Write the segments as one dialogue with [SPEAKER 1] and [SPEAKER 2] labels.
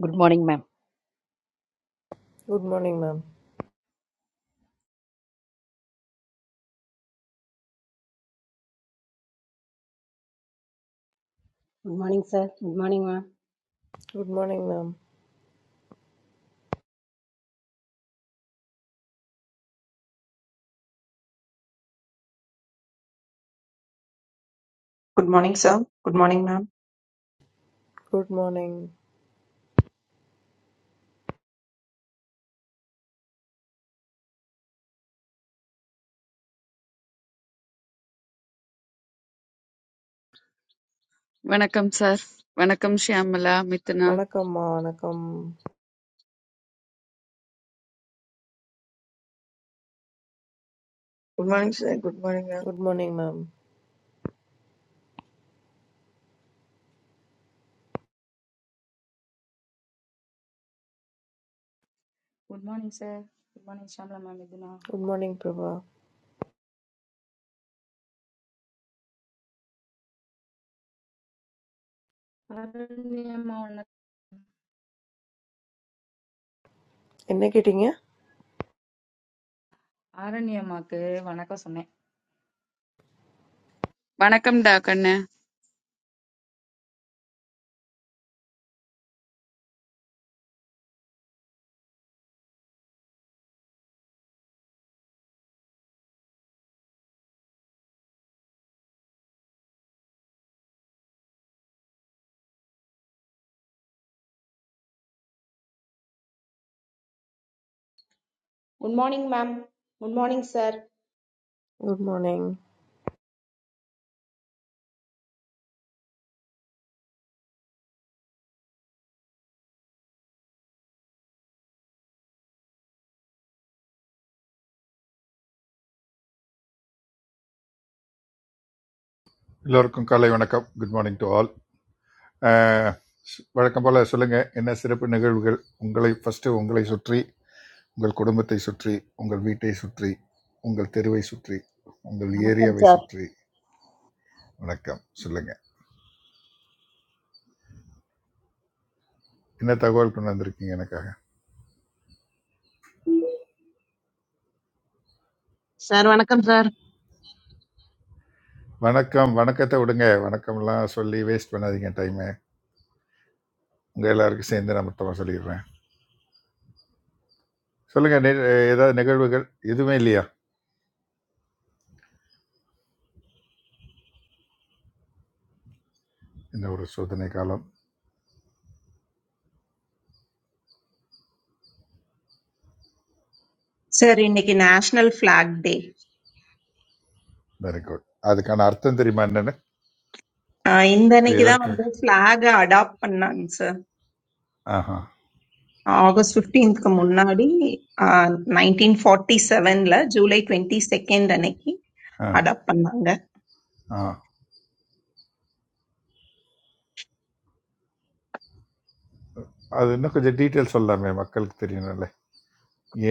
[SPEAKER 1] Good morning, ma'am.
[SPEAKER 2] Good morning ma'am
[SPEAKER 3] Good morning, sir. Good morning, ma'am.
[SPEAKER 2] Good morning ma'am
[SPEAKER 4] good morning sir good morning ma'am
[SPEAKER 2] good morning
[SPEAKER 5] வணக்கம் sir வணக்கம் ஷியாமலா மித்னா
[SPEAKER 2] வணக்கம்மா வணக்கம்
[SPEAKER 6] Good morning, sir. Good morning, ma'am.
[SPEAKER 2] Good morning ma'am
[SPEAKER 7] Good morning sir. Good morning. How
[SPEAKER 2] good morning Prabha
[SPEAKER 7] are you today? Aranya ma or not?
[SPEAKER 2] என்ன கேட்டீங்க
[SPEAKER 7] Aranya ma ke? What are you saying?
[SPEAKER 5] வணக்கம்டா கண்ணு
[SPEAKER 8] Good morning, ma'am. Good morning, sir.
[SPEAKER 2] Good morning
[SPEAKER 9] எல்லோருக்கும் காலை வணக்கம் good morning to all வழக்கம் போல் சொல்லுங்கள் என்ன சிறப்பு நிகழ்வுகள் உங்களை ஃபஸ்ட்டு உங்களை சுற்றி உங்கள் குடும்பத்தை சுற்றி உங்கள் வீட்டை சுற்றி உங்கள் தெருவை சுற்றி உங்கள்
[SPEAKER 1] Good morning,
[SPEAKER 9] ஏரியாவை
[SPEAKER 1] sir.
[SPEAKER 9] சுற்றி வணக்கம் சொல்லுங்கள் என்ன தகவல் கொண்டு வந்திருக்கீங்க எனக்காக
[SPEAKER 10] சார் வணக்கம் சார்
[SPEAKER 9] வணக்கம் வணக்கத்தை விடுங்க வணக்கம்லாம் சொல்லி வேஸ்ட் பண்ணாதீங்க டைமை உங்கள் எல்லாருக்கும் சேர்ந்து நான் மொத்தமாக சொல்லிடுறேன் சொல்லுங்கள் நி- ஏதாவது நிகழ்வுகள் எதுவுமே இல்லையா இந்த ஒரு சோதனை காலம்
[SPEAKER 4] சார் இன்னைக்கு national flag day
[SPEAKER 9] very good அதுக்கான அர்த்தம் தெரியுமா என்னென்னு
[SPEAKER 4] இந்த
[SPEAKER 9] அது
[SPEAKER 4] அன்னைக்கு தான்
[SPEAKER 9] எதற்காக
[SPEAKER 4] வந்து flag அடாப்ட் பண்ணாங்க சார்
[SPEAKER 9] ஆஹா
[SPEAKER 4] ஆகஸ்ட் ஃபிஃப்டீன்த்க்கு முன்னாடி நைன்டீன் ஃபார்ட்டி செவன்ல ஜூலை டுவெண்ட்டி செகண்ட் அன்னைக்கு
[SPEAKER 9] ஆ
[SPEAKER 4] அடாப்ட் பண்ணாங்க
[SPEAKER 9] ஆ அது இன்னும் கொஞ்சம் டீட்டெயில் சொல்லலாமே மக்களுக்கு தெரியணும்ல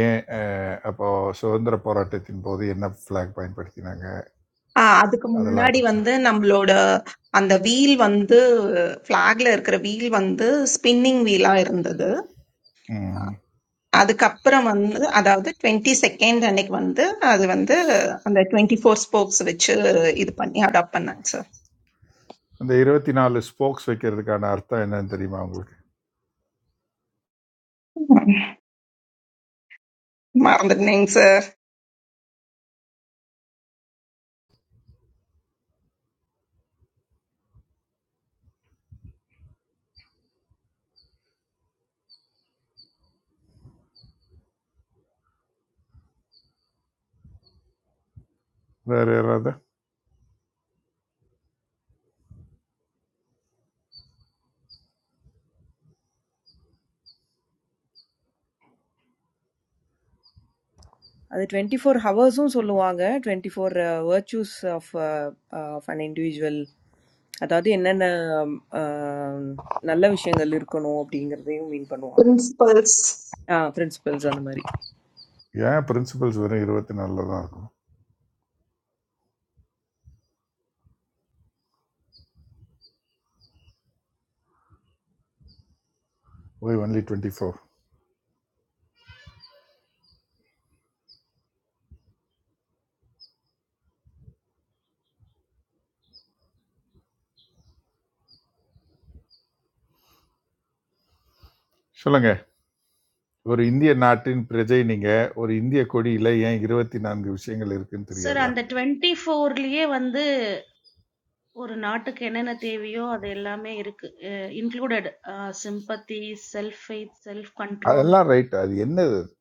[SPEAKER 9] ஏன் அஹ், அப்போ சுதந்திர போராட்டத்தின் போது என்ன ஃப்ளாக் பயன்படுத்தினாங்க
[SPEAKER 4] ஆஹ் அதுக்கு
[SPEAKER 9] அதெல்லாம்
[SPEAKER 4] முன்னாடி
[SPEAKER 9] கொஞ்சம்
[SPEAKER 4] வந்து நம்மளோட அந்த வீல் வந்து ஃபிளாக்ல இருக்கிற வீல் வந்து ஸ்பின்னிங் வீலா இருந்தது
[SPEAKER 9] ம்.
[SPEAKER 4] அதுக்கப்புறம் வந்து அதாவது டுவெண்ட்டி செகண்ட் அன்னைக்கு வந்து அது வந்து அந்த டுவெண்ட்டி ஃபோர் ஸ்போக்ஸ் வச்சு இது பண்ணி அடாப்ட் பண்ணாங்க
[SPEAKER 9] அந்த இருபத்தி நாலு ஸ்போக்ஸ் வைக்கிறதுக்கான அர்த்தம் என்னன்னு தெரியுமா உங்களுக்கு
[SPEAKER 4] மறந்துட்டேங்க சார்
[SPEAKER 9] வேறு யாராவது
[SPEAKER 2] அது டுவெண்ட்டி ஃபோர் ஹவர்ஸும் சொல்லுவாங்க twenty four virtues of of an individual அதாவது என்னென்ன uh, நல்ல விஷயங்கள் இருக்கணும் அப்படிங்கிறதையும் மீன் பண்ணுவாங்க
[SPEAKER 4] பிரின்சிபல்ஸ்
[SPEAKER 2] ஆ, பிரின்சிபல்ஸ் அந்த மாதிரி
[SPEAKER 9] ஏன் பிரின்சிபல்ஸ் வெறும் இருபத்தி நாலில் தான் இருக்கும் ஒய் ஒன்லி டுவெண்ட்டி ஃபோர் சொல்லுங்கள் ஒரு இந்திய நாட்டின் பிரஜை நீங்கள் ஒரு இந்திய கொடியில் ஏன் இருபத்தி நான்கு விஷயங்கள் இருக்குன்னு
[SPEAKER 11] Sir,
[SPEAKER 9] தெரியாதா
[SPEAKER 11] and the 24 liye vande ornaat kenne na tevijo, adhellame included sympathy, self faith, self control.
[SPEAKER 9] அதெல்லாம் ரைட் அது என்னது அது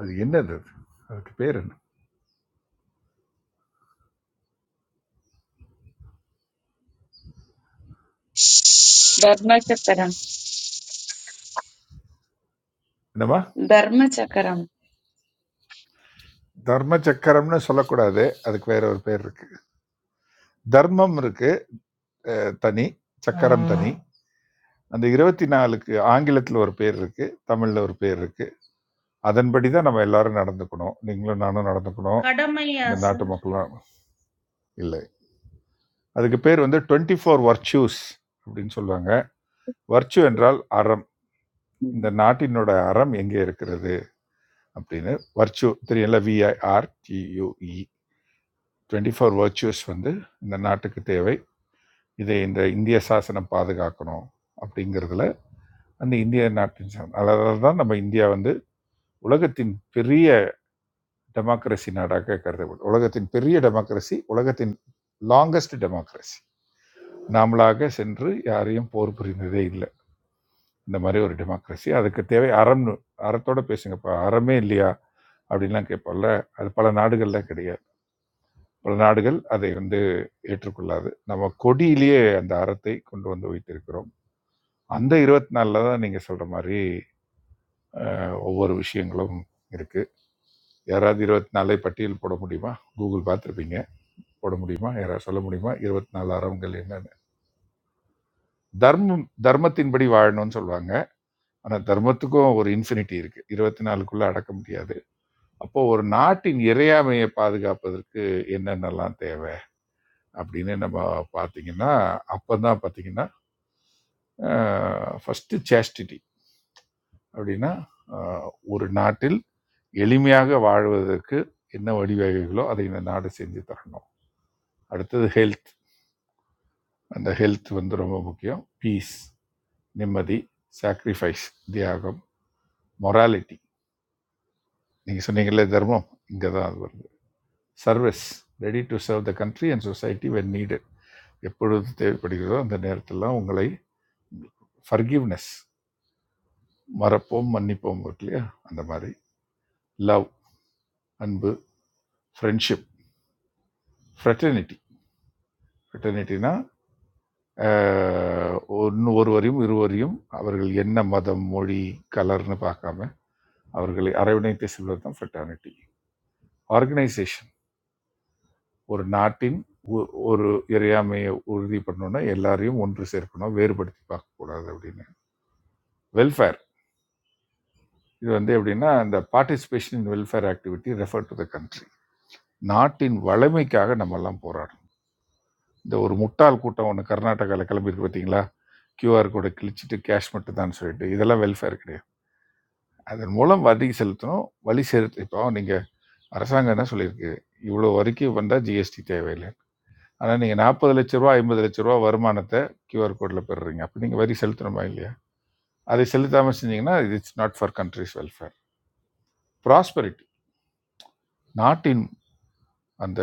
[SPEAKER 9] அது என்னது அது? அதுக்கு பேர் என்ன
[SPEAKER 5] தர்ம சக்கரம்
[SPEAKER 9] என்னம்மா
[SPEAKER 5] தர்ம சக்கரம்
[SPEAKER 9] தர்ம சக்கரம்னு சொல்லக்கூடாது அதுக்கு வேற ஒரு பேர் இருக்கு தர்மம் இருக்கு தனி சக்கரம் தனி அந்த இருபத்தி நாலுக்கு ஆங்கிலத்தில் ஒரு பேர் இருக்கு தமிழில் ஒரு பேர் இருக்கு அதன்படி தான் நம்ம எல்லாரும் நடந்துக்கணும் நீங்களும் நானும் நடந்துக்கணும்
[SPEAKER 11] Kadamai
[SPEAKER 9] இந்த
[SPEAKER 11] asan?
[SPEAKER 9] நாட்டு மக்களும் இல்லை அதுக்கு பேர் வந்து டுவெண்ட்டி ஃபோர் வர்ச்சூஸ் அப்படின்னு சொல்லுவாங்க வர்ச்சு என்றால் அறம் இந்த
[SPEAKER 12] ம்.
[SPEAKER 9] நாட்டினோட அறம் எங்கே இருக்கிறது அப்படின்னு வர்ச்சு தெரியல V I R T U E twenty four virtues வந்து இந்த நாட்டுக்கு தேவை இதை இந்த இந்திய சாசனம் பாதுகாக்கணும் அப்படிங்கிறதுல அந்த இந்திய நாட்டின் சாசனம் அதனால தான் நம்ம இந்தியா வந்து உலகத்தின் பெரிய டெமோக்ரஸி நாடாக கருதப்படும் உலகத்தின் பெரிய டெமோக்ரஸி உலகத்தின் லாங்கஸ்ட் டெமோக்ரஸி நாமளாக சென்று யாரையும் போர் புரிந்ததே இல்லை இந்த மாதிரி ஒரு டெமோக்ரஸி அதுக்கு தேவை அறம்னு அறத்தோட பேசுங்கப்பா அறமே இல்லையா அப்படின்லாம் கேட்போம்ல அது பல நாடுகள்ல கிடையாது பல நாடுகள் அதை வந்து ஏற்றுக்கொள்ளாது நம்ம கொடியிலேயே அந்த அறத்தை கொண்டு வந்து வைத்திருக்கிறோம் அந்த இருபத்தி நாலில் தான் நீங்கள் சொல்கிற மாதிரி அஹ், ஒவ்வொரு விஷயங்களும் இருக்குது யாராவது இருபத்தி நாலை பட்டியல் போட முடியுமா கூகுள் பார்த்துருப்பீங்க போட முடியுமா யாராவது சொல்ல முடியுமா இருபத்தி நாலு அறவங்கள் என்னன்னு தர்மம் தர்மத்தின்படி வாழணும்னு சொல்லுவாங்க ஆனால் தர்மத்துக்கும் ஒரு இன்ஃபினிட்டி இருக்குது இருபத்தி நாலுக்குள்ளே அடக்க முடியாது அப்போ ஒரு நாட்டின் இறையாமையை பாதுகாப்பதற்கு என்னென்னலாம் தேவை அப்படின்னு நம்ம பார்த்தீங்கன்னா அப்போ தான் பார்த்தீங்கன்னா ஃபஸ்ட்டு சேஸ்டிட்டி அப்படின்னா அஹ், ஒரு நாட்டில் எளிமையாக வாழ்வதற்கு என்ன வழிவகைகளோ அதை இந்த நாடு செஞ்சு தரணும் அடுத்தது ஹெல்த் அந்த ஹெல்த் வந்து ரொம்ப முக்கியம் பீஸ் நிம்மதி சாக்ரிஃபைஸ் தியாகம் மொராலிட்டி நீங்கள் சொன்னீங்களே தர்மம் இங்கே தான் அது வருது service ready to serve the country and society when needed எப்பொழுது தேவைப்படுகிறதோ அந்த நேரத்தில் உங்களை ஃபர்கிவ்னஸ் மறப்போம் மன்னிப்போம் இருக்கு இல்லையா அந்த மாதிரி லவ் அன்பு ஃப்ரெண்ட்ஷிப் ஃப்ரெட்டர்னிட்டி ஃப்ரெட்டர்னிட்டினா அஹ், ஒன்று ஒருவரையும் இருவரையும் அவர்கள் என்ன மதம் மொழி கலர்னு பார்க்காம அவர்களை அரவணைத்து செல்வது தான் ஃபெட்டர்னிட்டி ஆர்கனைசேஷன் ஒரு நாட்டின் ஒ- ஒரு இறையாமையை உறுதி பண்ணணும்னா எல்லாரையும் ஒன்று சேர்க்கணும் வேறுபடுத்தி பார்க்கக்கூடாது அப்படின்னு வெல்ஃபேர் இது வந்து எப்படின்னா இந்த participation in welfare activity refer to the country நாட்டின் வளமைக்காக நம்ம எல்லாம் போராடணும் இந்த ஒரு முட்டாள் கூட்டம் ஒன்று கர்நாடகாவில் கிளம்பியிருக்கு பார்த்தீங்களா கியூஆர் கோடை கிழிச்சிட்டு கேஷ் மட்டும் தான் சொல்லிட்டு இதெல்லாம் வெல்ஃபேர் கிடையாது அதன் மூலம் வரி செலுத்தணும். வழி செலுத்து இப்போ நீங்க அரசாங்கம் என்ன சொல்லியிருக்கு? இவ்வளோ வரைக்கும் வந்தா ஜிஎஸ்டி தேவையில்ல. ஆனா நீங்க ரூ. 40,00,000 ரூ. 50,00,000 வருமானத்த கியூஆர் கோட்ல பெறுறீங்க. அப்ப நீங்க வரி செலுத்தணுமா இல்லையா? அதை செலுத்தாம செஞ்சீங்கன்னா, இது it's not for country's welfare. Prosperity நாட்டின் அந்த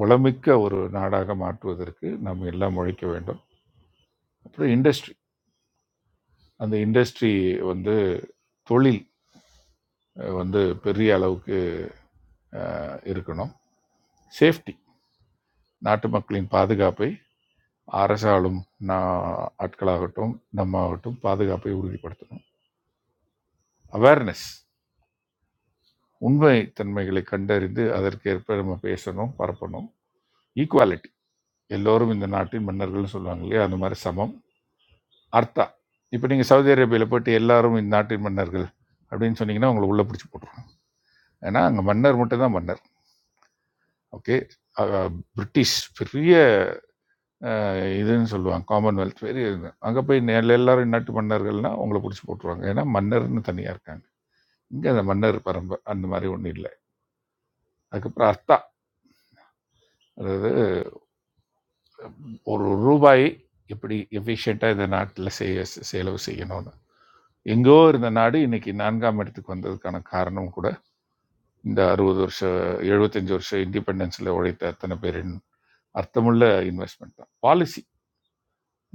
[SPEAKER 9] வளமிக்க ஒரு நாடாக மாற்றுவதற்கு நம்ம எல்லாம் உழைக்க வேண்டும். அப்புறம் இண்டஸ்ட்ரி அந்த இண்டஸ்ட்ரி வந்து தொழில் அ வந்து பெரிய அளவுக்கு அ இருக்கணும். சேஃப்டி நாட்டு மக்களின் பாதுகாப்பை அரசாலும் நான் ஆட்களாகட்டும் நம்ம ஆகட்டும் பாதுகாப்பை உறுதிப்படுத்தணும் அவேர்னஸ் உண்மை தன்மைகளை கண்டறிந்து அதற்கேற்ப நம்ம பேசணும் பரப்பணும் ஈக்குவாலிட்டி எல்லோரும் இந்த நாட்டின் மன்னர்கள்னு சொல்லுவாங்க இல்லையா அந்த மாதிரி சமம் அர்த்தா இப்போ நீங்கள் சவுதி அரேபியாவில் போயிட்டு எல்லாரும் இந்த நாட்டின் மன்னர்கள் அப்படின்னு சொன்னீங்கன்னா உங்களை உள்ளே பிடிச்சி போட்டுருவாங்க ஏன்னா அங்கே மன்னர் மட்டும்தான் மன்னர் ஓகே பிரிட்டிஷ் பெரிய அஹ், இதுன்னு சொல்லுவாங்க காமன்வெல்த் பெரிய அங்கே போய் எல்லா- எல்லாரும் நாட்டு மன்னர்கள்னா உங்களை பிடிச்சி போட்டுருவாங்க ஏன்னா மன்னர்னு தனியாக இருக்காங்க இங்கே அந்த மன்னர் பரம்பு அந்த மாதிரி ஒன்றும் இல்லை அதுக்கப்புறம் அர்த்தா அதாவது ஒரு ரூபாய் எப்படி எஃபிஷியண்ட்டாக இந்த நாட்டில் செய்ய செலவு செய்யணும்னு எங்கோ இருந்த நாடு இன்னைக்கு நான்காம் இடத்துக்கு வந்ததுக்கான காரணம் கூட இந்த அறுபது வருஷம் எழுபத்தஞ்சு வருஷம் இண்டிபெண்டன்ஸில் உழைத்த அத்தனை பேரின் அர்த்தமுள்ள இன்வெஸ்ட்மெண்ட் தான் பாலிசி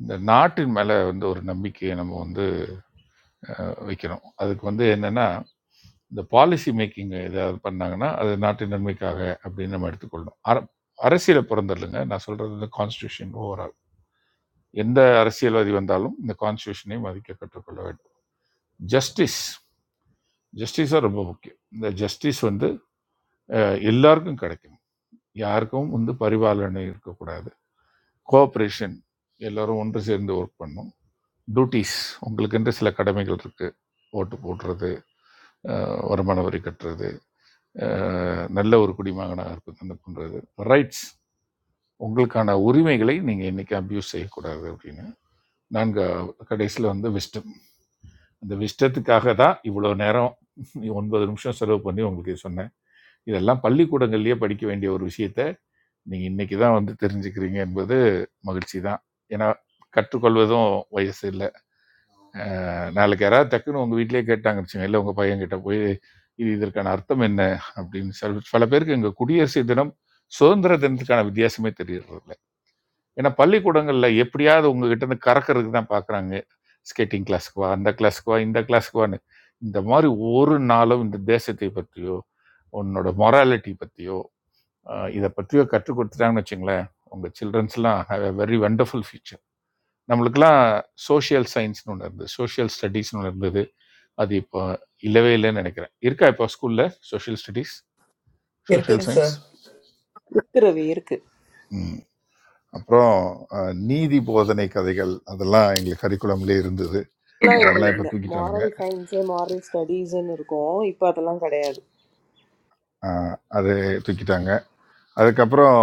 [SPEAKER 9] இந்த நாட்டின் மேலே வந்து ஒரு நம்பிக்கையை நம்ம வந்து அஹ், வைக்கணும் அதுக்கு வந்து என்னென்னா இந்த பாலிசி மேக்கிங் ஏதாவது பண்ணாங்கன்னா, அது நாட்டின் நன்மைக்காக அப்படின்னு நம்ம எடுத்துக்கொள்ளணும். அர அரசியல புறந்தள்ளுங்க. நான் சொல்றது வந்து கான்ஸ்டிடியூஷன் ஓவரால். எந்த அரசியல்வாதி வந்தாலும் இந்த கான்ஸ்டிடியூஷனை மதிக்க கற்றுக்கொள்ள வேண்டும். ஜஸ்டிஸ் ஜஸ்டிஸா ரொம்ப முக்கியம். இந்த ஜஸ்டிஸ் வந்து அ எல்லாருக்கும் கிடைக்கணும். யாருக்கும் வந்து பரிபாலனை இருக்கக்கூடாது. கோஆப்பரேஷன் எல்லாரும் ஒன்று சேர்ந்து ஒர்க் பண்ணணும். டியூட்டீஸ் உங்களுக்கென்று சில கடமைகள் இருக்கு. ஓட்டு போடுறது, அ வருமான வரி கட்டுறது, அஹ், நல்ல ஒரு குடிமகனாக இருப்பது அந்த போன்றது ரைட்ஸ் உங்களுக்கான உரிமைகளை நீங்கள் இன்னைக்கு அப்யூஸ் செய்யக்கூடாது அப்படின்னு நான்கு கடைசியில் வந்து விஸ்டம் அந்த விஸ்டத்துக்காக தான் இவ்வளோ நேரம் ஒன்பது நிமிஷம் செலவு பண்ணி உங்களுக்கு சொன்னேன் இதெல்லாம் பள்ளிக்கூடங்கள்லேயே படிக்க வேண்டிய ஒரு விஷயத்த நீங்கள் இன்னைக்கு தான் வந்து தெரிஞ்சுக்கிறீங்க என்பது மகிழ்ச்சி தான் ஏன்னா கற்றுக்கொள்வதும் வயசு இல்லை நாளைக்கு யாராவது டக்குன்னு உங்கள் வீட்டிலேயே கேட்டாங்க வச்சுங்க இல்லை உங்கள் பையன்கிட்ட போய் இது இதற்கான அர்த்தம் என்ன அப்படின்னு சில பல பேருக்கு எங்கள் குடியரசு தினம் சுதந்திர தினத்துக்கான வித்தியாசமே தெரியறதில்ல ஏன்னா பள்ளிக்கூடங்களில் எப்படியாவது உங்ககிட்ட இருந்து கறக்கிறதுக்கு தான் பார்க்குறாங்க ஸ்கேட்டிங் கிளாஸுக்கு வா அந்த கிளாஸுக்கு வா இந்த கிளாஸுக்கு வான்னு இந்த மாதிரி ஒரு நாளும் இந்த தேசத்தை பற்றியோ உன்னோட மொராலிட்டி பற்றியோ இதை பற்றியோ கற்றுக் கொடுத்துட்டாங்கன்னு வச்சுங்களேன் உங்கள் சில்ட்ரன்ஸ்லாம் have a very wonderful future நம்மளுக்கெல்லாம் சோஷியல் சயின்ஸ்னு ஒன்று இருந்தது சோஷியல் ஸ்டடீஸ்னு ஒன்று இருந்தது அது இப்போ இல்லவே இல்லைன்னு நினைக்கிறேன் இருக்கா இப்போ ஸ்கூலில் சோஷியல் ஸ்டடீஸ் சோஷியல்
[SPEAKER 13] இருக்குங்க
[SPEAKER 9] சயின்ஸ்
[SPEAKER 13] சார்
[SPEAKER 2] இருக்கிறது இருக்கு
[SPEAKER 9] ம். அப்புறம் அஹ், நீதி போதனை கதைகள் அதெல்லாம் எங்களுக்கு கரிக்குலம்லேயே இருந்தது
[SPEAKER 2] ஆனா இப்ப
[SPEAKER 9] அதெல்லாம் இப்போ
[SPEAKER 2] இல்ல
[SPEAKER 9] தூக்கிட்டானுங்க
[SPEAKER 2] மாரல் சயின்ஸ் மாரல் ஸ்டடீஸ்ன்னு இருக்கும் இப்போ அதெல்லாம் கிடையாது
[SPEAKER 9] அஹ், அது தூக்கிட்டாங்க அதுக்கப்புறம்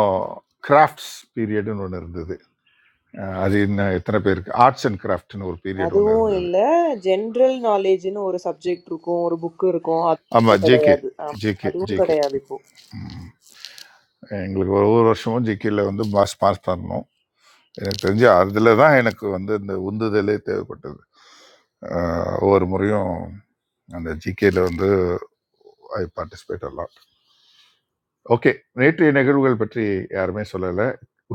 [SPEAKER 9] கிராஃப்ட்ஸ் பீரியடுன்னு ஒன்று இருந்தது அஹ், அது இன்னும் எத்தனை பேருக்கு ஆர்ட்ஸ் அண்ட் கிராஃப்ட்னு ஒரு பீரியட் ஒன்று
[SPEAKER 2] அதுவும்
[SPEAKER 9] இருந்தது
[SPEAKER 2] இல்ல ஜென்ரல் நாலேஜ்னு ஒரு சப்ஜெக்ட் இருக்கும் ஒரு புக் இருக்கும் அதுவும் இப்ப
[SPEAKER 9] ஆமாம் ஜேகே
[SPEAKER 2] கிடையாது ஆமா,
[SPEAKER 9] ஜேகே
[SPEAKER 2] அதுவும்
[SPEAKER 9] ஜேகே
[SPEAKER 2] கிடையாது இப்போ
[SPEAKER 9] ம். எங்களுக்கு ஒவ்வொரு வருஷமும் ஜிகேல வந்து மாஸ் பாஸ் பண்ணோம் எனக்கு தெரிஞ்சு அதில் தான் எனக்கு வந்து இந்த உந்துதலே தேவைப்பட்டது அஹ், ஒவ்வொரு முறையும் அந்த ஜிகேல வந்து ஐ பார்ட்டிசிபேட் அல்லாட் ஓகே நேற்றைய நிகழ்வுகள் பற்றி யாருமே சொல்லலை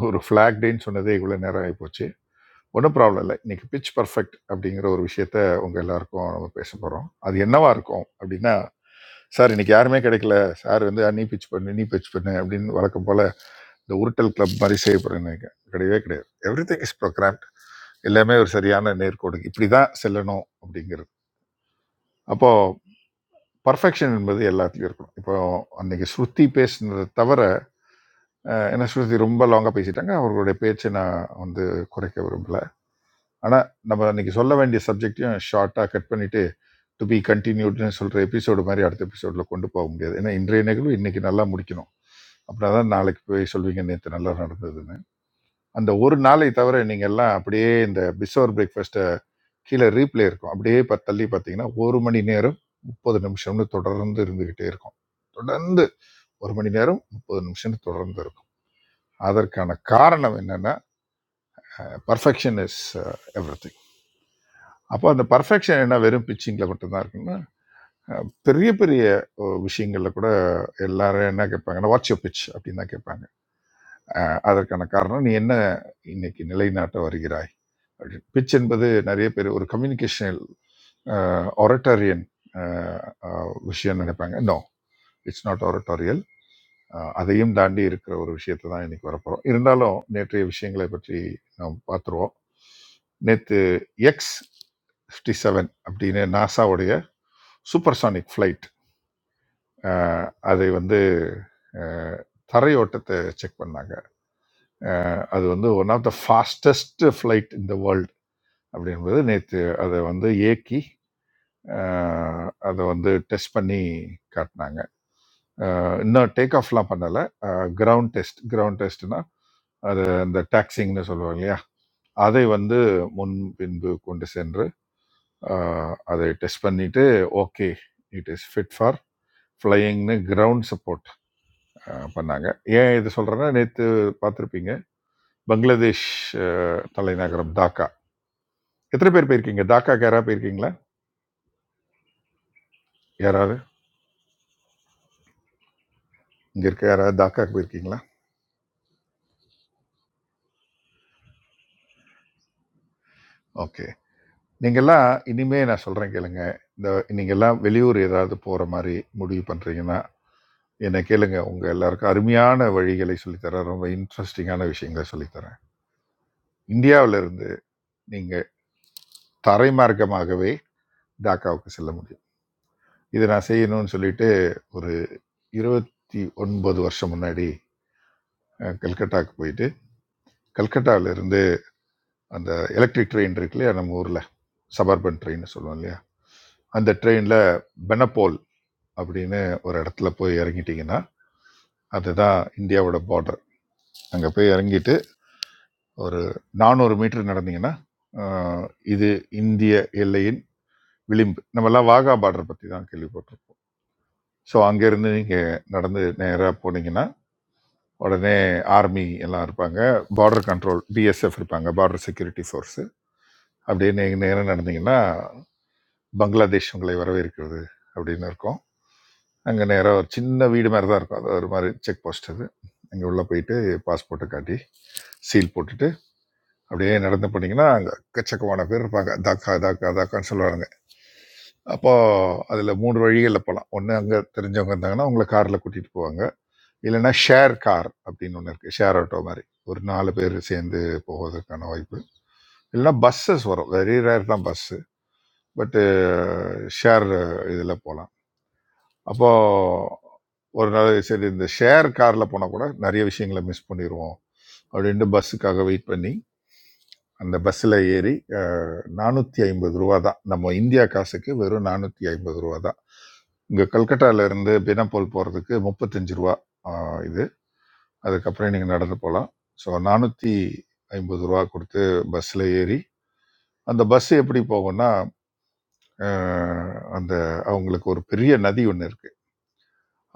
[SPEAKER 9] ஒரு ஃப்ளாக் டேன்னு சொன்னதே இவ்வளோ நேரம் ஆகிப்போச்சு ஒன்றும் ப்ராப்ளம் இல்லை இன்னைக்கு பிச் பர்ஃபெக்ட் அப்படிங்கிற ஒரு விஷயத்த உங்க எல்லாருக்கும் நம்ம பேச போறோம் அது என்னவா இருக்கும் அப்படின்னா சார் இன்னைக்கு யாருமே கிடைக்கல சார் வந்து "ஆ, நீ பிச் பண்ணு நீ பிச் பண்ணு அப்படின்னு வழக்கம் போல இந்த உருட்டல் கிளப் மாதிரி செய்ய போறேன்னு கிடையவே கிடையாது எவ்ரி திங் இஸ் ப்ரோக்ராம்ட் எல்லாமே ஒரு சரியான நேர்கோடு இப்படி தான் செல்லணும் அப்படிங்கிறது அப்போ பர்ஃபெக்ஷன் என்பது எல்லாத்துலயும் இருக்கணும் இப்போ அன்னைக்கு ஸ்ருதி பேசுனதை தவிர அஹ், என்ன ஸ்ருதி ரொம்ப லாங்காக பேசிட்டாங்க அவர்களுடைய பேச்சை நான் வந்து குறைக்க விரும்பல ஆனால் நம்ம இன்னைக்கு சொல்ல வேண்டிய சப்ஜெக்டையும் ஷார்ட்டாக கட் பண்ணிட்டு டு பி கண்டினியூட்னு சொல்கிற எபிசோடு மாதிரி அடுத்த எபிசோடில் கொண்டு போக முடியாது ஏன்னா இன்றைய நிகழ்வு இன்னைக்கு நல்லா முடிக்கணும் அப்படின்னா தான் நாளைக்கு போய் சொல்வீங்க நேற்று நல்லா நடந்ததுன்னு அந்த ஒரு நாளை தவிர நீங்கள் எல்லாம் அப்படியே இந்த பிசோர் பிரேக்ஃபாஸ்ட்டை கீழே ரீப்ளே இருக்கும் அப்படியே ப- தள்ளி பார்த்தீங்கன்னா ஒரு மணி நேரம் முப்பது நிமிஷம்னு தொடர்ந்து இருந்துக்கிட்டே இருக்கும் தொடர்ந்து ஒரு மணி நேரம் முப்பது நிமிஷம்னு தொடர்ந்து இருக்கும் அதற்கான காரணம் என்னன்னா பர்ஃபெக்ஷன் இஸ் எவ்ரி திங் அப்போ அந்த பர்ஃபெக்ஷன் என்ன வெறும் பிச்சிங்கில் மட்டும்தான் இருக்குன்னா அஹ் பெரிய பெரிய அஹ், விஷயங்கள்ல கூட எல்லாரும் என்ன கேட்பாங்கன்னா வாட்ச் யோர் பிச் அப்படின்னு தான் கேட்பாங்க அஹ் அதற்கான காரணம் நீ என்ன இன்னைக்கு நிலைநாட்ட வருகிறாய் அப்படின்னு பிச் என்பது நிறைய பேர் ஒரு கம்யூனிகேஷனல் ஒரட்டோரியன் விஷயம்னு நினைப்பாங்க நோ இட்ஸ் நாட் ஒரட்டோரியல் அதையும் தாண்டி இருக்கிற ஒரு விஷயத்தை தான் இன்னைக்கு வரப்போகிறோம் இருந்தாலும் நேற்றைய விஷயங்களை பற்றி நாம் பார்த்துருவோம் நேற்று எக்ஸ் ஃபிஃப்டி செவன் அப்படின்னு நாசாவுடைய சூப்பர்சானிக் ஃப்ளைட் அஹ் அதை வந்து அஹ் தரையோட்டத்தை செக் பண்ணாங்க அது வந்து one of the fastest flight இந்த வேர்ல்டு அப்படின்றது நேற்று அதை வந்து ஏக்கி அஹ் அதை வந்து டெஸ்ட் பண்ணி காட்டினாங்க அஹ் இன்னும் டேக் ஆஃப்லாம் பண்ணலை கிரவுண்ட் டெஸ்ட் கிரவுண்ட் டெஸ்ட்னா அது அந்த டாக்ஸிங்னு சொல்லுவாங்க இல்லையா அதை வந்து முன் பின்பு கொண்டு சென்று அஹ் அதை டெஸ்ட் பண்ணிட்டு okay it is fit for ஃப்ளையிங்னு கிரவுண்ட் சப்போர்ட் அஹ், பண்ணாங்க ஏன் இது சொல்கிறேன்னா நேற்று பார்த்துருப்பீங்க பங்களாதேஷ் அஹ், தலைநகரம் டாக்கா எத்தனை பேர் போயிருக்கீங்க டாக்காக்கு யாராவது போயிருக்கீங்களா யாராவது இங்கே இருக்க யாராவது டாக்காக்கு போயிருக்கீங்களா ஓகே நீங்கள்லாம் இனிமே நான் சொல்கிறேன் கேளுங்க இந்த நீங்கள்லாம் வெளியூர் ஏதாவது போகிற மாதிரி முடிவு பண்ணுறீங்கன்னா என்னை கேளுங்க உங்கள் எல்லாருக்கும் அருமையான வழிகளை சொல்லித்தரேன் ரொம்ப இன்ட்ரெஸ்டிங்கான விஷயங்களை சொல்லித்தரேன் இந்தியாவிலிருந்து நீங்கள் தரைமார்க்கமாகவே டாக்காவுக்கு செல்ல முடியும் இதை நான் செய்யணும்னு சொல்லிட்டு ஒரு இருபத்தி ஒன்பது வருஷம் முன்னாடி அஹ், கல்கட்டாக்கு போயிட்டு கல்கட்டாவிலேருந்து அந்த எலக்ட்ரிக் ட்ரெயின் இருக்கு இல்லையா நம்ம ஊரில் சபர்பன் ட்ரெயின் சொல்லுவோம் இல்லையா அந்த ட்ரெயினில் பெனப்போல் அப்படின்னு ஒரு இடத்துல போய் இறங்கிட்டீங்கன்னா அதுதான் இந்தியாவோட பார்டர் அங்கே போய் இறங்கிட்டு ஒரு நானூறு மீட்டர் நடந்தீங்கன்னா அஹ், இது இந்திய எல்லையின் விளிம்பு நம்மலாம் வாகா பார்டர் பற்றி தான் கேள்விப்பட்டிருப்போம் ஸோ அங்கேருந்து நீங்கள் நடந்து நேராக போனீங்கன்னா உடனே ஆர்மி எல்லாம் இருப்பாங்க பார்டர் கண்ட்ரோல் பிஎஸ்எஃப் இருப்பாங்க பார்டர் செக்யூரிட்டி ஃபோர்ஸு அப்படியே நீங்கள் நேரம் நடந்தீங்கன்னா பங்களாதேஷ் உங்களை வரவேற்கிறது அப்படின்னு இருக்கும் அங்கே நேராக ஒரு சின்ன வீடு மாதிரி தான் இருக்கும் அது ஒரு மாதிரி செக் போஸ்ட் அது அங்கே உள்ளே போயிட்டு பாஸ்போர்ட்டை காட்டி சீல் போட்டுட்டு அப்படியே நடந்து போனீங்கன்னா அங்கே எக்கச்சக்கமான பேர் இருப்பாங்க தாக்கா தாக்கா தாக்கான்னு சொல்லுவாங்க அப்போது அதில் மூணு வழிகளில் போகலாம் ஒன்று அங்கே தெரிஞ்சவங்க இருந்தாங்கன்னா உங்களை காரில் கூட்டிகிட்டு போவாங்க இல்லைன்னா ஷேர் கார் அப்படின்னு ஒன்று இருக்குது ஷேர் ஆட்டோ மாதிரி ஒரு நாலு பேர் சேர்ந்து போவதற்கான வாய்ப்பு இல்லைன்னா பஸ்ஸஸ் வரும் வெரி ரேர் தான் பஸ்ஸு பட்டு ஷேர் இதில் போகலாம் அப்போது ஒரு நாள் சரி இந்த ஷேர் காரில் போனால் கூட நிறைய விஷயங்களை மிஸ் பண்ணிடுவோம் அப்படின்ட்டு பஸ்ஸுக்காக வெயிட் பண்ணி அந்த பஸ்ஸில் ஏறி நானூற்றி ஐம்பது ரூபா தான் நம்ம இந்தியா காசுக்கு வெறும் நானூற்றி ஐம்பது ரூபா தான் இங்கே கல்கட்டாலேருந்து பெனாப்போல் போகிறதுக்கு முப்பத்தஞ்சு ரூபா ஆஹ், இது அதுக்கப்புறம் நீங்கள் நடந்து போகலாம் ஸோ நானூற்றி ஐம்பது ரூபா கொடுத்து பஸ்ஸில் ஏறி அந்த பஸ் எப்படி போகும்னா அஹ், அந்த அவங்களுக்கு ஒரு பெரிய நதி ஒன்று இருக்குது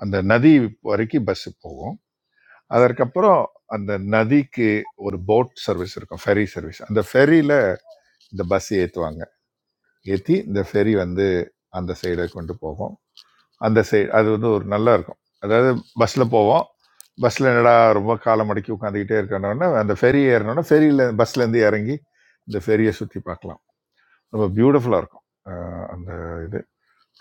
[SPEAKER 9] அந்த நதி வரைக்கும் பஸ் போகும் அதற்கப்புறம் அந்த நதிக்கு ஒரு போட் சர்வீஸ் இருக்கும் ஃபெரி சர்வீஸ் அந்த ஃபெரியில் இந்த பஸ் ஏற்றுவாங்க ஏற்றி இந்த ஃபெரி வந்து அந்த சைடை கொண்டு போகும் அந்த சைடு அது வந்து ஒரு நல்லா இருக்கும் அதாவது பஸ்ஸில் போவோம் பஸ்ஸில் என்னடா ரொம்ப காலை மடக்கி உட்காந்துக்கிட்டே இருக்கணும்னா அந்த ஃபெரி ஏறினோன்னா ஃபெரியில் பஸ்லேருந்து இறங்கி இந்த ஃபெரியை சுற்றி பார்க்கலாம் ரொம்ப பியூட்டிஃபுல்லாக இருக்கும் அஹ் அந்த இது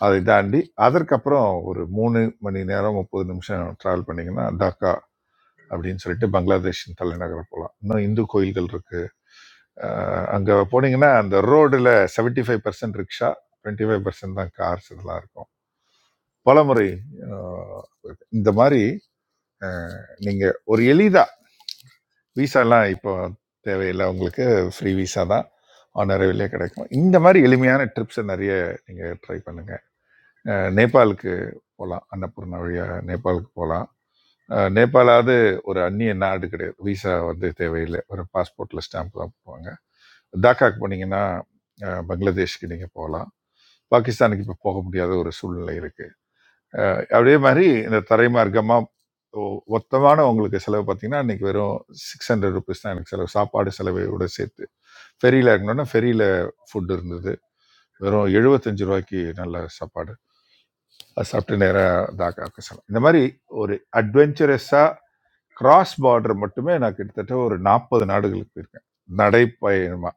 [SPEAKER 9] அதை தாண்டி அதற்கப்புறம் ஒரு மூணு மணி நேரம் முப்பது நிமிஷம் ட்ராவல் பண்ணிங்கன்னா டாக்கா அப்படின்னு சொல்லிட்டு பங்களாதேஷின் தலைநகர் போகலாம் இன்னும் இந்து கோயில்கள் இருக்கு அஹ் அங்க போனீங்கன்னா அந்த ரோடுல 75% five percent rickshaw twenty five percent தான் கார்ஸ் இதெல்லாம் இருக்கும் பலமுறை ஆஹ், இந்த மாதிரி ஆஹ், நீங்க ஒரு எளிதா விசாலாம் இப்போ தேவையில்லை உங்களுக்கு ஃப்ரீ விசா தான் ஆனரவிலே கிடைக்கும் இந்த மாதிரி எளிமையான ட்ரிப்ஸை நிறைய நீங்க ட்ரை பண்ணுங்க ஆஹ், நேபாளுக்கு போகலாம் அன்னபூர்ணா வழியா நேபாளுக்கு போகலாம் ஆஹ், நேபாளாவது ஒரு அந்நிய நாடு கிடையாது விசா வந்து தேவையில்லை ஒரு பாஸ்போர்ட்ல ஸ்டாம்ப் தான் போவாங்க தாக்காக்கு போனீங்கன்னா அஹ், பங்களாதேஷ்க்கு நீங்கள் போகலாம் பாகிஸ்தானுக்கு இப்போ போக முடியாத ஒரு சூழ்நிலை இருக்குது அஹ் அதே மாதிரி இந்த தரைமார்க்கமா ஒ- மொத்தமான உங்களுக்கு செலவு பார்த்தீங்கன்னா இன்னைக்கு வெறும் சிக்ஸ் ஹண்ட்ரட் ருபீஸ் தான் எனக்கு செலவு சாப்பாடு செலவையோட சேர்த்து ஃபெரியில் இருக்கணும்னா ஃபெரியில் ஃபுட் இருந்தது வெறும் எழுபத்தஞ்சு ரூபாய்க்கு நல்ல சாப்பாடு அது சாப்பிட்டு நேராக தாக்காவுக்கு செலவு இந்த மாதிரி ஒரு அட்வென்ச்சரஸாக கிராஸ் பார்டர் மட்டுமே நான் கிட்டத்தட்ட ஒரு நாற்பது நாடுகளுக்கு போயிருக்கேன் நடைப்பயணமா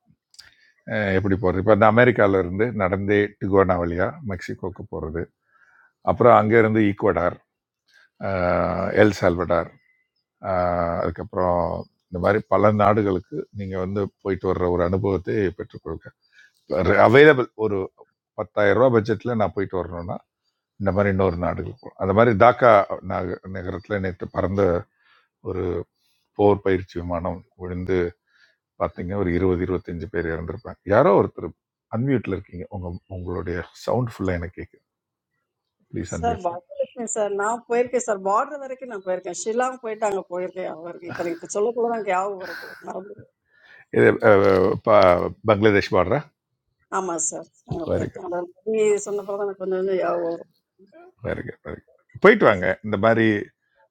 [SPEAKER 9] அஹ் எப்படி போகிறது இப்போ நான் அமெரிக்கால இருந்து நடந்தே டிகுவானா வழியா மெக்சிகோக்கு போகிறது அப்புறம் அங்கேருந்து ஈக்குவடார் அஹ், எல் சால்வடார் ஆஹ் அதுக்கப்புறம் இந்த மாதிரி பல நாடுகளுக்கு நீங்கள் வந்து போயிட்டு வர்ற ஒரு அனுபவத்தை பெற்றுக்கொள்க அவைலபிள் ஒரு பத்தாயிரம் ரூபா பட்ஜெட்டில் நான் போயிட்டு வரணும்னா இந்த மாதிரி இன்னொரு நாடுகளுக்கு போகணும் அந்த மாதிரி டாக்கா நக நகரத்தில் நேற்று பறந்த ஒரு போர் பயிற்சி விமானம் விழுந்து பார்த்தீங்கன்னா ஒரு இருபது இருபத்தஞ்சு பேர் இறந்துருப்பாங்க யாரோ ஒருத்தர் அன்மியூட்டில் இருக்கீங்க உங்கள் உங்களுடைய சவுண்ட் ஃபுல்லாக எனக்கு கேட்குது ப்ளீஸ்
[SPEAKER 14] Sir,
[SPEAKER 9] அன்மியூட் பண்ணி
[SPEAKER 14] what? Sir, now pay it. Sir, board that are going to pay it. Shillong pay that going to pay it. Our, I mean, for tomorrow, I mean, our.
[SPEAKER 9] இது அஹ், ப- பங்களாதேஷ் பாடுறா
[SPEAKER 14] Yes, sir. tanga
[SPEAKER 9] very
[SPEAKER 14] poor
[SPEAKER 9] good.
[SPEAKER 14] tanga. Modi sonna poor tanga kondu ne
[SPEAKER 9] very good, very good. போயிட்டு வாங்க இந்த மாதிரி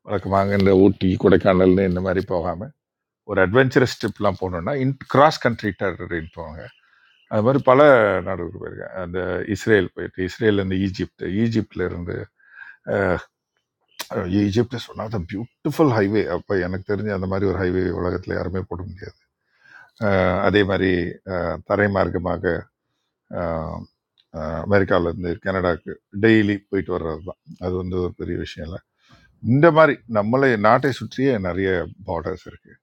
[SPEAKER 9] வழக்கமாக இந்த ஊட்டி கொடைக்கானல்னு இந்த மாதிரி போகாம ஒரு அட்வென்ச்சரஸ் ட்ரிப்லாம் போனோம்னா இன் கிராஸ் கண்ட்ரி டெரிட்டரின்னு போவாங்க அது மாதிரி பல நாடுகளுக்கு போயிருக்கேன் அந்த இஸ்ரேல் போயிட்டு இஸ்ரேல்ல இருந்து ஈஜிப்ட் ஈஜிப்ட்ல இருந்து அஹ், ஈஜிப்ட்ல சொன்னா அந்த பியூட்டிஃபுல் ஹைவே அப்போ எனக்கு தெரிஞ்சு அந்த மாதிரி ஒரு ஹைவே உலகத்துல யாருமே போட முடியாது அஹ், அதே மாதிரி அஹ், தரை மார்க்கமாக அஹ், அஹ், அமெரிக்கால இருந்து கனடாக்கு டெய்லி போயிட்டு வர்றது தான் அது வந்து ஒரு பெரிய விஷயம் இல்லை இந்த மாதிரி நம்மளை நாட்டை சுற்றியே நிறைய பார்டர்ஸ் இருக்கு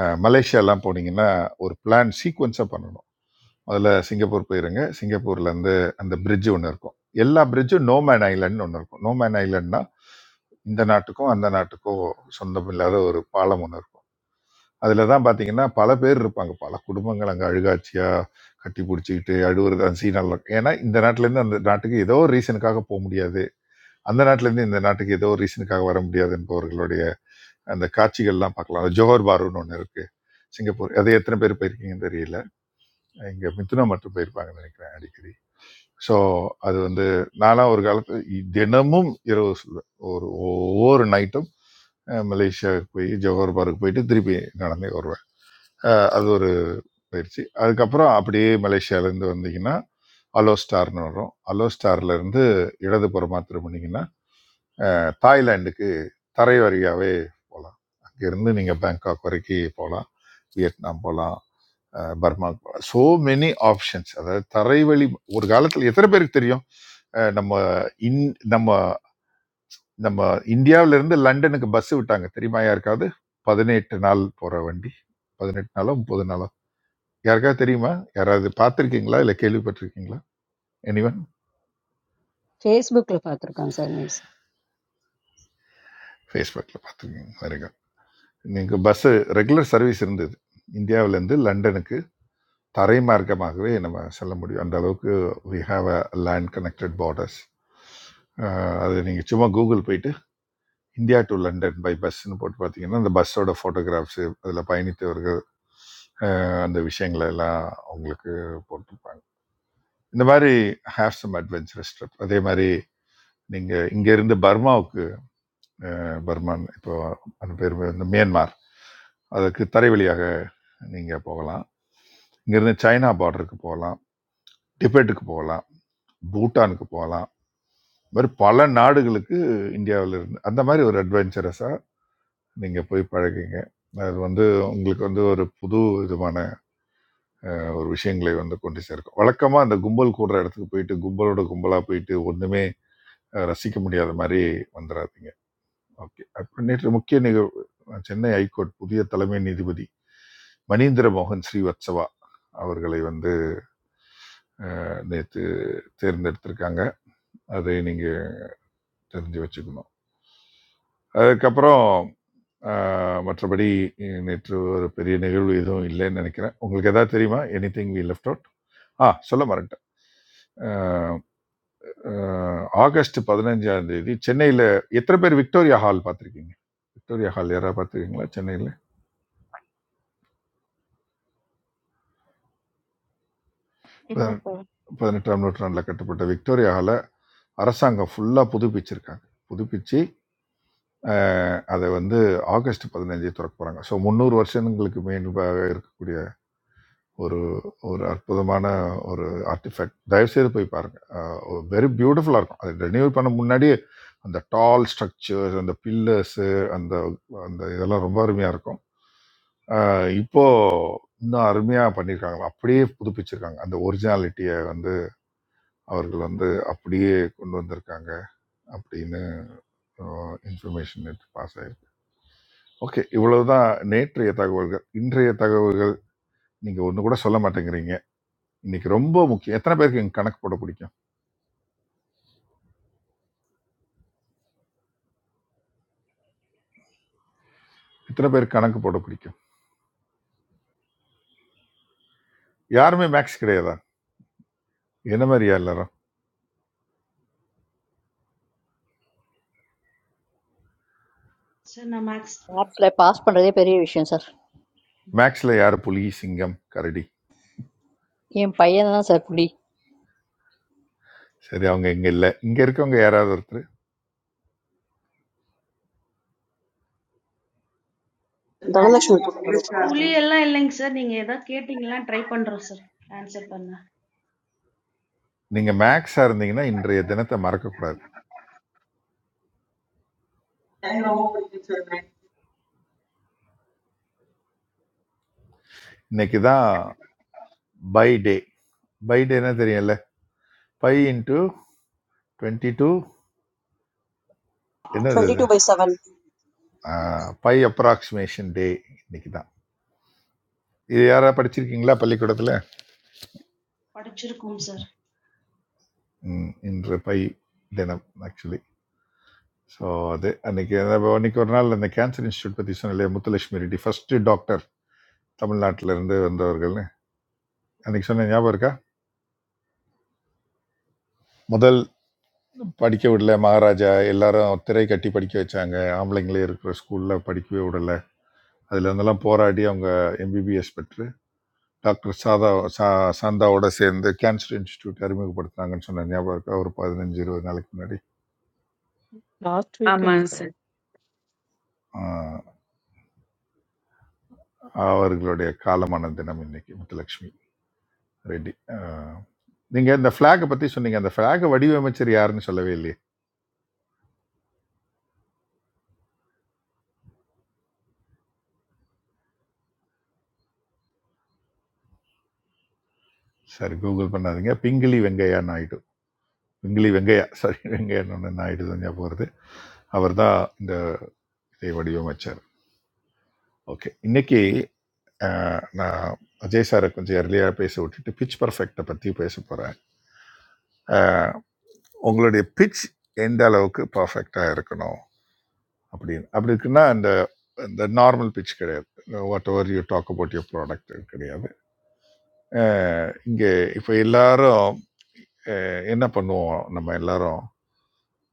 [SPEAKER 9] அஹ் மலேசியாலாம் போனீங்கன்னா ஒரு பிளான் சீக்வன்ஸாக பண்ணணும் அதில் சிங்கப்பூர் போயிருங்க சிங்கப்பூர்லேருந்து அந்த bridge ஒன்று இருக்கும் எல்லா பிரிட்ஜும் நோமேன் ஐலண்ட் ஒன்று இருக்கும் நோமேன் ஐலண்ட்னா இந்த நாட்டுக்கும் அந்த நாட்டுக்கும் சொந்தம் இல்லாத ஒரு பாலம் ஒன்று இருக்கும் அதில் தான் பார்த்தீங்கன்னா பல பேர் இருப்பாங்க பல குடும்பங்கள் அங்கே அழுகாட்சியாக கட்டி பிடிச்சிக்கிட்டு அழுவுறது அந்த சீனெல்லாம் இருக்கும். ஏன்னா இந்த நாட்டிலேருந்து அந்த நாட்டுக்கு ஏதோ ஒரு ரீசனுக்காக போக முடியாது அந்த நாட்டிலேருந்து இந்த நாட்டுக்கு ஏதோ ஒரு ரீசனுக்காக வர முடியாது என்பவர்களுடைய அந்த காட்சிகள்லாம் பார்க்கலாம் அந்த ஜோஹர் பாருன்னு ஒன்று இருக்கு சிங்கப்பூர் அது எத்தனை பேர் போயிருக்கீங்கன்னு தெரியல இங்கே மிதுனா மட்டும் போயிருப்பாங்கன்னு நினைக்கிறேன் அடிக்கடி ஸோ அது வந்து நான்லாம் ஒரு காலத்து இ- தினமும் இரவு சொல்லுவேன் ஒரு ஒவ்வொரு நைட்டும் மலேசியாவுக்கு போய் ஜோஹர் பார்க்கு போயிட்டு திருப்பி நடந்தே வருவேன் அஹ் அது ஒரு பயிற்சி அதுக்கப்புறம் அப்படியே மலேசியாவிலேருந்து வந்தீங்கன்னா அலோ ஸ்டார்னு வரும் அலோ ஸ்டார்ல இருந்து இடதுபுறமா திரும்பினீங்கன்னா தாய்லாந்துக்கு தரை வழியாவே போகலாம் அங்கிருந்து நீங்க பேங்காக் வரைக்கும் போகலாம் வியட்நாம் போகலாம் பர்மா போகலாம் சோ மெனி ஆப்ஷன்ஸ் அதாவது தரைவழி ஒரு காலத்தில் எத்தனை பேருக்கு தெரியும் அஹ் நம்ம இன் நம்ம நம்ம இந்தியாவுல இருந்து லண்டனுக்கு பஸ் விட்டாங்க தெரியுமா யாருக்காவது பதினெட்டு நாள் போற வண்டி பதினெட்டு நாளோ முப்பது நாளோ யாருக்காவது தெரியுமா யாராவது பார்த்துருக்கீங்களா இல்லை கேள்விப்பட்டிருக்கீங்களா எனிவன்
[SPEAKER 15] ஃபேஸ்புக்ல பார்த்துருக்கேன் சார் நியூஸ்.
[SPEAKER 9] ஃபேஸ்புக்கில் பார்த்துருக்கீங்க வெரி குட் நீங்கள் பஸ்ஸு ரெகுலர் சர்வீஸ் இருந்தது இந்தியாவிலேருந்து லண்டனுக்கு தரை மார்க்கமாகவே நம்ம செல்ல முடியும் அந்த அளவுக்கு we have a land connected borders அது நீங்கள் சும்மா கூகுள் போயிட்டு இந்தியா டு லண்டன் பை பஸ்ன்னு போட்டு பார்த்தீங்கன்னா அந்த பஸ்ஸோட ஃபோட்டோகிராஃப்ஸு அதில் பயணித்தவர்கள் அஹ், அந்த விஷயங்களை எல்லாம் உங்களுக்கு போட்டிருப்பாங்க இந்த மாதிரி ஹேவ் சம் அட்வென்ச்சரஸ் ட்ரிப் அதே மாதிரி நீங்கள் இங்கேருந்து பர்மாவுக்கு அஹ், பர்மான் இப்போ அந்த பேர் இந்த மியான்மார் அதற்கு தரை வழியாக நீங்கள் போகலாம் இங்கேருந்து சைனா பார்டருக்கு போகலாம் டிபெட்டுக்கு போகலாம் பூட்டானுக்கு போகலாம் இந்த மாதிரி பல நாடுகளுக்கு இந்தியாவில் இருந்து அந்த மாதிரி ஒரு அட்வென்ச்சரஸாக நீங்கள் போய் பழகுங்க அது வந்து உங்களுக்கு வந்து ஒரு புது விதமான ஒரு விஷயங்களை வந்து கொண்டு சேர்க்கும் வழக்கமாக அந்த கும்பல் கூடுற இடத்துக்கு போயிட்டு கும்பலோட கும்பலாக போயிட்டு ஒன்றுமே அஹ், ரசிக்க முடியாத மாதிரி வந்துடாதீங்க ஓகே அப்புறம் நேற்று முக்கிய நிகழ்வு சென்னை ஹைகோர்ட் புதிய தலைமை நீதிபதி மணீந்திர மோகன் ஸ்ரீவத்சவா அவர்களை வந்து அஹ், நேற்று தேர்ந்தெடுத்திருக்காங்க அதை நீங்கள் தெரிஞ்சு வச்சுக்கணும் அதுக்கப்புறம் ஆஹ், மற்றபடி நேற்று ஒரு பெரிய நிகழ்வு எதுவும் இல்லைன்னு நினைக்கிறேன் உங்களுக்கு எதாவது தெரியுமா எனிதிங் வி லெஃப்ட் அவுட் ஆ சொல்ல மறந்துட்டேன் ஆஹ், ஆஹ், ஆகஸ்ட் பதினஞ்சாம் தேதி சென்னையில் எத்தனை பேர் விக்டோரியா ஹால் பார்த்துருக்கீங்க விக்டோரியா ஹால் யாராவது பார்த்துருக்கீங்களா சென்னையில் பதின-
[SPEAKER 7] Nothing.
[SPEAKER 9] பதினெட்டாம் நூற்றாண்டில் கட்டப்பட்ட விக்டோரியா ஹாலை அரசாங்கம் ஃபுல்லாக புதுப்பிச்சிருக்காங்க புதுப்பிச்சு ஆஹ், அதை வந்து ஆகஸ்ட் பதினஞ்சு திறக்க போகிறாங்க ஸோ முந்நூறு வருஷங்களுக்கு மேன்பாக இருக்கக்கூடிய ஒரு ஒரு அற்புதமான ஒரு ஆர்டிஃபேக்ட் தயவுசெய்து போய் பாருங்கள் வெரி பியூட்டிஃபுல்லாக இருக்கும் அது ரெனியூவல் பண்ண முன்னாடியே அந்த டால் ஸ்ட்ரக்சர்ஸ் அந்த பில்லர்ஸு அந்த அந்த இதெல்லாம் ரொம்ப அருமையாக இருக்கும் அஹ் இப்போ இன்னும் அருமையாக பண்ணியிருக்காங்க அப்படியே புதுப்பிச்சிருக்காங்க அந்த ஒரிஜினாலிட்டியை வந்து அவர்கள் வந்து அப்படியே கொண்டு வந்திருக்காங்க அப்படின்னு இன்ஃபர்மேஷன் பாஸ் ஆயிருக்கு ஓகே இவ்வளவுதான் நேற்றைய தகவல்கள் இன்றைய தகவல்கள் நீங்க ஒண்ணு கூட சொல்ல மாட்டேங்கிறீங்க இன்னைக்கு ரொம்ப முக்கியம் எத்தனை பேருக்கு இங்க கணக்கு போட பிடிக்கும் எத்தனை பேருக்கு கணக்கு போட பிடிக்கும் யாருமே மேக்ஸ் கிடையாதா என்ன மாதிரியா எல்லாரும்
[SPEAKER 11] Sir, na max.
[SPEAKER 1] I have to pass, but I did very well, sir.
[SPEAKER 9] மேக்ஸ்ல யாரு புலி சிங்கம் கரடி
[SPEAKER 1] I am paying, sir, fully.
[SPEAKER 9] சரி அவங்க இங்க இல்ல இங்க இருக்கவங்க யாராவது ஒருத்தர்
[SPEAKER 6] The next
[SPEAKER 16] Dhanalakshmi put
[SPEAKER 6] Prime
[SPEAKER 16] it over.
[SPEAKER 6] Minister.
[SPEAKER 11] Puli alla links na ninge the kete ningla try panra sir. Answer panna.
[SPEAKER 9] நீங்க மேக்ஸா இருந்தீங்கன்னா இன்றைய தினத்தை மறக்க கூடாது
[SPEAKER 6] And hopefully it's the next.
[SPEAKER 9] இன்னைக்கு தான் பை டே பை டேனா தெரியல பை இன்ட்டு டுவெண்ட்டி டூ என்னது
[SPEAKER 16] 22 by 7.
[SPEAKER 9] பை அப்ராக்சிமேஷன் டே இன்னைக்கு தான் இது யாராவது படிச்சிருக்கீங்களா பள்ளிக்கூடத்தில்
[SPEAKER 11] Padhchhi rakum sir.
[SPEAKER 9] ம் இன்று பை தினம் ஆக்சுவலி ஸோ அது அன்னைக்கு அதாவது அன்னைக்கு ஒரு நாள் அந்த கேன்சர் இன்ஸ்டியூட் பற்றி சொன்னேன் முத்துலட்சுமி ரெட்டி ஃபர்ஸ்ட் டாக்டர் தமிழ்நாட்டில இருந்து வந்தவர்கள்னு அன்னைக்கு சொன்ன ஞாபகம் இருக்கா முதல் படிக்க விடல மகாராஜா எல்லாரும் திரை கட்டி படிக்க வச்சாங்க ஆம்பளைங்களே இருக்கிற ஸ்கூலில் படிக்கவே விடல அதில் இருந்தெல்லாம் போராடி அவங்க எம்பிபிஎஸ் பெற்று டாக்டர் சாதா சா சாந்தாவோட சேர்ந்து கேன்சர் இன்ஸ்டியூட் அறிமுகப்படுத்துனாங்கன்னு சொன்ன ஞாபகம் இருக்கா ஒரு பதினஞ்சு இருபது நாளைக்கு முன்னாடி
[SPEAKER 12] லாஸ்ட் வீக்கெண்ட்
[SPEAKER 5] ஆமாங்க
[SPEAKER 12] சார்
[SPEAKER 5] சார்
[SPEAKER 9] ஆஹ் அவர்களுடைய காலமான தினம் இன்னைக்கு முத்துலட்சுமி ரெட்டி ஆஹ் நீங்க இந்த பிளாகை பத்தி சொன்னீங்க அந்த பிளாகை வடிவமைச்சர் யாருன்னு சொல்லவே இல்லையே சரி கூகுள் பண்ணாதீங்க பிங்கிலி வெங்கையா நாயுடு பிங்கிலி வெங்கையா சாரி வெங்கையன்னு நாயுடு தான் ஞாபகம் வருது அவர் தான் இந்த இதை வடிவமைச்சார் ஓகே இன்னைக்கு ஆஹ், நான் அஜய் சாரை கொஞ்சம் earlier பேச விட்டுட்டு பிச் பர்ஃபெக்டை பற்றி பேச போகிறேன் உங்களுடைய பிச் எந்த அளவுக்கு பர்ஃபெக்டாக இருக்கணும் அப்படின்னு அப்படி இருக்குன்னா இந்த நார்மல் பிச் கிடையாது whatever you talk about your product கிடையாது அஹ் இங்கே இப்போ எல்லாரும் அஹ் என்ன பண்ணுவோம் நம்ம எல்லாரும்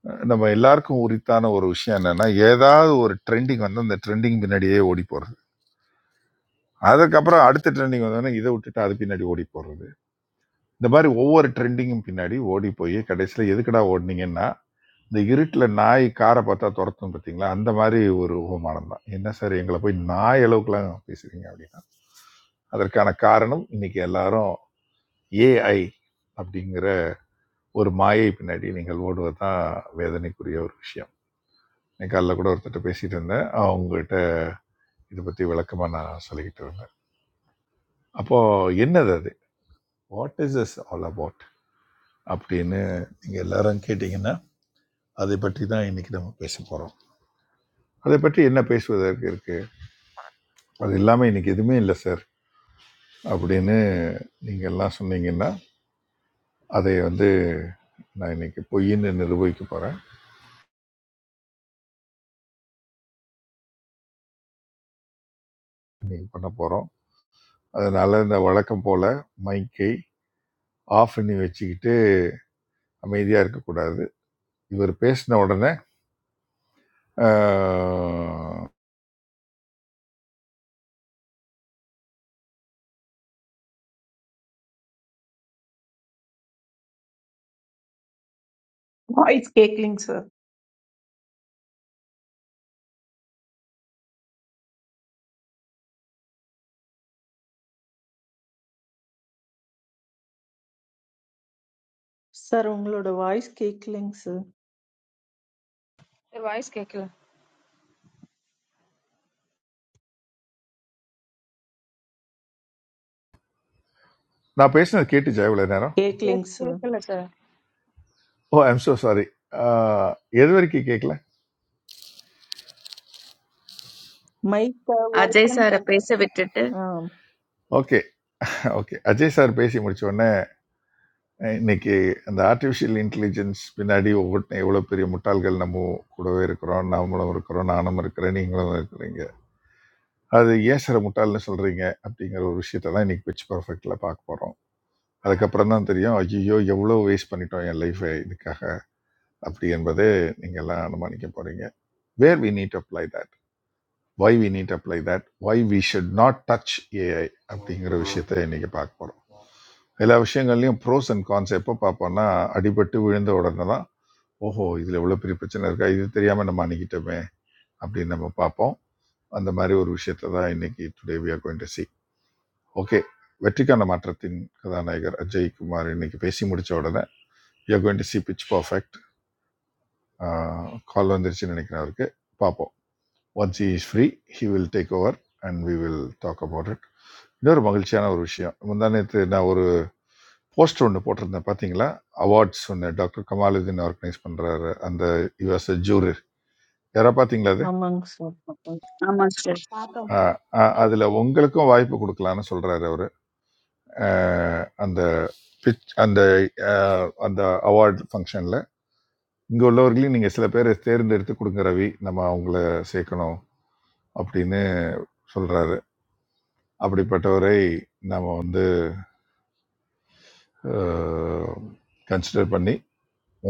[SPEAKER 9] அஹ் நம்ம எல்லாருக்கும் உரித்தான ஒரு விஷயம் என்னன்னா ஏதாவது ஒரு ட்ரெண்டிங் வந்து அந்த ட்ரெண்டிங் பின்னாடியே ஓடி போறது அதுக்கப்புறம் அடுத்த ட்ரெண்டிங் வந்தோடனே இதை விட்டுட்டு அது பின்னாடி ஓடி போறது இந்த மாதிரி ஒவ்வொரு ட்ரெண்டிங்கும் பின்னாடி ஓடி போய் கடைசியில் எதுக்குடா ஓடினீங்கன்னா இந்த இருட்டில் நாய் காரை பார்த்தா துரத்தும் பார்த்தீங்களா அந்த மாதிரி ஒரு உபமானம் தான் என்ன சார் எங்களை போய் நாய் அளவுக்குலாம் பேசுறீங்க அப்படின்னா அதற்கான காரணம் இன்னைக்கு எல்லாரும் ஏஐ அப்படிங்கிற ஒரு மாயை பின்னாடி நீங்கள் ஓடுவது தான் வேதனைக்குரிய ஒரு விஷயம் இன்னைக்கு காலைல கூட ஒருத்தர்கிட்ட பேசிட்டு இருந்தேன் அவங்ககிட்ட இதை பற்றி விளக்கமாக நான் சொல்லிக்கிட்டு இருந்தேன் அப்போது என்னது அது what is is all about அப்படின்னு நீங்கள் எல்லாரும் கேட்டிங்கன்னா அதை பற்றி தான் இன்னைக்கு நம்ம பேச போகிறோம் அதை பற்றி என்ன பேசுவதற்கு இருக்கு அது இல்லாமல் இன்றைக்கி எதுவுமே இல்லை சார் அப்படின்னு நீங்கள் எல்லாம் சொன்னீங்கன்னா அதை வந்து நான் இன்னைக்கு பொய்ன்னு நிரூபிக்க போகிறேன் இன்னைக்கு பண்ண போகிறோம் அதனால் இந்த வழக்கம் போல் மைக்கை ஆஃப் பண்ணி வச்சுக்கிட்டு அமைதியாக இருக்கக்கூடாது இவர் பேசின உடனே ஆஹ்,
[SPEAKER 4] வாய்ஸ் கேட்கலிங்க சார்
[SPEAKER 12] சார் உங்களோட வாய்ஸ் கேட்கலைங்க சார்
[SPEAKER 7] Advice? Okay, sir.
[SPEAKER 9] நான் பேசினது கேட்டுச்சா இவ்வளோ நேரம்
[SPEAKER 12] கேட்கலைங்க
[SPEAKER 7] Okay,
[SPEAKER 12] sir
[SPEAKER 7] okay, sir.
[SPEAKER 9] Oh I'm so sorry எது வரைக்கும் கேட்கல
[SPEAKER 12] மைக்கை
[SPEAKER 5] அஜய்
[SPEAKER 12] ஓப்பன்
[SPEAKER 5] சாரை
[SPEAKER 12] பண்
[SPEAKER 5] பேச விட்டுட்டு
[SPEAKER 12] ஆ
[SPEAKER 9] ஓகே ஓகே அஜய் சார் பேசி முடிச்ச உடனே அஹ் இன்னைக்கு அந்த ஆர்டிஃபிஷியல் இன்டெலிஜென்ஸ் பின்னாடி ஒவ்வொருத்தன் எவ்வளோ பெரிய முட்டாள்கள் நம்ம கூடவே இருக்கிறோம் நாமளும் இருக்கிறோம் நானும் இருக்கிறேன் நீங்களும் இருக்கிறீங்க அது ஏன் சார் முட்டாள்னு சொல்கிறீங்க அப்படிங்கிற ஒரு விஷயத்தை தான் இன்னைக்கு பிச் பர்ஃபெக்டில் பார்க்க போகிறோம் அதுக்கப்புறம் தான் தெரியும் ஐயோ எவ்வளோ வேஸ்ட் பண்ணிட்டோம் என் லைஃபை இதுக்காக அப்படி என்பது நீங்கள் எல்லாம் அனுமானிக்க போகிறீங்க where we need apply that why we need apply that why we should not touch AI அப்படிங்கிற விஷயத்தை இன்னைக்கு பார்க்க போகிறோம் எல்லா விஷயங்கள்லையும் ப்ரோஸ் அண்ட் கான்ஸ் எப்போ பார்ப்போம்னா அடிபட்டு விழுந்த உடனே தான் ஓஹோ! இதில இவ்வளோ பெரிய பிரச்சனை இருக்கா? இது தெரியாம நம்ம அணுகிட்டோமே! அப்படின்னு நம்ம பார்ப்போம். அந்த மாரி ஒரு விஷயத்த தான் இன்னைக்கு today we are going to see. Okay. வெற்றிக்கான மாற்றத்தின் கதாநாயகர் அஜய் குமார் இன்னைக்கு பேசி முடிச்ச உடனே, you are going to see pitch perfect. ஆ கால் வந்துருச்சுன்னு நினைக்கிறேன் அவருக்கு. பார்ப்போம். Once he is free, he will take over and we will talk about it. இன்னொரு மகிழ்ச்சியான ஒரு விஷயம். முந்தா நேத்து நான் ஒரு போஸ்டர் ஒண்ணு போட்டிருந்தேன் பார்த்தீங்களா? அவார்ட்ஸ் ஒண்ணு டாக்டர் கமாலுதீன் ஆர்கனைஸ் பண்றாரு. அந்த ஹி வாஸ் எ ஜூரர். யாராவது பார்த்தீங்களா அது?
[SPEAKER 12] ஆமாங்க சார்
[SPEAKER 5] ஆமா சார்
[SPEAKER 11] Akaum sir.
[SPEAKER 9] அஹ் அஹ்
[SPEAKER 17] Process
[SPEAKER 9] அதுல உங்களுக்கும் வாய்ப்பு கொடுக்கலான்னு சொல்றாரு அவரு அஹ் அந்த பிச் அந்த அஹ் அந்த அவார்ட் ஃபங்க்ஷன்ல இங்க உள்ளவர்களையும் நீங்க சில பேரை தேர்ந்தெடுத்து கொடுங்க ரவி நம்ம அவங்கள சேர்க்கணும் அப்படின்னு சொல்றாரு அப்படிப்பட்டவரை நாம வந்து கன்சிடர் பண்ணி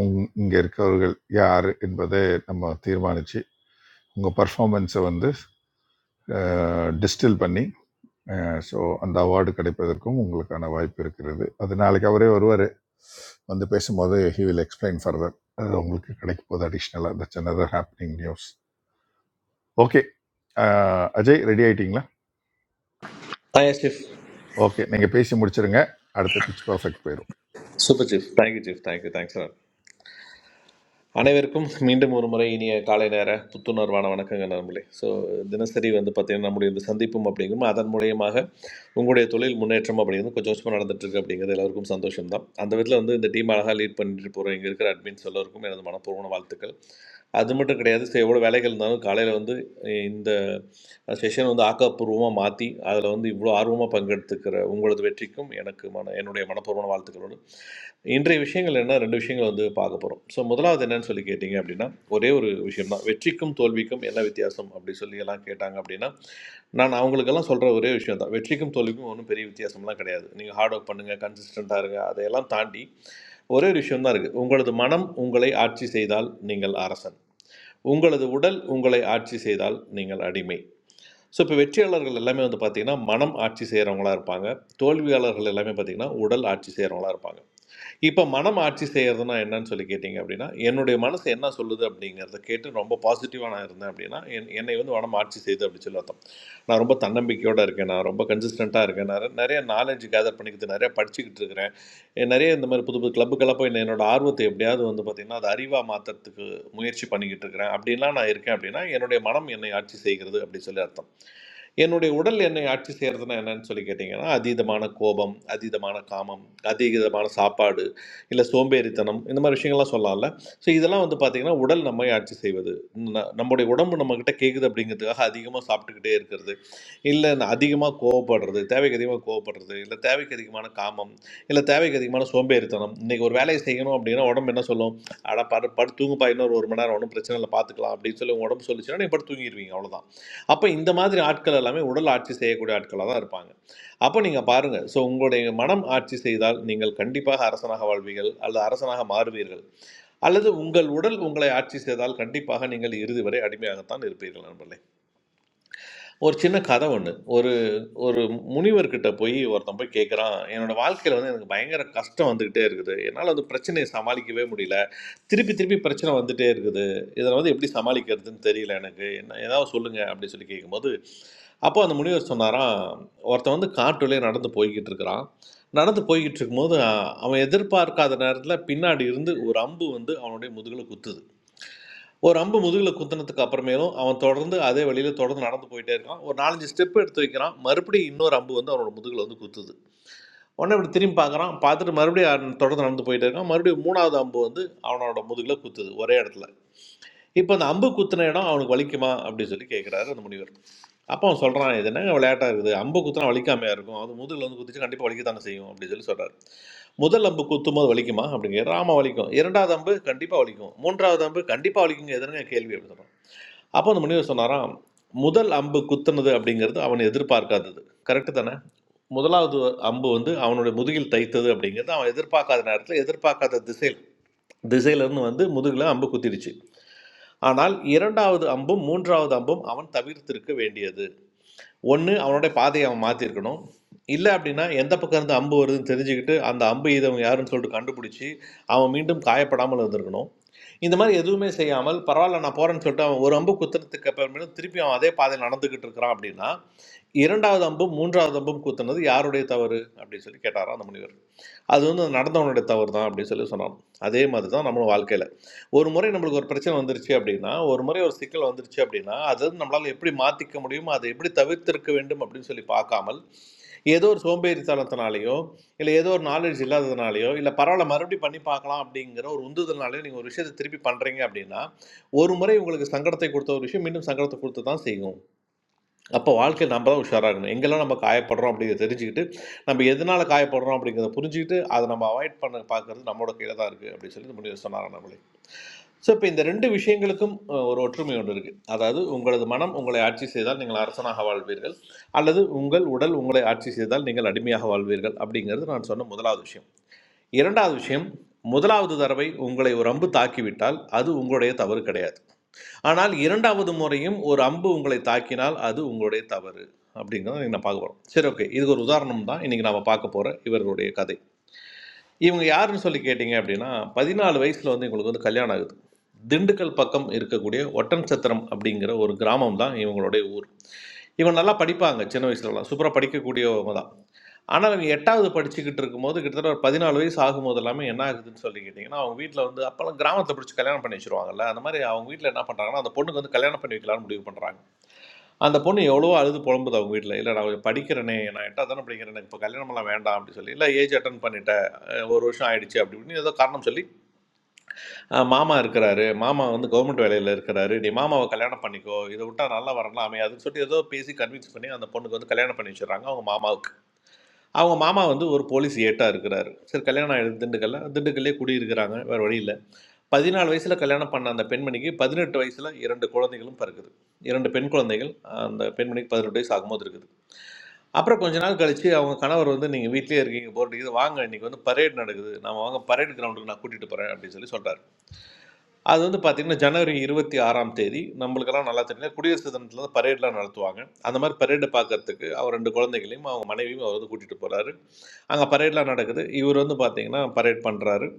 [SPEAKER 9] உங்- இங்க இருக்கவர்கள் யார் என்பதை நம்ம தீர்மானிச்சு உங்க பர்ஃபார்மன்ஸை வந்து டிஸ்டில் பண்ணி ஸோ அந்த அவார்டு கிடைப்பதற்கும் உங்களுக்கான வாய்ப்பு இருக்கிறது அது நாளைக்கு அவரே வருவார் வந்து பேசும்போது ஹி வில் எக்ஸ்பிளைன் ஃபர்தர் அது உங்களுக்கு கிடைக்க போது அடிஷ்னலாக that's another happening news okay Ajay ready ஆயிட்டீங்களா
[SPEAKER 18] ஆ சீஃப்
[SPEAKER 9] ஓகே நீங்கள் பேசி முடிச்சிருங்க அடுத்த பிச் பர்ஃபெக்ட் போயிடும்
[SPEAKER 18] super chief thank you chief thank you thanks sir அனைவருக்கும் மீண்டும் ஒரு முறை இனிய காலை நேர புத்துணர்வான வணக்கங்க நண்பர்களே ஸோ தினசரி வந்து பார்த்தீங்கன்னா நம்முடைய இந்த சந்திப்பும் அப்படிங்கும் அதன் மூலியமாக உங்களுடைய தொழில் முன்னேற்றம் அப்படிங்கிறது கொஞ்சம் கொஞ்சமாக நடந்துட்டு இருக்கு அப்படிங்கிறது எல்லாருக்கும் சந்தோஷம் தான் அந்த விதத்தில் வந்து இந்த டீம் அழகாக லீட் பண்ணிட்டு போகிற இங்கே இருக்கிற அட்மின்ஸ் எல்லோருக்கும் எனது மனப்பூர்வமான வாழ்த்துக்கள் அது மட்டும் கிடையாது ஸோ எவ்வளோ வேலைகள் இருந்தாலும் காலையில் வந்து இந்த செஷன் வந்து ஆக்கப்பூர்வமாக மாற்றி அதில் வந்து இவ்வளோ ஆர்வமாக பங்கெடுத்துக்கிற உங்களது வெற்றிக்கும் எனக்கு மன என்னுடைய மனப்பூர்வமான வாழ்த்துக்களோடு இன்றைய விஷயங்கள் என்ன ரெண்டு விஷயங்கள் வந்து பார்க்க போகிறோம் ஸோ முதலாவது என்னன்னு சொல்லி கேட்டிங்க அப்படின்னா ஒரே ஒரு விஷயம் தான் வெற்றிக்கும் தோல்விக்கும் என்ன வித்தியாசம் அப்படி சொல்லி எல்லாம் கேட்டாங்க அப்படின்னா நான் அவங்களுக்கெல்லாம் சொல்கிற ஒரே விஷயம் தான் வெற்றிக்கும் தோல்விக்கும் ஒன்றும் பெரிய வித்தியாசம்லாம் கிடையாது நீங்கள் ஹார்ட் ஒர்க் பண்ணுங்கள் கன்சிஸ்டண்ட்டாக இருங்க அதையெல்லாம் தாண்டி ஒரே ஒரு விஷயம் தான் இருக்குது உங்களது மனம் உங்களை ஆட்சி செய்தால் நீங்கள் அரசன் உங்களது உடல் உங்களை ஆட்சி செய்தால் நீங்கள் அடிமை ஸோ இப்போ வெற்றியாளர்கள் எல்லாமே வந்து பார்த்தீங்கன்னா மனம் ஆட்சி செய்கிறவங்களா இருப்பாங்க தோல்வியாளர்கள் எல்லாமே பார்த்தீங்கன்னா உடல் ஆட்சி செய்கிறவங்களா இருப்பாங்க இப்போ மனம் ஆட்சி செய்கிறதுனா என்னன்னு சொல்லி கேட்டிங்க அப்படின்னா என்னுடைய மனசு என்ன சொல்லுது அப்படிங்கிறத கேட்டு ரொம்ப பாசிட்டிவாக நான் இருந்தேன் அப்படின்னா என் என்னை வந்து மனம் ஆட்சி செய்யுது அப்படின்னு சொல்லி அர்த்தம் நான் ரொம்ப தன்னம்பிக்கையோடு இருக்கேன் நான் ரொம்ப கன்சிஸ்டண்ட்டாக இருக்கேன் நான் நிறைய நாலேஜ் கேதர் பண்ணிக்கிட்டு நிறைய படிச்சுக்கிட்டு இருக்கிறேன் நிறைய இந்த மாதிரி புது புது கிளப்புக்கெல்லாம் போய் என்னோட ஆர்வத்தை எப்படியாவது வந்து பார்த்திங்கன்னா அது அறிவாக மாற்றுறதுக்கு முயற்சி பண்ணிக்கிட்டு இருக்கிறேன் அப்படின்லாம் நான் இருக்கேன் அப்படின்னா என்னுடைய மனம் என்னை ஆட்சி செய்கிறது அப்படின்னு சொல்லி அர்த்தம் என்னுடைய உடல் என்னை ஆட்சி செய்கிறதுனா என்னன்னு சொல்லி கேட்டிங்கன்னா அதீதமான கோபம் அதீதமான காமம் அதீதமான சாப்பாடு இல்லை சோம்பேறித்தனம் இந்த மாதிரி விஷயங்கள்லாம் சொல்லலாம்ல ஸோ இதெல்லாம் வந்து பார்த்திங்கன்னா உடல் நம்மை ஆட்சி செய்வது ந- நம்முடைய உடம்பு நம்மக்கிட்ட கேட்குது அப்படிங்கிறதுக்காக அதிகமாக சாப்பிட்டுக்கிட்டே இருக்கிறது இல்லை அதிகமாக கோவப்படுறது தேவைக்கு அதிகமாக கோவப்படுறது இல்லை தேவைக்கு அதிகமான காமம் இல்லை தேவைக்கு அதிகமான சோம்பேறித்தனம் இன்றைக்கி ஒரு வேலையை செய்யணும் அப்படின்னா உடம்பு என்ன சொல்லும் அட படு படு தூங்குப்பா இன்னொரு ஒரு மணி நேரம் ஒன்றும் பிரச்சனை இல்லை பார்த்துக்கலாம் அப்படின்னு சொல்லி உங்க உடம்பு சொல்லிச்சுன்னா நீ படுத்து தூங்கிடுவீங்க அவ்வளோதான் அப்போ இந்த மாதிரி ஆட்கள் எல்லாமே உடல் ஆட்சி செய்யக்கூடிய ஆட்களாக தான் இருப்பாங்க அப்போ நீங்கள் பாருங்கள் ஸோ உங்களுடைய மனம் ஆட்சி செய்தால் நீங்கள் கண்டிப்பாக அரசனாக வாழ்வீர்கள் அல்லது அரசனாக மாறுவீர்கள் அல்லது உங்கள் உடல் உங்களை ஆட்சி செய்தால் கண்டிப்பாக நீங்கள் இறுதி வரை அடிமையாகத்தான் இருப்பீர்கள் நண்பர்களே ஒரு சின்ன கதை ஒன்று ஒரு ஒரு முனிவர்கிட்ட போய் ஒருத்தன் போய் கேட்குறான் என்னோட வாழ்க்கையில் வந்து எனக்கு பயங்கர கஷ்டம் வந்துக்கிட்டே இருக்குது என்னால் வந்து பிரச்சனையை சமாளிக்கவே முடியல திருப்பி திருப்பி பிரச்சனை வந்துட்டே இருக்குது இதில் வந்து எப்படி சமாளிக்கிறதுன்னு தெரியல எனக்கு என்ன ஏதாவது சொல்லுங்க அப்படின்னு சொல்லி கேட்கும்போது அப்போ அந்த முனிவர் சொன்னாராம் ஒருத்தன் வந்து காட்டுலேயே நடந்து போய்கிட்டு இருக்கிறான் நடந்து போய்கிட்டு இருக்கும்போது அஹ், அவன் எதிர்பார்க்காத நேரத்தில் பின்னாடி இருந்து ஒரு அம்பு வந்து அவனுடைய முதுகில் குத்துது ஒரு அம்பு முதுகுல குத்துனதுக்கு அப்புறமேலும் அவன் தொடர்ந்து அதே வழியில தொடர்ந்து நடந்து போயிட்டே இருக்கான் ஒரு நாலஞ்சு ஸ்டெப் எடுத்து வைக்கிறான் மறுபடியும் இன்னொரு அம்பு வந்து அவனோட முதுகுல வந்து குத்துது உடனே இப்படி திரும்பி பார்க்கறான் பார்த்துட்டு மறுபடியும் அவன் தொடர்ந்து நடந்து போயிட்டே இருக்கான் மறுபடியும் மூணாவது அம்பு வந்து அவனோட முதுகுல குத்துது ஒரே இடத்துல இப்போ அந்த அம்பு குத்துன இடம் அவனுக்கு வலிக்குமா அப்படின்னு சொல்லி கேட்குறாரு அந்த முனிவர் அப்போ அவன் சொல்கிறான் இது என்ன விளையாட்டா இருக்குது அம்பு குத்துனா வலிக்காமையா இருக்கும் அது முதுகுல வந்து குத்துச்சு கண்டிப்பாக வலிக்கத்தானே செய்யும் அப்படின்னு சொல்லி சொல்கிறார் முதல் அம்பு குத்தும் போது வலிக்குமா அப்படிங்கிற ஆமாம் வலிக்கும் இரண்டாவது அம்பு கண்டிப்பாக வலிக்கும் மூன்றாவது அம்பு கண்டிப்பாக வலிக்குங்க எதுனா கேள்வி அப்படின்னு சொல்றான். அப்போ அந்த முனிவர் சொன்னாராம் முதல் அம்பு குத்துனது அப்படிங்கிறது அவன் எதிர்பார்க்காதது கரெக்டு தானே முதலாவது அம்பு வந்து அவனுடைய முதுகில் தைத்தது அப்படிங்கிறது அவன் எதிர்பார்க்காத நேரத்தில் எதிர்பார்க்காத திசையில் திசையிலிருந்து வந்து முதுகில் அம்பு குத்திடுச்சு ஆனால் இரண்டாவது அம்பும் மூன்றாவது அம்பும் அவன் தவிர்த்திருக்க வேண்டியது ஒன்று அவனோட பாதையை அவன் மாற்றிருக்கணும் இல்லை அப்படின்னா எந்த பக்கம் இருந்து அம்பு வருதுன்னு தெரிஞ்சுக்கிட்டு அந்த அம்பு இதவங்க யாருன்னு சொல்லிட்டு கண்டுபிடிச்சி அவன் மீண்டும் காயப்படாமல் இருந்திருக்கணும் இந்த மாதிரி எதுவுமே செய்யாமல் பரவாயில்ல நான் போகிறேன்னு சொல்லிட்டு அவன் ஒரு அம்பு குத்துறதுக்கு அப்புறமேலும் திருப்பி அவன் அதே பாதையில் நடந்துக்கிட்டு இருக்கிறான் அப்படின்னா இரண்டாவது அம்பும் மூன்றாவது அம்பும் குத்துனது யாருடைய தவறு அப்படின்னு சொல்லி கேட்டாராம் அந்த முனிவர் அது வந்து நடந்தவனுடைய தவறு தான் அப்படின்னு சொல்லி சொன்னான் அதே மாதிரி தான் நம்மளும் வாழ்க்கையில் ஒரு முறை நம்மளுக்கு ஒரு பிரச்சனை வந்துருச்சு அப்படின்னா ஒரு முறை ஒரு சிக்கல் வந்துருச்சு அப்படின்னா அது வந்து நம்மளால் எப்படி மாற்றிக்க முடியுமோ அதை எப்படி தவிர்த்திருக்க வேண்டும் அப்படின்னு சொல்லி பார்க்காமல் ஏதோ ஒரு சோம்பேறித்தனத்தினாலேயோ இல்லை ஏதோ ஒரு நாலேஜ் இல்லாததுனாலையோ இல்லை பரவாயில்ல மறுபடியும் பண்ணி பார்க்கலாம் அப்படிங்கிற ஒரு உந்துதல்னாலே நீங்கள் ஒரு விஷயத்தை திருப்பி பண்ணுறீங்க அப்படின்னா ஒரு முறை உங்களுக்கு சங்கடத்தை கொடுத்த ஒரு விஷயம் மீண்டும் சங்கடத்தை கொடுத்து தான் செய்யும் அப்போ வாழ்க்கையில நம்ம தான் உஷாரா இருக்கணும். எங்கெல்லாம் நம்ம காயப்படுறோம் அப்படிங்கிறத தெரிஞ்சுக்கிட்டு, நம்ம எதனால காயப்படுறோம் அப்படிங்கிறத புரிஞ்சுகிட்டு, அத நம்ம அவாய்ட் பண்ண பார்க்கிறது நம்மோட கையில தான் இருக்கு அப்படின்னு சொல்லி முடிவு சொன்னார் அண்ணாமலை. ஸோ இப்ப இந்த 2 விஷயங்களுக்கும் அ ஒரு ஒற்றுமை ஒன்று இருக்கு. அதாவது உங்களது மனம் உங்களை ஆட்சி செய்தால் நீங்கள் அரசனாக வாழ்வீர்கள். அல்லது உங்கள் உடல் உங்களை ஆட்சி செய்தால் நீங்கள் அடிமையாக வாழ்வீர்கள் அப்படிங்கிறது நான் சொன்ன முதலாவது விஷயம். 2வது விஷயம், முதலாவது தடவை உங்களை ஒரு அம்பு தாக்கிவிட்டால் அது உங்களுடைய தவறு கிடையாது. ஆனால் இரண்டாவது முறையும் ஒரு அம்பு உங்களை தாக்கினால் அது உங்களுடைய தவறு அப்படிங்கிறத இன்னைக்கு நான் பார்க்க போகிறோம் சரி ஓகே இதுக்கு ஒரு உதாரணம் தான் இன்னைக்கு நாம பார்க்க போற இவர்களுடைய கதை இவங்க யாருன்னு சொல்லி கேட்டிங்க அப்படின்னா பதினாலு வயசில் வந்து இவங்களுக்கு வந்து கல்யாணம் ஆகுது திண்டுக்கல் பக்கம் இருக்கக்கூடிய ஒட்டன் சத்திரம் அப்படிங்கிற ஒரு கிராமம் தான் இவங்களுடைய ஊர் இவங்க நல்லா படிப்பாங்க சின்ன வயசுலலாம் சூப்பராக படிக்கக்கூடியவங்க தான் ஆனால் இவங்க எட்டாவது படிச்சுக்கிட்டு இருக்கும்போது கிட்டத்தட்ட ஒரு பதினாலு வயசு ஆகும்போது எல்லாமே என்ன ஆகுதுன்னு சொல்லி கேட்டிங்கன்னா அவங்க வீட்டில் வந்து அப்போல்லாம் கிராமத்தை பிடிச்சி கல்யாணம் பண்ணி வச்சுருவாங்கல்ல அந்த மாதிரி அவங்க வீட்டில் என்ன பண்ணுறாங்கன்னா அந்த பொண்ணுக்கு வந்து கல்யாணம் பண்ணி வைக்கலாம்னு முடிவு பண்ணுறாங்க அந்த பொண்ணு எவ்வளவோ அழுது புலம்புது அவங்க வீட்டில் இல்லை நான் கொஞ்சம் படிக்கிறேனே நான் எட்டாவது தானே படிக்கிறேன் எனக்கு இப்போ கல்யாணமெல்லாம் வேண்டாம் அப்படின்னு சொல்லி இல்லை ஏஜ் அட்டன் பண்ணிட்டேன் அஹ் ஒரு வருஷம் ஆயிடுச்சு அப்படி இப்படின்னு ஏதோ காரணம் சொல்லி அஹ் மாமா இருக்கிறாரு மாமா வந்து கவர்மெண்ட் வேலையில் இருக்கிறாரு நீ மாமாவை கல்யாணம் பண்ணிக்கோ இதை விட்டா நல்லா வரலாம் அமையாதுன்னு சொல்லி ஏதோ பேசி கன்வின்ஸ் பண்ணி அந்த பொண்ணுக்கு வந்து கல்யாணம் பண்ணி வச்சிடுறாங்க அவங்க மாமாவுக்கு அவங்க மாமா வந்து ஒரு போலீஸ் ஏட்டாக இருக்கிறாரு சரி கல்யாணம் ஆயிடுது திண்டுக்கல்ல திண்டுக்கல்லே குடியிருக்கிறாங்க வேறு வழி இல்லை பதினாலு வயசில் கல்யாணம் பண்ண அந்த பெண்மணிக்கு பதினெட்டு வயசில் இரண்டு குழந்தைகளும் பிறக்குது இரண்டு பெண் குழந்தைகள் அந்த பெண்மணிக்கு பதினெட்டு வயசு ஆகும்போது இருக்குது அப்புறம் கொஞ்ச நாள் கழிச்சு அவங்க கணவர் வந்து நீங்கள் வீட்டிலேயே இருக்கீங்க போர் அடிக்குது வாங்க இன்னைக்கு வந்து பரேட் நடக்குது நாம வாங்க பரேட் கிரவுண்டுக்கு நான் கூட்டிகிட்டு போகிறேன் அப்படின்னு சொல்லி சொல்கிறார் அது வந்து பார்த்தீங்கன்னா ஜனவரி இருபத்தி ஆறாம் தேதி நம்மளுக்கெல்லாம் நல்லா தெரியல குடியரசு தினத்தில் வந்து பரேட்லாம் நடத்துவாங்க அந்த மாதிரி பரேடை பார்க்கறதுக்கு அவர் ரெண்டு குழந்தைகளையும் அவங்க மனைவியும் அவர் வந்து கூட்டிகிட்டு போகிறாரு அங்கே பரேட்லாம் நடக்குது இவர் வந்து பார்த்தீங்கன்னா பரேட் பண்ணுறாரு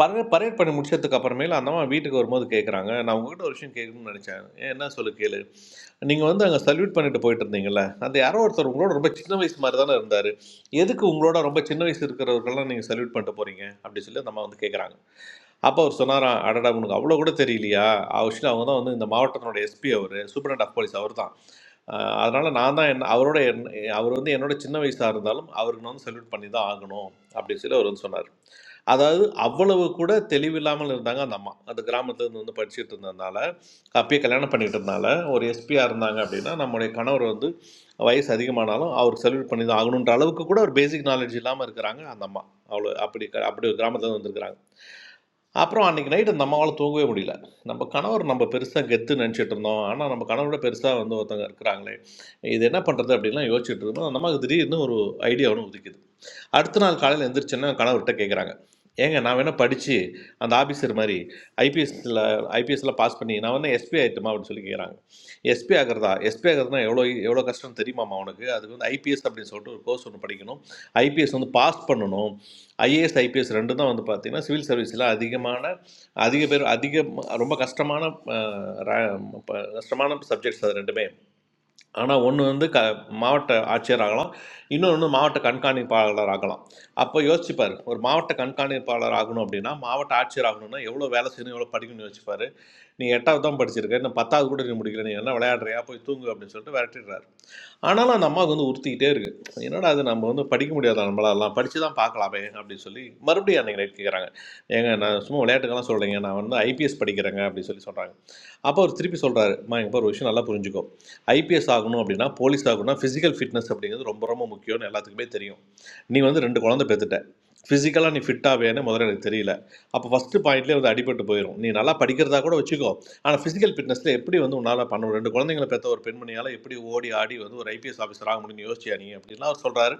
[SPEAKER 18] பரேட் பரேட் பண்ணி முடிச்சதுக்கு அப்புறமேல அந்த அம்மா வீட்டுக்கு வரும்போது கேட்குறாங்க நான் உங்ககிட்ட ஒரு விஷயம் கேட்கணும்னு நினச்சேன் ஏன் என்ன சொல்லு கேளு நீங்கள் வந்து அங்கே சல்யூட் பண்ணிட்டு போயிட்டு இருந்தீங்கல்ல அந்த யாரோ ஒருத்தர் உங்களோட ரொம்ப சின்ன வயசு மாதிரி தானே இருந்தார் எதுக்கு உங்களோட ரொம்ப சின்ன வயசு இருக்கிறவர்கள்லாம் நீங்கள் சல்யூட் பண்ணிட்டு போகிறீங்க அப்படி சொல்லி நம்ம வந்து கேட்குறாங்க அப்போ அவர் சொன்னாராம் அடடா உனக்கு அவ்வளோ கூட தெரியலையா ஆக்சுவலி அவங்க தான் வந்து இந்த மாவட்டத்தினோட எஸ்பி அவர் சூப்பரண்ட் ஆஃப் போலீஸ் அவர் தான் அதனால் நான் தான் என்ன அவரோட என்ன அவர் வந்து என்னோட சின்ன வயசாக இருந்தாலும் அவருக்கு நான் வந்து செல்யூட் பண்ணி தான் ஆகணும் அப்படின்னு சொல்லி அவர் வந்து சொன்னார் அதாவது அவ்வளவு கூட தெளிவில்லாமல் இருந்தாங்க அந்த அம்மா அந்த கிராமத்துலேருந்து வந்து படிச்சுட்டு இருந்ததுனால அப்பயே கல்யாணம் பண்ணிட்டு இருந்தால ஒரு எஸ்பியாக இருந்தாங்க அப்படின்னா நம்முடைய கணவர் வந்து வயசு அதிகமானாலும் அவருக்கு செல்யூட் பண்ணி தான் ஆகணுன்ற அளவுக்கு கூட ஒரு பேசிக் நாலேஜ் இல்லாமல் இருக்கிறாங்க அந்த அம்மா அவ்வளோ அப்படி க- அப்படி ஒரு கிராமத்துல வந்திருக்கிறாங்க அப்புறம் அன்றைக்கி நைட்டு அந்த அம்மாவால் தூங்கவே முடியல நம்ம கணவர் நம்ம பெருசாக கெத்து நினச்சிட்டு இருந்தோம் ஆனால் நம்ம கணவரோட பெருசாக வந்து ஒருத்தவங்க இருக்கிறாங்களே இது என்ன பண்ணுறது அப்படின்லாம் யோசிச்சுட்டு இருந்தோம் அந்த அம்மாவுக்கு திடீர்னு ஒரு ஐடியா ஒன்று உதிக்குது அடுத்த நாள் காலையில் எந்திரிச்சோன்னா கணவர்கிட்ட கேட்குறாங்க ஏங்க நான் வேணால் படித்து அந்த ஆஃபீஸர் மாதிரி ஐபிஎஸ்ல ஐபிஎஸ்சில் பாஸ் பண்ணி நான் வந்து எஸ்பி ஆகிட்டுமா அப்படின்னு சொல்லி கேட்குறாங்க எஸ்பி ஆகிறதா எஸ்பி ஆகிறதுனா எவ்வளோ எவ்வளோ கஷ்டம் தெரியுமாமா அவனுக்கு அதுக்கு வந்து ஐபிஎஸ் அப்படின்னு சொல்லிட்டு ஒரு கோர்ஸ் ஒன்று படிக்கணும் ஐபிஎஸ் வந்து பாஸ் பண்ணணும் ஐஏஎஸ் ஐபிஎஸ் ரெண்டு தான் வந்து பார்த்தீங்கன்னா சிவில் சர்வீஸில் அதிகமான அதிக பேர் அதிக ரொம்ப கஷ்டமான அஹ், ர- ப- கஷ்டமான சப்ஜெக்ட்ஸ் அது ரெண்டுமே ஆனால் ஒன்று வந்து க மாவட்ட ஆட்சியர் ஆகலாம் இன்னொன்று மாவட்ட கண்காணிப்பாளர் ஆகலாம் அப்போ யோசிச்சுப்பார் ஒரு மாவட்ட கண்காணிப்பாளர் ஆகணும் அப்படின்னா மாவட்ட ஆட்சியர் ஆகணும்னா எவ்வளோ வேலை செய்யணும் எவ்வளோ படிக்கணும்னு யோசிச்சுப்பார் நீ எட்டாவது தான் படிச்சிருக்க இன்னும் பத்தாவது கூட நீ முடிக்கல நீ என்ன விளையாடுறியா போய் தூங்கு அப்படின்னு சொல்லிட்டு விரட்டிடுறாரு ஆனாலும் அந்த அம்மாவுக்கு வந்து உறுத்திக்கிட்டே இருக்கு என்னடா அது நம்ம வந்து படிக்க முடியாத நம்மளாலாம் படிச்சு தான் பார்க்கலாமே அப்படின்னு சொல்லி மறுபடியும் அன்னைக்கு நைட் கேட்குறாங்க ஏங்க நான் சும்மா விளையாட்டுக்கெல்லாம் சொல்கிறேங்க நான் வந்து ஐபிஎஸ் படிக்கிறேங்க அப்படின்னு சொல்லி சொல்கிறாங்க அப்போ அவர் திருப்பி சொல்கிறாரு மா எங்கள் ஒரு விஷயம் நல்லா புரிஞ்சுக்கோ ஐபிஎஸ் ஆகணும் அப்படின்னா போலீஸ் ஆகணும்னா ஃபிசிக்கல் ஃபிட்னஸ் அப்படிங்கிறது ரொம்ப ரொம்ப முக்கியம்னு எல்லாத்துக்குமே தெரியும் நீ வந்து ரெண்டு குழந்தை பெற்றுட்ட ஃபிசிக்கலாக நீ ஃபிட்டாக வேணும் முதல்ல எனக்கு தெரியல அப்போ ஃபஸ்ட்டு பாயிண்ட்லேயே வந்து அடிபட்டு போயிடும் நீ நல்லா படிக்கிறதா கூட வச்சுக்கோ ஆனால் ஃபிசிக்கல் ஃபிட்னஸில் எப்படி வந்து உன்னால் பண்ண முடியும்? ரெண்டு குழந்தைங்களை பெற்ற ஒரு பெண்மணியால் எப்படி ஓடி ஆடி வந்து ஒரு ஐபிஎஸ் ஆஃபீஸர் ஆக முடியும்னு யோசிச்சியா நீ அப்படின்லாம் அவர் சொல்கிறாரு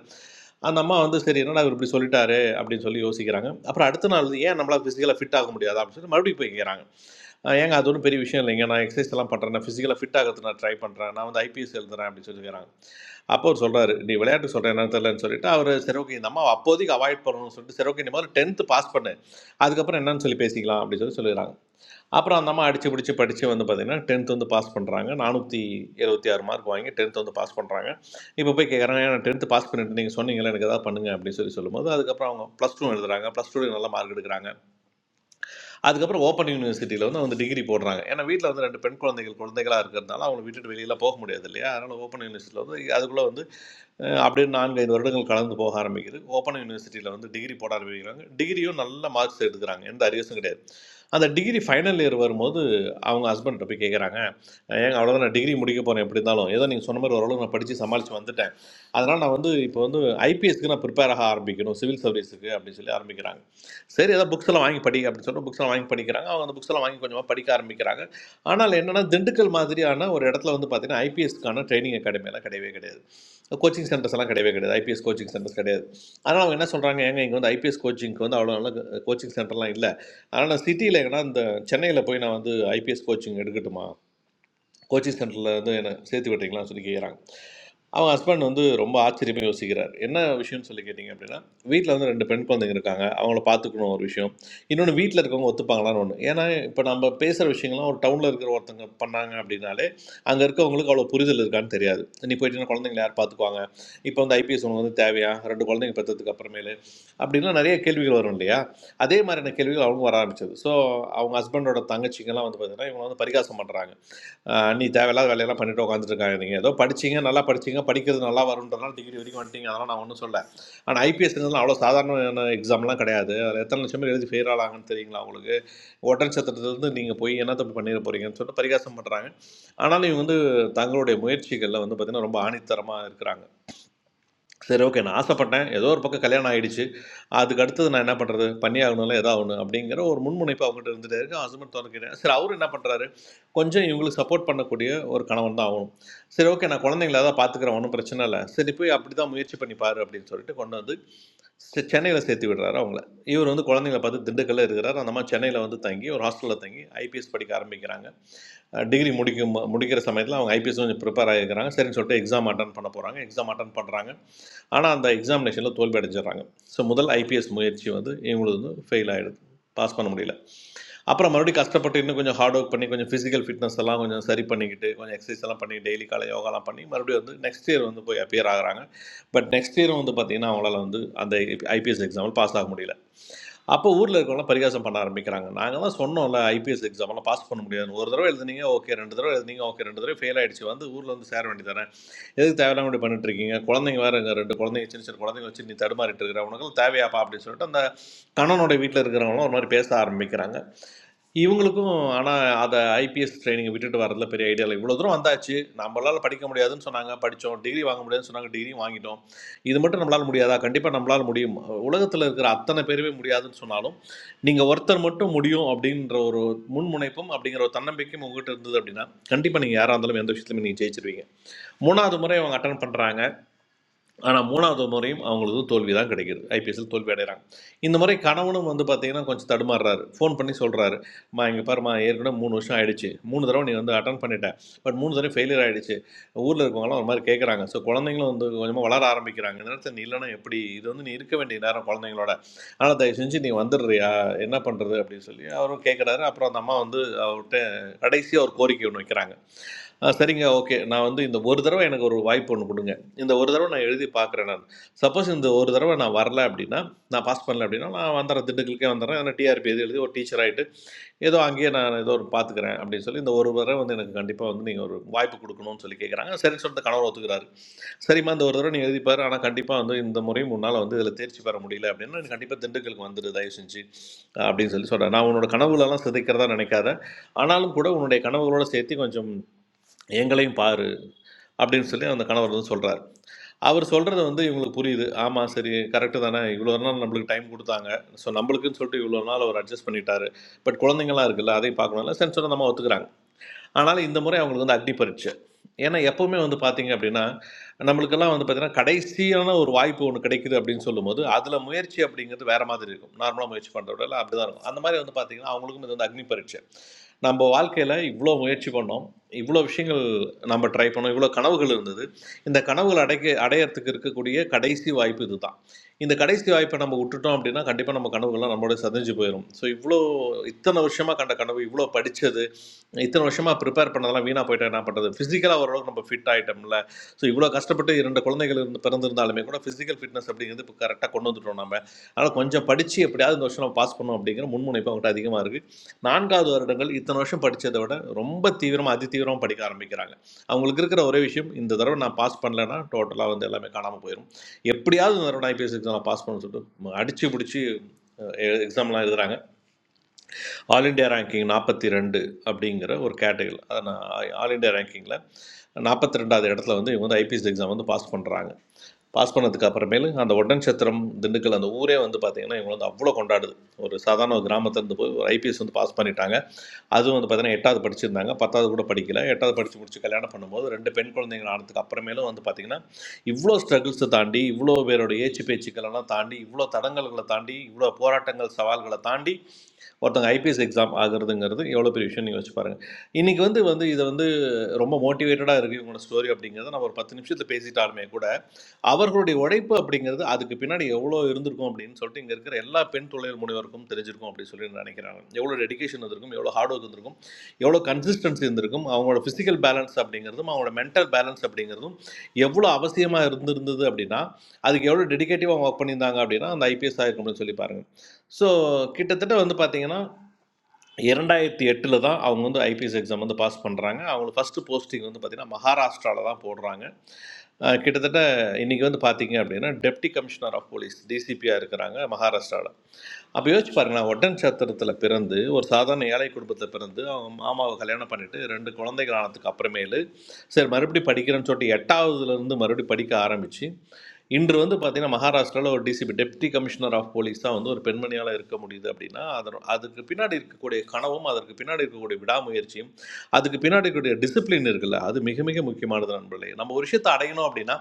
[SPEAKER 18] அந்த அம்மா வந்து சரி என்னடா இவர் இப்படி சொல்லிட்டாரு அப்படின்னு சொல்லி யோசிக்கிறாங்க அப்புறம் அடுத்த நாள் வந்து, ஏன் நம்மளால் ஃபிசிக்கலாக ஃபிட் ஆக முடியாது அப்படின்னு சொல்லி மறுபடியும் போய் கேட்குறாங்க அஹ் ஏங்க அது ஒன்றும் பெரிய விஷயம் இல்லைங்க நான் எக்ஸசைஸ் எல்லாம் பண்ணுறேன் நான் ஃபிசிக்கலாக ஃபிட் ஆகிறதுக்கு நான் ட்ரை பண்ணுறேன் நான் வந்து ஐபிஎஸ் எழுதுறேன் அப்படின்னு சொல்லிக்கிறாங்க அப்போ அவர் சொல்கிறாரு நீ விளையாட்டு சொல்கிறேன் என்ன தெரியலன்னு சொல்லிட்டு அவர் சரி ஓகே இந்த அம்மா அப்போதைக்கு அவாய்ட் பண்ணணும்னு சொல்லிட்டு சரி ஓகே இந்த மாதிரி டென்த்து பாஸ் பண்ணு அதுக்கப்புறம் என்னன்னு சொல்லி பேசிக்கலாம் அப்படின்னு சொல்லி சொல்லிடுறாங்க அப்புறம் அந்த அம்மா அடிச்சு பிடிச்சி படித்து வந்து பார்த்திங்கன்னா டென்த் வந்து பாஸ் பண்ணுறாங்க நானூற்றி எழுபத்தி ஆறு மார்க் வாங்கி டென்த் வந்து பாஸ் பண்ணுறாங்க இப்போ போய் கேட்குறாங்க நான் டென்த்து பாஸ் பண்ணிட்டு நீங்கள் சொன்னீங்களே எனக்கு எதாவது பண்ணுங்க அப்படின்னு சொல்லி சொல்லும்போது அதுக்கப்புறம் அவங்க ப்ளஸ் டூ எழுதுறாங்க ப்ளஸ் டூவில் நல்ல மார்க் எடுக்கிறாங்க அதுக்கப்புறம் ஓப்பன் யூனிவர்சிட்டியில் வந்து அவங்க டிகிரி போடுறாங்க ஏன்னா வீட்டில் வந்து ரெண்டு பெண் குழந்தைகள் குழந்தைகளாக இருக்கிறதுனால அவங்களை விட்டுட்டு வெளியில் போக முடியாது இல்லையா அதனால் ஓப்பன் யூனிவர்சிட்டியில் வந்து அதுக்குள்ளே வந்து அஹ், அப்படியே நான்கு ஐந்து வருடங்கள் கலந்து போக ஆரம்பிக்குது ஓப்பன் யூனிவர்சிட்டியில் வந்து டிகிரி போட ஆரம்பிக்கிறாங்க டிகிரியும் நல்ல மார்க்ஸ் எடுக்கிறாங்க எந்த அரியர்ஸும் கிடையாது அந்த டிகிரி ஃபைனல் இயர் வரும்போது அவங்க ஹஸ்பண்ட்டை போய் கேட்குறாங்க ஏங்க அவ்வளோதான் நான் டிகிரி முடிக்க போகிறேன் எப்படி இருந்தாலும் ஏதோ நீங்கள் சொன்ன மாதிரி ஓரளவு நான் படித்து சமாளித்து வந்துட்டேன் அதனால் நான் வந்து இப்போ வந்து ஐபிஎஸ்க்கு நான் ப்ரிப்பேர் ஆக ஆரம்பிக்கணும் சிவில் சர்வீஸுக்கு அப்படின்னு சொல்லி ஆரம்பிக்கிறாங்க சரி ஏதோ புக்ஸ் எல்லாம் வாங்கி படி அப்படின்னு சொல்லிட்டு புக்ஸ் எல்லாம் வாங்கி படிக்கிறாங்க அவங்க அந்த புக்ஸ் எல்லாம் வாங்கி கொஞ்சமாக படிக்க ஆரம்பிக்கிறாங்க ஆனால் என்னென்னா திண்டுக்கல் மாதிரியான ஒரு இடத்துல வந்து பார்த்தீங்கன்னா ஐபிஎஸ்க்கான ட்ரைனிங் எல்லாம் கிடையவே கிடையாது கோச்சிங் சென்டர்ஸ் எல்லாம் கிடையவே கிடையாது ஐபிஎஸ் கோச்சிங் சென்டர்ஸ் கிடையாது அதனால் அவங்க என்ன சொல்கிறாங்க ஏங்க இங்கே வந்து ஐபிஎஸ் கோச்சிங்க்கு வந்து அவ்வளோ நல்ல கோச்சிங் சென்டர்லாம் இல்லை ஆனால் நான் சிட்டியில் எங்கன்னா இந்த சென்னையில் போய் நான் வந்து ஐபிஎஸ் கோச்சிங் எடுக்கட்டுமா கோச்சிங் சென்டரில் வந்து என்னை சேர்த்து விட்றீங்களான்னு சொல்லி கேட்குறாங்க அவங்க ஹஸ்பண்ட் வந்து ரொம்ப ஆச்சரியமாக யோசிக்கிறார் என்ன விஷயம்னு சொல்லி கேட்டிங்க அப்படின்னா வீட்டில் வந்து ரெண்டு பெண் குழந்தைங்க இருக்காங்க அவங்கள பார்த்துக்கணும் ஒரு விஷயம் இன்னொன்று வீட்டில் இருக்கவங்க ஒத்துப்பாங்களான்னு ஒன்று ஏன்னா இப்போ நம்ம பேசுகிற விஷயங்கள்லாம் ஒரு டவுனில் இருக்கிற ஒருத்தங்க பண்ணாங்க அப்படின்னாலே அங்கே இருக்கவங்களுக்கு அவ்வளோ புரிதல் இருக்கான்னு தெரியாது நீ போயிட்டு குழந்தைங்களை யார் பார்த்துக்குவாங்க இப்போ வந்து ஐபிஎஸ் உனக்கு வந்து தேவையா ரெண்டு குழந்தைங்க பெற்றதுக்கு அப்புறமேலு அப்படின்லாம் நிறைய கேள்விகள் வரும் இல்லையா அதே மாதிரியான கேள்விகள் அவங்க வர ஆரம்பிச்சது ஸோ அவங்க ஹஸ்பண்டோட தங்கச்சிங்கெல்லாம் வந்து பார்த்தீங்கன்னா இவங்க வந்து பரிகாசம் பண்ணுறாங்க ஆஹ் நீ தேவையில்லாத வேலையெல்லாம் பண்ணிட்டு உட்காந்துட்டு இருக்காங்க நீங்கள் ஏதோ படிச்சீங்க நல்லா படிச்சீங்க படிக்கிறது நல்லா வரும்ன்றதுனால டிகிரி வரைக்கும் வந்துட்டீங்க அதெல்லாம் நான் ஒன்றும் சொல்ல ஆனால் ஐபிஎஸ்ங்கிறது அவ்வளோ சாதாரண எக்ஸாம்லாம் கிடையாது அதில் எத்தனை லட்சம் பேர் எழுதி ஃபெயில் ஆகலாங்கன்னு தெரியுங்களா உங்களுக்கு ஒட்டன் சத்திரத்துலேருந்து நீங்கள் போய் என்ன தப்பு பண்ணிட போகிறீங்கன்னு சொல்லிட்டு பரிகாசம் பண்ணுறாங்க ஆனாலும் இவங்க வந்து தங்களுடைய முயற்சிகளில் வந்து பார்த்திங்கன்னா ரொம்ப ஆணித்தரமாக இருக்கிறாங்க சரி ஓகே. நான் ஆசைப்பட்டேன். ஏதோ ஒரு பக்கம் கல்யாணம் ஆயிடுச்சு. அதுக்கு அடுத்தது நான் என்ன பண்றது? பண்ணியே ஆகணும்ல, ஏதோ ஆகணும் அப்படிங்கிற ஒரு முன்முனைப்பு அவங்ககிட்ட இருந்துட்டே இருக்கு. ஹஸ்பண்ட் தொடர்கிறார். சரி அவரு என்ன பண்றாரு? கொஞ்சம் இவங்களுக்கு சப்போர்ட் பண்ணக்கூடிய ஒரு கணவன் தான் ஆகணும். சரி ஓகே நான் குழந்தைங்கள தான் பார்த்துக்கிறேன். ஒண்ணும் பிரச்சனை இல்ல. சரி போய் அப்படிதான் முயற்சி பண்ணி பாரு அப்படின்னு சொல்லிட்டு கொண்டு வந்து செ சென்னையில சேர்த்து விடுறாரு அவங்கள. இவரு வந்து குழந்தைங்கள பார்த்து திண்டுக்கல்ல இருக்கிறாரு. அந்த அம்மா சென்னையில வந்து தங்கி ஒரு ஹாஸ்டல்ல தங்கி ஐபிஎஸ் படிக்க ஆரம்பிக்கிறாங்க. டிகிரி முடிக்கும் போ- முடிக்கிற சமயத்தில் அவங்க ஐபிஎஸ் கொஞ்சம் ப்ரிப்பேர் ஆகிருக்கிறாங்க சரின்னு சொல்லிட்டு எக்ஸாம் அட்டன் பண்ண போகிறாங்க எக்ஸாம் அட்டன் பண்ணுறாங்க ஆனால் அந்த எக்ஸாமினேஷனில் தோல்வி அடைஞ்சிடுறாங்க ஸோ முதல் ஐபிஎஸ் முயற்சி வந்து இவங்களுக்கு வந்து ஃபெயில் ஆகிடுது பாஸ் பண்ண முடியல அப்புறம் மறுபடியும் கஷ்டப்பட்டு இன்னும் கொஞ்சம் ஹார்ட் ஒர்க் பண்ணி கொஞ்சம் ஃபிசிக்கல் ஃபிட்னஸ் எல்லாம் கொஞ்சம் சரி பண்ணிக்கிட்டு கொஞ்சம் எக்ஸசைஸ் எல்லாம் பண்ணி டெய்லி காலை யோகாலாம் பண்ணி மறுபடியும் வந்து நெக்ஸ்ட் இயர் வந்து போய் அப்பியர் ஆகுறாங்க பட் நெக்ஸ்ட் இயரும் வந்து பார்த்திங்கன்னா அவங்களால வந்து அந்த ஐபிஎஸ் எக்ஸாமில் பாஸ் ஆக முடியல அப்போ ஊரில் இருக்கவங்களாம் பரிகாசம் பண்ண ஆரம்பிக்கிறாங்க நாங்கள்லாம் சொன்னோம்ல ஐபிஎஸ் எக்ஸாம்லாம் பாஸ் பண்ண முடியாது ஒரு தடவை எழுதுனீங்க ஓகே ரெண்டு தடவை எழுதுனீங்க ஓகே ரெண்டு தடவை ஃபெயில் ஆயிடுச்சு வந்து ஊரில் வந்து சேர வேண்டியதானே எதுக்கு தேவையில்லாம இப்படி பண்ணிட்டு இருக்கீங்க குழந்தைங்க வேற இங்க ரெண்டு குழந்தைங்க சின்ன சின்ன குழந்தைங்க வச்சு நீ தடுமாறிட்டு இருக்கிற உனக்கு தேவையாப்பா அப்படின்னு சொல்லிட்டு அந்த கணவனுடைய வீட்டில் இருக்கிறவங்களும் ஒரு மாதிரி பேச ஆரம்பிக்கிறாங்க இவங்களுக்கும் ஆனால் அதை ஐபிஎஸ் ட்ரைனிங் விட்டுட்டு வரதுல பெரிய ஐடியா இல்லை இவ்வளோ தூரம் வந்தாச்சு நம்மளால் படிக்க முடியாதுன்னு சொன்னாங்க படித்தோம் டிகிரி வாங்க முடியாதுன்னு சொன்னாங்க டிகிரி வாங்கிட்டோம் இது மட்டும் நம்மளால் முடியாதா கண்டிப்பாக நம்மளால் முடியும் உலகத்தில் இருக்கிற அத்தனை பேருமே முடியாதுன்னு சொன்னாலும் நீங்கள் ஒருத்தர் மட்டும் முடியும் அப்படின்ற ஒரு முன்முனைப்பும் அப்படிங்கிற ஒரு தன்னம்பிக்கையும் உங்ககிட்ட இருந்தது அப்படின்னா கண்டிப்பாக நீங்கள் யாராக இருந்தாலும் எந்த விஷயத்துலையுமே நீங்கள் ஜெயிச்சிருவீங்க மூணாவது முறை அவங்க அட்டன் பண்ணுறாங்க ஆனால் மூணாவது முறையும் அவங்களுக்கு தோல்வி தான் கிடைக்குது ஐபிஎஸ்எல் தோல்வி அடைகிறாங்க இந்த முறை கணவனும் வந்து பார்த்தீங்கன்னா கொஞ்சம் தடுமாறுறாரு ஃபோன் பண்ணி சொல்கிறாரு மா இங்கே பாரும்மா ஏற்கனவே மூணு வருஷம் ஆயிடுச்சு மூணு தடவை நீ வந்து அட்டன் பண்ணிட்டேன் பட் மூணு தடவை ஃபெயிலியர் ஆயிடுச்சு ஊரில் இருக்கவங்களாம் ஒரு மாதிரி கேட்குறாங்க ஸோ குழந்தைங்களும் வந்து கொஞ்சமாக வளர ஆரம்பிக்கிறாங்க இந்த நேரத்தில் நீ இல்லைன்னா எப்படி இது வந்து நீ இருக்க வேண்டிய நேரம் குழந்தைங்களோட அதனால் தயவு செஞ்சு நீ வந்துடுறியா என்ன பண்ணுறது அப்படின்னு சொல்லி அவரும் கேட்குறாரு அப்புறம் அந்த அம்மா வந்து அவர்கிட்ட கடைசியாக ஒரு கோரிக்கை ஒன்று வைக்கிறாங்க ஆ சரிங்க. ஓகே. நான் வந்து இந்த ஒரு தடவ எனக்கு ஒரு வாய்ப்பு ஒண்ணு குடுங்க. இந்த ஒரு தடவ நான் எழுதி பார்க்குறேன் நான். சப்போஸ் இந்த ஒரு தடவ நான் வரல அப்டின்னா, நான் பாஸ் பண்ணல அப்டின்னா, நான் வந்துர்றேன். திண்டுக்கலுக்கே வந்துர்றேன். ஆனா டிஆர்பி எது எழுதி ஒரு டீச்சர் ஆயிட்டு, ஏதோ அங்கேயே நான் ஏதோ ஒரு பார்த்துக்கிறேன் அப்டின்னு சொல்லி, இந்த ஒரு தடவ வந்து எனக்கு கண்டிப்பா வந்து நீங்க ஒரு வாய்ப்பு குடுக்கணும்னு சொல்லி கேட்குறாங்க. சரின்னு சொல்லிட்டு கணவர் ஒத்துக்கிறாரு. சரிம்மா இந்த ஒரு தடவ நீ எழுதி பாரு. ஆனா கண்டிப்பா வந்து இந்த முறையும் உன்னால வந்து இதுல தேர்ச்சி பெற முடியல அப்டின்னா, நீ கண்டிப்பா திண்டுக்கலுக்கு வந்துரு தயவு செஞ்சு அப்டின்னு சொல்லி சொல்றாரு. நான் உன்னோட கனவுகளலாம் சிதைக்கிறதா நினைக்காத. ஆனாலும் கூட உன்னுடைய கனவுகளோட சேர்த்து கொஞ்சம் எங்களையும் பாரு அப்படின்னு சொல்லி அந்த கணவர் வந்து சொல்கிறார் அவர் சொல்கிறது வந்து இவங்களுக்கு புரியுது ஆமாம் சரி கரெக்டு தானே இவ்வளோ நாள் நம்மளுக்கு டைம் கொடுத்தாங்க ஸோ நம்மளுக்குன்னு சொல்லிட்டு இவ்வளோ நாள் அவர் அட்ஜஸ்ட் பண்ணிட்டாரு பட் குழந்தைங்களாம் இருக்குல்ல அதையும் பார்க்கணும்ல சரி சொன்னா நம்ம ஒத்துக்கிறாங்க ஆனாலும் இந்த முறை அவங்களுக்கு வந்து அக்னி பரீட்சை ஏன்னா எப்பவுமே வந்து பார்த்தீங்க அப்படின்னா நம்மளுக்கெல்லாம் வந்து பார்த்தீங்கன்னா கடைசியான ஒரு வாய்ப்பு ஒன்று கிடைக்குது அப்படின்னு சொல்லும்போது அதில் முயற்சி அப்படிங்கிறது வேற மாதிரி இருக்கும் நார்மலாக முயற்சி பண்ணுறத விட அப்படி தான் இருக்கும் அந்த மாதிரி வந்து பார்த்தீங்கன்னா அவங்களுக்கும் இது வந்து அக்னி பரீட்சை நம்ம வாழ்க்கையில் இவ்வளோ முயற்சி பண்ணோம் இவ்வளோ விஷயங்கள் நம்ம ட்ரை பண்ணோம் இவ்வளோ கனவுகள் இருந்தது இந்த கனவுகள் அடைக்க அடையறதுக்கு இருக்கக்கூடிய கடைசி வாய்ப்பு இதுதான் இந்த கடைசி வாய்ப்பை நம்ம விட்டுட்டோம் அப்படின்னா கண்டிப்பாக நம்ம கனவுகள்லாம் நம்மளோட சதைஞ்சு போயிடும் ஸோ இவ்வளோ இத்தனை வருஷமாக கண்ட கனவு இவ்வளோ படித்தது இத்தனை வருஷமா ப்ரிப்பேர் பண்ணதெல்லாம் வீணாக போயிட்டு என்ன பண்ணுறது ஃபிசிக்கலாக ஓரளவுக்கு நம்ம ஃபிட் ஆகிட்டோம்ல ஸோ இவ்வளோ கஷ்டப்பட்டு இரண்டு குழந்தைகள் இருந்து பிறந்திருந்தாலுமே கூட ஃபிசிக்கல் ஃபிட்னஸ் அப்படிங்கிறது இப்போ கரெக்டாக கொண்டு வந்துட்டோம் நம்ம அதனால் கொஞ்சம் படித்து எப்படியாவது இந்த வருஷம் நம்ம பாஸ் பண்ணோம் அப்படிங்கிற முன்முனைப்பு அவங்ககிட்ட அதிகமாக இருக்குது நான்காவது வருடங்கள் இத்தனை வருஷம் படித்ததை விட ரொம்ப தீவிரமாக அதி தீவிரமாக படிக்க ஆரம்பிக்கிறாங்க அவங்களுக்கு இருக்கிற ஒரே விஷயம் இந்த தடவை நான் பாஸ் பண்ணலைன்னா டோட்டலாக வந்து எல்லாமே காணாமல் போயிடும் எப்படியாவது இந்த தடவை நான் ஐபிஎஸ் எக்ஸாம் நான் பாஸ் பண்ணணும்னு சொல்லிட்டு அடித்து பிடிச்சி எக்ஸாம்லாம் எழுதுறாங்க ஆல் இண்டியா ரேங்கிங் நாற்பத்தி ரெண்டு அப்படிங்கிற ஒரு கேட்டகரி அதை நான் ஆல் இண்டியா ரேங்கிங்கில் நாற்பத்தி ரெண்டாவது இடத்துல வந்து இவங்க வந்து ஐபிஎஸ் எக்ஸாம் வந்து பாஸ் பண்ணுறாங்க பாஸ் பண்ணதுக்கு அப்புறமேலு அந்த ஒட்டன்சத்திரம் திண்டுக்கல் அந்த ஊரே வந்து பார்த்திங்கன்னா இவங்க வந்து அவ்வளோ கொண்டாடுது ஒரு சாதாரண ஒரு கிராமத்துலேருந்து போய் ஒரு ஐபிஎஸ் வந்து பாஸ் பண்ணிட்டாங்க அதுவும் வந்து பார்த்தீங்கன்னா எட்டாவது படிச்சிருந்தாங்க பத்தாவது கூட படிக்கல எட்டாவது படித்து முடிச்சு கல்யாணம் பண்ணும்போது ரெண்டு பெண் குழந்தைகள் ஆனதுக்கு அப்புறமேலும் வந்து பார்த்தீங்கன்னா இவ்வளோ ஸ்ட்ரகிள்ஸை தாண்டி இவ்வளோ பேரோட ஏச்சு பேச்சுக்களெல்லாம் தாண்டி இவ்வளோ தடங்கல்களை தாண்டி இவ்வளோ போராட்டங்கள் சவால்களை தாண்டி ஒருத்தவங்க ஐபிஎஸ் எக்ஸாம் ஆகுறதுங்கிறது எவ்வளோ பெரிய விஷயம் நீங்கள் வச்சு பாருங்கள் இன்றைக்கி வந்து வந்து இதை வந்து ரொம்ப மோட்டிவேட்டடாக இருக்குது இவங்களோட ஸ்டோரி அப்படிங்கிறத நம்ம ஒரு பத்து நிமிஷத்தில் பேசிட்டாலுமே கூட அவர்களுடைய உழைப்பு அப்படிங்கிறது அதுக்கு பின்னாடி எவ்வளோ இருந்திருக்கும் அப்படின்னு சொல்லிட்டு இங்கே இருக்கிற எல்லா பெண் தொழில் முனைவருக்கும் தெரிஞ்சிருக்கும் அப்படின்னு சொல்லி நினைக்கிறாங்க எவ்வளோ டெடிகேஷன் இருந்திருக்கும் எவ்வளோ ஹார்ட் ஒர்க் இருந்திருக்கும் எவ்வளோ கன்சிஸ்டன்சி இருந்திருக்கும் அவங்களோட ஃபிசிக்கல் பேலன்ஸ் அப்படிங்கிறதும் அவங்களோட மென்டல் பேலன்ஸ் அப்படிங்கிறதும் எவ்வளோ அவசியமாக இருந்திருந்தது அப்படின்னா அதுக்கு எவ்வளோ டெடிகேட்டிவாக ஒர்க் பண்ணியிருந்தாங்க அப்படின்னா அந்த ஐபிஎஸ் ஆகிருக்கும் அப்படின்னு சொல்லி பாருங்கள் ஸோ கிட்டத்தட்ட வந்து பார்த்தீங்கன்னா இரண்டாயிரத்தி எட்டில் தான் அவங்க வந்து ஐபிஎஸ் எக்ஸாம் வந்து பாஸ் பண்ணுறாங்க அவங்களுக்கு ஃபஸ்ட்டு போஸ்டிங் வந்து பார்த்திங்கன்னா மகாராஷ்டிராவில் தான் போடுறாங்க அஹ் கிட்டத்தட்ட இன்றைக்கி வந்து பார்த்தீங்க அப்படின்னா டெப்டி கமிஷனர் ஆஃப் போலீஸ் டிசிபியாக இருக்கிறாங்க மகாராஷ்டிராவில் அப்போ யோசிச்சு பாருங்களேன் ஒட்டன் சத்திரத்தில் பிறந்து ஒரு சாதாரண ஏழை குடும்பத்தில் பிறந்து அவங்க மாமாவை கல்யாணம் பண்ணிட்டு ரெண்டு குழந்தைகள் ஆனதுக்கு அப்புறமேலு சரி மறுபடியும் படிக்கிறேன்னு சொல்லிட்டு எட்டாவதுலேருந்து மறுபடியும் படிக்க ஆரம்பித்து இன்று வந்து பார்த்தீங்கன்னா மகாராஷ்டிராவில் ஒரு DCP deputy commissioner of police தான் வந்து ஒரு பெண்மணியால் இருக்க முடியுது அப்படின்னா அதன் அதுக்கு பின்னாடி இருக்கக்கூடிய கனவும் அதற்கு பின்னாடி இருக்கக்கூடிய விடாமுயற்சியும் அதுக்கு பின்னாடி இருக்கக்கூடிய டிசிப்ளின் இருக்குல்ல அது மிக மிக முக்கியமானது நண்பர்களே நம்ம ஒரு விஷயத்தை அடையணும் அப்படின்னா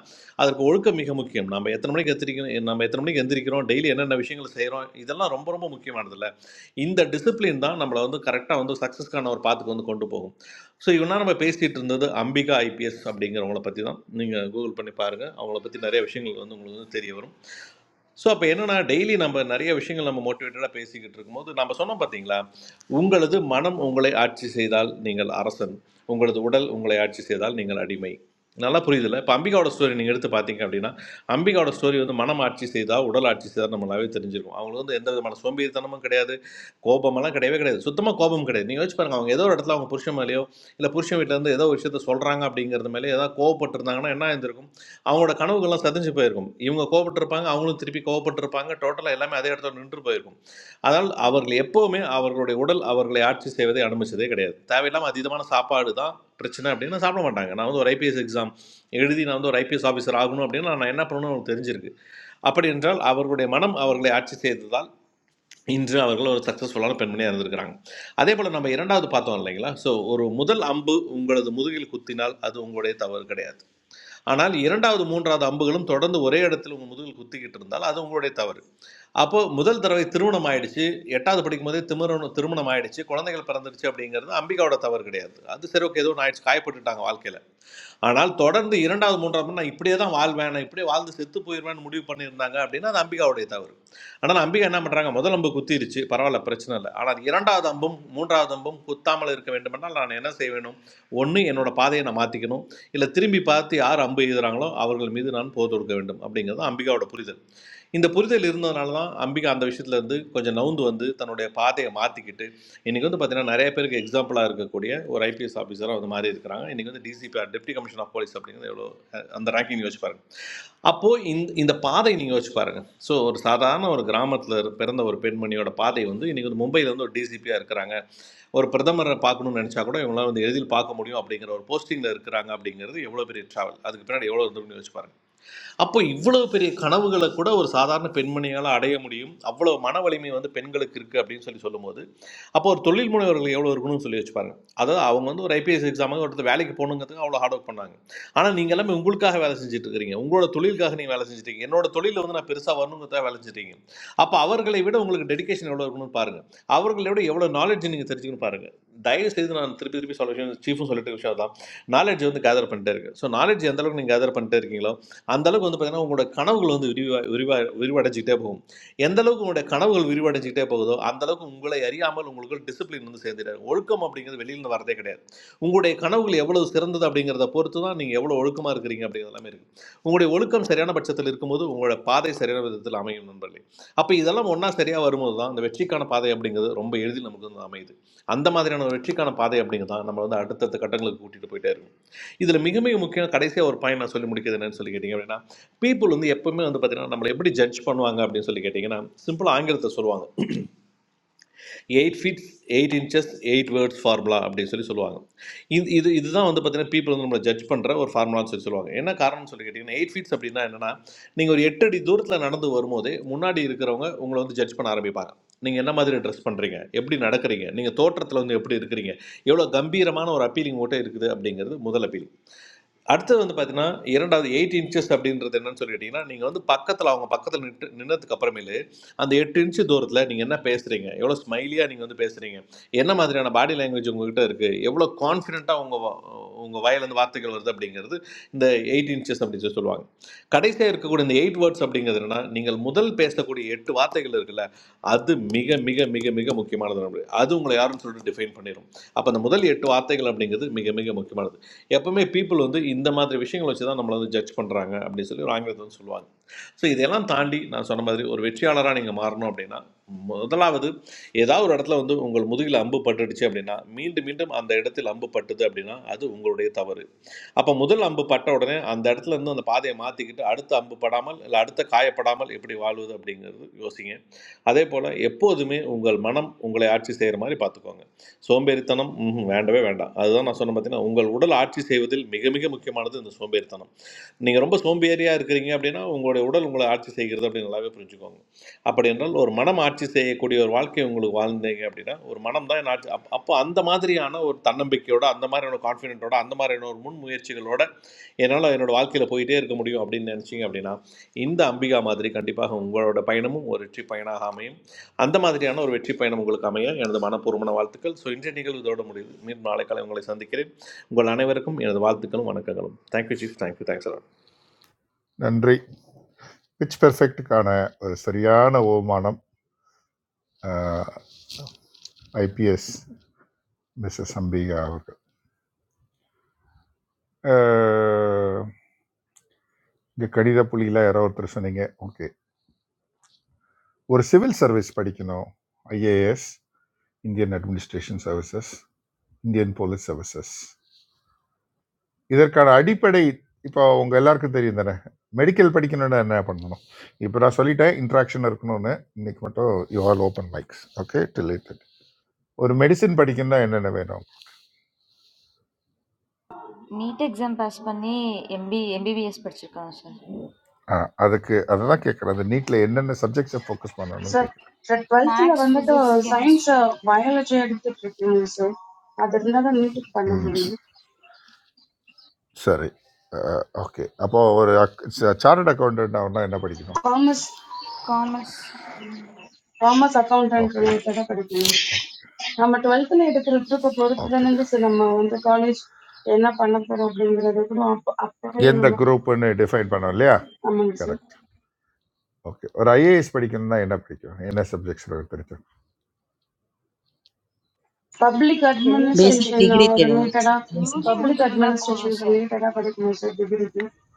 [SPEAKER 18] அதற்கு ஒழுக்கம் மிக முக்கியம் நம்ம எத்தனை மணிக்கு எத்திரிக்கணும் நம்ம எத்தனை மணிக்கு எந்திரிக்கிறோம் டெய்லி என்னென்ன விஷயங்கள் செய்கிறோம் இதெல்லாம் ரொம்ப ரொம்ப முக்கியமானதில்ல இந்த டிசிப்ளின் தான் நம்மளை வந்து கரெக்டாக வந்து சக்ஸஸ்க்கான ஒரு பாத்துக்கு வந்து கொண்டு போகும் ஸோ இவனா நம்ம பேசிகிட்டு இருந்தது அம்பிகா ஐபிஎஸ் அப்படிங்கிறவங்கள பற்றி தான் நீங்கள் கூகுள் பண்ணி பாருங்கள் அவங்கள பற்றி நிறைய விஷயங்கள் வந்து உங்களுக்கு வந்து தெரிய வரும் ஸோ அப்போ என்னன்னா டெய்லி நம்ம நிறைய விஷயங்கள் நம்ம மோட்டிவேட்டடாக பேசிக்கிட்டு இருக்கும்போது நம்ம சொன்னோம் பார்த்தீங்களா உங்களது மனம் உங்களை ஆட்சி செய்தால் நீங்கள் அரசன் உங்களது உடல் உங்களை ஆட்சி செய்தால் நீங்கள் அடிமை நல்லா புரியுதுல இப்போ அம்பிகாவோட ஸ்டோரி நீங்கள் எடுத்து பார்த்தீங்க அப்படின்னா அம்பிகாவோட ஸ்டோரி வந்து மனம் ஆட்சி செய்தால் உடல் ஆட்சி செய்தால் நம்மளாவே தெரிஞ்சிருக்கும் அவங்களுக்கு வந்து எந்த விதமான சோம்பேறித்தனமும் கிடையாது கோபமெல்லாம் கிடையவே கிடையாது சுத்தமாக கோபம் கிடையாது நீங்கள் வச்சு பாருங்க அவங்க ஏதோ ஒரு இடத்துல அவங்க புருஷன் மேலேயோ இல்லை புருஷன் வீட்டிலேருந்து ஏதோ ஒரு விஷயத்த சொல்கிறாங்க அப்படிங்கிறது மேலே ஏதாவது கோவப்பட்டிருந்தாங்கன்னா என்ன இருந்திருக்கும் அவங்களோட கனவுகள்லாம் சதிஞ்சு போயிருக்கும் இவங்க கோவப்பட்டிருப்பாங்க அவங்களும் திருப்பி கோவப்பட்டிருப்பாங்க டோட்டலாக எல்லாமே அதே இடத்துல நின்று போயிருக்கும் அதனால் அவர்கள் எப்போவுமே அவர்களுடைய உடல் அவர்களை ஆட்சி செய்வதை அனுமதிச்சதே கிடையாது தேவையில்லாமல் அதீதமான சாப்பாடு தான் பிரச்சனை அப்படின்னு நான் சாப்பிட மாட்டாங்க நான் வந்து ஒரு ஐபிஎஸ் எக்ஸாம் எழுதி நான் வந்து ஒரு ஐபிஎஸ் ஆஃபீஸர் ஆகணும் அப்படின்னா நான் என்ன பண்ணணும்னு அவங்களுக்கு தெரிஞ்சிருக்கு அப்படி என்றால் அவர்களுடைய மனம் அவர்களை ஆட்சி செய்ததால் இன்று அவர்கள் ஒரு சக்ஸஸ்ஃபுல்லான பெண்மணியாக இருந்திருக்கிறாங்க அதே போல் நம்ம இரண்டாவது பார்த்தோம் இல்லைங்களா ஸோ ஒரு முதல் அம்பு உங்களது முதுகில் குத்தினால் அது உங்களுடைய தவறு கிடையாது ஆனால் இரண்டாவது மூன்றாவது அம்புகளும் தொடர்ந்து ஒரே இடத்துல உங்கள் முதுகில் குத்திக்கிட்டு இருந்தால் அது உங்களுடைய தவறு அப்போ முதல் தடவை திருமணம் ஆயிடுச்சு எட்டாவது படிக்கும் போதே திருமணம் திருமணம் ஆயிடுச்சு குழந்தைகள் பிறந்துருச்சு அப்படிங்கிறது அம்பிகாவோட தவறு கிடையாது அது சரி ஓகே ஏதோ ஒன்று ஆயிடுச்சு காயப்பட்டுட்டாங்க வாழ்க்கையில் ஆனால் தொடர்ந்து இரண்டாவது மூன்றாவது மணி நான் இப்படியே தான் வாழ்வேன் நான் இப்படியே வாழ்ந்து செத்து போயிடுவேன்னு முடிவு பண்ணியிருந்தாங்க அப்படின்னா அது அம்பிகாவுடைய தவறு ஆனால் அம்பிகா என்ன பண்ணுறாங்க முதல் அம்பு குத்திருச்சு பரவாயில்ல பிரச்சனை இல்லை ஆனால் இரண்டாவது அம்பும் மூன்றாவது அம்பும் குத்தாமல் இருக்க வேண்டுமென்றால் நான் என்ன செய்ய வேணும் ஒன்று என்னோட பாதையை நான் மாற்றிக்கணும் இல்லை திரும்பி பார்த்து யார் அம்பு எழுதுறாங்களோ அவர்கள் மீது நான் போர் தொடுக்க வேண்டும் அப்படிங்கிறது தான் அம்பிகாவோட புரிதல் இந்த புரிதல் இருந்ததுனால தான் அம்பிகா அந்த விஷயத்துல இருந்து கொஞ்சம் நவுந்து வந்து தன்னுடைய பாதையை மாற்றிக்கிட்டு இன்றைக்கி வந்து பார்த்தீங்கன்னா நிறைய பேருக்கு எக்ஸாம்பிளாக இருக்கக்கூடிய ஒரு ஐபிஎஸ் ஆஃபீஸராக வந்து மாறி இருக்கிறாங்க இன்றைக்கி வந்து DCP or deputy commission of police அப்படிங்கிறது எவ்வளோ அஹ், அந்த ரேங்கிங் நீங்கள் யோசிச்சு பாருங்க அப்போது இந்த இந்த பாதை நீங்கள் யோசிச்சு பாருங்கள் ஸோ ஒரு சாதாரண ஒரு கிராமத்தில் பிறந்த ஒரு பெண்மணியோட பாதை வந்து இன்றைக்கி வந்து மும்பையில் வந்து ஒரு டிசிபியாக இருக்கிறாங்க ஒரு பிரதமரை பார்க்கணும்னு நினச்சா கூட இவங்களாம் வந்து எளிதில் பார்க்க முடியும் அப்படிங்கிற ஒரு போஸ்டிங்கில் இருக்கிறாங்க அப்படிங்கிறது எவ்வளோ பெரிய ட்ராவல் அதுக்கு பின்னாடி எவ்வளோ இருந்திருக்குன்னு யோசிச்சு பாருங்க அப்போ இவ்வளவு பெரிய கனவுகளை கூட ஒரு சாதாரண பெண்மணியால் அடைய முடியும் அவ்வளவு மன வலிமை வந்து பெண்களுக்கு இருக்குது அப்படின்னு சொல்லி சொல்லும்போது அப்போ ஒரு தொழில் முனைவர்கள் எவ்வளோ இருக்கணும்னு சொல்லி வச்சுப்பாங்க அதாவது அவங்க வந்து ஒரு ஐபிஎஸ் எக்ஸாமுக்கு ஒருத்தர் வேலைக்கு போகணுங்கிறதுக்கு அவ்வளோ ஹார்ட் ஒர்க் பண்ணாங்க ஆனால் நீங்கள் எல்லாமே உங்களுக்காக வேலை செஞ்சுட்டு இருக்கிறீங்க உங்களோட தொழிலுக்காக நீங்கள் வேலை செஞ்சுட்டு இருக்கீங்க என்னோட தொழிலில் வந்து நான் பெருசாக வரணுங்கிறதுக்காக வேலை செஞ்சுட்டு இருக்கீங்க அப்போ அவர்களை விட உங்களுக்கு டெடிகேஷன் எவ்வளோ இருக்கணும்னு பாருங்க அவர்களை விட எவ்வளோ நாலேஜ் நீங்கள் தெரிஞ்சுக்கணும் பாருங்க தயவு செய்து நான் திருப்பி திருப்பி சொல்ல விஷயம் சீஃபும் சொல்லிட்டு இருக்க விஷயம் தான் நாலேஜ் வந்து கேதர் பண்ணிட்டே இருக்கு ஸோ நாலேஜ் எந்த அளவுக்கு நீங்கள் கேதர் பண்ணிட்டே இருக்கீங்களோ அந்த அளவுக்கு வந்து பார்த்தீங்கன்னா உங்களோட கனவுகள் வந்து விரிவா விரிவா விரிவடைஞ்சிக்கிட்டே போகும் எந்த அளவுக்கு உங்களுடைய கனவுகள் விரிவடைஞ்சிக்கிட்டே போகுதோ அந்த அளவுக்கு உங்களை அறியாமல் உங்களுக்கு டிசிப்ளின் வந்து சேர்ந்துட்டாரு ஒழுக்கம் அப்படிங்கிறது வெளியிலேருந்து வரதே கிடையாது உங்களுடைய கனவுகள் எவ்வளவு சிறந்தது அப்படிங்கிறத பொறுத்து தான் நீங்கள் எவ்வளோ ஒழுக்கமாக இருக்கிறீங்க அப்படிங்கிறது எல்லாமே இருக்குது உங்களுடைய ஒழுக்கம் சரியான பட்சத்தில் இருக்கும்போது உங்களோட பாதை சரியான விதத்தில் அமையும் நண்பர்களே அப்போ இதெல்லாம் ஒன்றா சரியாக வரும்போது தான் அந்த வெற்றிக்கான பாதை அப்படிங்கிறது ரொம்ப எளிதில் நமக்கு வந்து அமையுது அந்த மாதிரியான ஒரு வெற்றிக்கான பாதை அப்படிங்கிறது தான் நம்ம வந்து அடுத்தடுத்த கட்டங்களுக்கு கூட்டிகிட்டு போயிட்டே இருக்கும் இதுல மிக மிக முக்கியம் கடைசியா ஒரு பாயிண்ட் நான் சொல்லி முடிக்கிறது என்னன்னு சொல்லி கேட்டீங்க அப்படின்னா பீப்புள் வந்து எப்பவுமே வந்து பாத்தீங்கன்னா நம்மளை எப்படி ஜட்ஜ் பண்ணுவாங்க அப்படின்னு சொல்லி கேட்டீங்கன்னா சிம்பிளா ஆங்கிலத்தை சொல்லுவாங்க eight feet eight inches eight words formula அப்படின்னு சொல்லி சொல்லுவாங்க இது இது இதுதான் வந்து பார்த்தீங்கன்னா people வந்து நம்மளை ஜட்ஜ் பண்ணுற ஒரு ஃபார்முலான்னு சொல்லி சொல்லுவாங்க என்ன காரணம்னு சொல்லி கேட்டிங்கன்னா எயிட் ஃபீட்ஸ் அப்படின்னா என்னன்னா நீங்கள் ஒரு எட்டு அடி தூரத்தில் நடந்து வரும்போதே முன்னாடி இருக்கிறவங்க உங்களை வந்து ஜட்ஜ் பண்ண ஆரம்பிப்பாங்க நீங்கள் என்ன மாதிரி ட்ரெஸ் பண்ணுறீங்க எப்படி நடக்கிறீங்க நீங்கள் தோற்றத்தில் வந்து எப்படி இருக்கிறீங்க எவ்வளோ கம்பீரமான ஒரு அப்பீலிங் ஓட்டே இருக்குது அப்படிங்கிறது முதல் அப்பீல் அடுத்தது வந்து பார்த்தீங்கன்னா இரண்டாவது எயிட் இன்ச்சஸ் அப்படின்றது என்னன்னு சொல்லி கேட்டிங்கன்னா நீங்கள் வந்து பக்கத்தில் அவங்க பக்கத்தில் நின்று நின்னதுக்கு அப்புறமேலு அந்த எட்டு இன்ச்சு தூரத்தில் நீங்கள் என்ன பேசுகிறீங்க எவ்வளோ ஸ்மைலியாக நீங்கள் வந்து பேசுகிறீங்க என்ன மாதிரியான பாடி லாங்குவேஜ் உங்ககிட்ட இருக்குது எவ்வளோ கான்ஃபிடென்ட்டாக உங்கள் உங்கள் வாயிலிருந்து வார்த்தைகள் வருது அப்படிங்கிறது இந்த எயிட் இன்ச்சஸ் அப்படின்னு சொல்லி சொல்லுவாங்க கடைசியாக இருக்கக்கூடிய இந்த எயிட் வேர்ட்ஸ் அப்படிங்கிறது என்னன்னா நீங்கள் முதல் பேசக்கூடிய எட்டு வார்த்தைகள் இருக்குல்ல அது மிக மிக மிக மிக முக்கியமானது நம்மளுக்கு அது உங்களை யாருன்னு சொல்லிட்டு டிஃபைன் பண்ணிடும் அப்போ அந்த முதல் எட்டு வார்த்தைகள் அப்படிங்கிறது மிக மிக முக்கியமானது எப்பவுமே பீப்புள் வந்து இந்த மாதிரி விஷயங்களை வச்சு தான் நம்மளை வந்து ஜட்ஜ் பண்ணுறாங்க அப்படின்னு சொல்லி ஒரு ஆங்கிலத்தில் வந்து சொல்லுவாங்க ஸோ இதெல்லாம் தாண்டி நான் சொன்ன மாதிரி ஒரு வெற்றியாளராக நீங்கள் மாறணும் அப்படின்னா முதலாவது ஏதாவது ஒரு இடத்துல வந்து உங்கள் முதுகில் அம்பு பட்டுடுச்சு அப்படின்னா மீண்டும் மீண்டும் அந்த இடத்தில் அம்பு பட்டுது அப்படின்னா அது உங்களுடைய தவறு அப்போ முதல் அம்பு பட்ட உடனே அந்த இடத்துல இருந்து அந்த பாதையை மாற்றிக்கிட்டு அடுத்த அம்பு படாமல் இல்லை அடுத்த காயப்படாமல் எப்படி வாழ்வது அப்படிங்கிறது யோசிங்க அதே போல் எப்போதுமே உங்கள் மனம் உங்களை ஆட்சி செய்கிற மாதிரி பார்த்துக்கோங்க சோம்பேறித்தனம் ம்ஹும், வேண்டவே வேண்டாம் அதுதான் நான் சொன்னேன் பார்த்தீங்கன்னா உங்கள் உடல் ஆட்சி செய்வதில் மிக மிக முக்கியமானது இந்த சோம்பேறித்தனம் நீங்கள் ரொம்ப சோம்பேறியாக இருக்கிறீங்க அப்படின்னா உங்களுடைய உடல் உங்களை ஆட்சி செய்கிறது அப்படின்னு நல்லாவே புரிஞ்சுக்கோங்க அப்படி என்றால் ஒரு மனம் ஆட்சி செய்யக்கூடிய ஒரு வாழ்க்கை உங்களுக்கு வாழ்ந்தீங்க அப்படின்னா ஒரு மனம் தான் ஆட்சி அப் அப்போ அந்த மாதிரியான ஒரு தன்னம்பிக்கையோட அந்த மாதிரியான கான்ஃபிடென்ட்டோட அந்த மாதிரியான ஒரு முன்முயற்சிகளோட என்னால் என்னோட வாழ்க்கையில் போயிட்டே இருக்க முடியும் அப்படின்னு நினச்சிங்க அப்படின்னா இந்த அம்பிகா மாதிரி கண்டிப்பாக உங்களோட பயணமும் ஒரு வெற்றி பயனாக அமையும் அந்த மாதிரியான ஒரு வெற்றி பயணம் உங்களுக்கு அமைய எனது மனப்பூர்வமான வாழ்த்துக்கள் ஸோ இன்றைய நிகழ்வு இதோட முடியுது மீண்டும் நாளை காலை உங்களை சந்திக்கிறேன் உங்கள் அனைவருக்கும் எனது வாழ்த்துக்களும் வணக்கங்களும் தேங்க்யூ சீஃப் தேங்க்யூ தேங்க்ஸ்
[SPEAKER 9] நன்றி பிச் பெர்ஃபெக்ட்டுக்கான ஒரு சரியான ஓமானம் ஐபிஎஸ் மிஸ்ஸஸ் அம்பிகா அவர்கள் இங்கே கடித புலியில் யாரோ ஒருத்தர் சொன்னீங்க ஓகே ஒரு சிவில் சர்வீஸ் படிக்கணும் IAS Indian administration services Indian police services இதற்கான அடிப்படை இப்போ உங்கள் எல்லாருக்கும் தெரியும் தானே மெடிக்கல் படிக்கணும்னா என்ன பண்ணணும் இப்போ நான் சொல்லிட்டேன் இன்ட்ராக்ஷன் இருக்கணும்னு இன்னைக்கு மட்டும் you all open mics okay dilated ஒரு மெடிசின் படிக்கணும்னா என்னென்ன வேணும்
[SPEAKER 19] நீட் எக்ஸாம் பாஸ் பண்ணி எம்பி எம்பிபிஎஸ் படிச்சிருக்காங்க சார்
[SPEAKER 9] ஆ, அதுக்கு அதை தான் கேட்குறேன் அந்த நீட்டில் என்னென்ன சப்ஜெக்ட்ஸை ஃபோக்கஸ் பண்ணணும்னு
[SPEAKER 20] Sir,
[SPEAKER 9] கேட்குறேன்
[SPEAKER 20] that twelfth
[SPEAKER 19] maths
[SPEAKER 20] level, when
[SPEAKER 19] physics
[SPEAKER 20] that science
[SPEAKER 19] chemistry
[SPEAKER 20] biology education is prepared, sir, that is another new topic.
[SPEAKER 9] ம் சரி ஓகே அப்போ ஒரு சார்ட் அக்கௌண்டன்ட் ஆகணும்னா என்ன படிக்கணும்
[SPEAKER 20] Come,
[SPEAKER 19] commerce
[SPEAKER 20] come, accountant, sir,
[SPEAKER 9] okay
[SPEAKER 20] that is prepared. Sir, when twelfth level education is
[SPEAKER 9] okay
[SPEAKER 20] prepared, sir, when that college, when that panakkar opening is opened, sir, that is
[SPEAKER 9] எந்த
[SPEAKER 20] applicable, sir,
[SPEAKER 9] குரூப்னு define பண்ணோம் இல்லையா
[SPEAKER 20] among us.
[SPEAKER 9] Correct okay ஒரு IAS படிக்கணும்னா என்ன பிடிக்கும் என்ன subjects பிடிக்கும்
[SPEAKER 20] Public
[SPEAKER 21] The new
[SPEAKER 22] Basic
[SPEAKER 21] subject,
[SPEAKER 20] administration,
[SPEAKER 22] degree
[SPEAKER 20] sir, that is
[SPEAKER 22] தெரியும்.
[SPEAKER 20] prepared.
[SPEAKER 19] யூஜி
[SPEAKER 20] Public
[SPEAKER 19] முடிச்சிருந்தா போதும்
[SPEAKER 20] administration, sir, that
[SPEAKER 19] sir
[SPEAKER 20] is prepared, sir. Did you read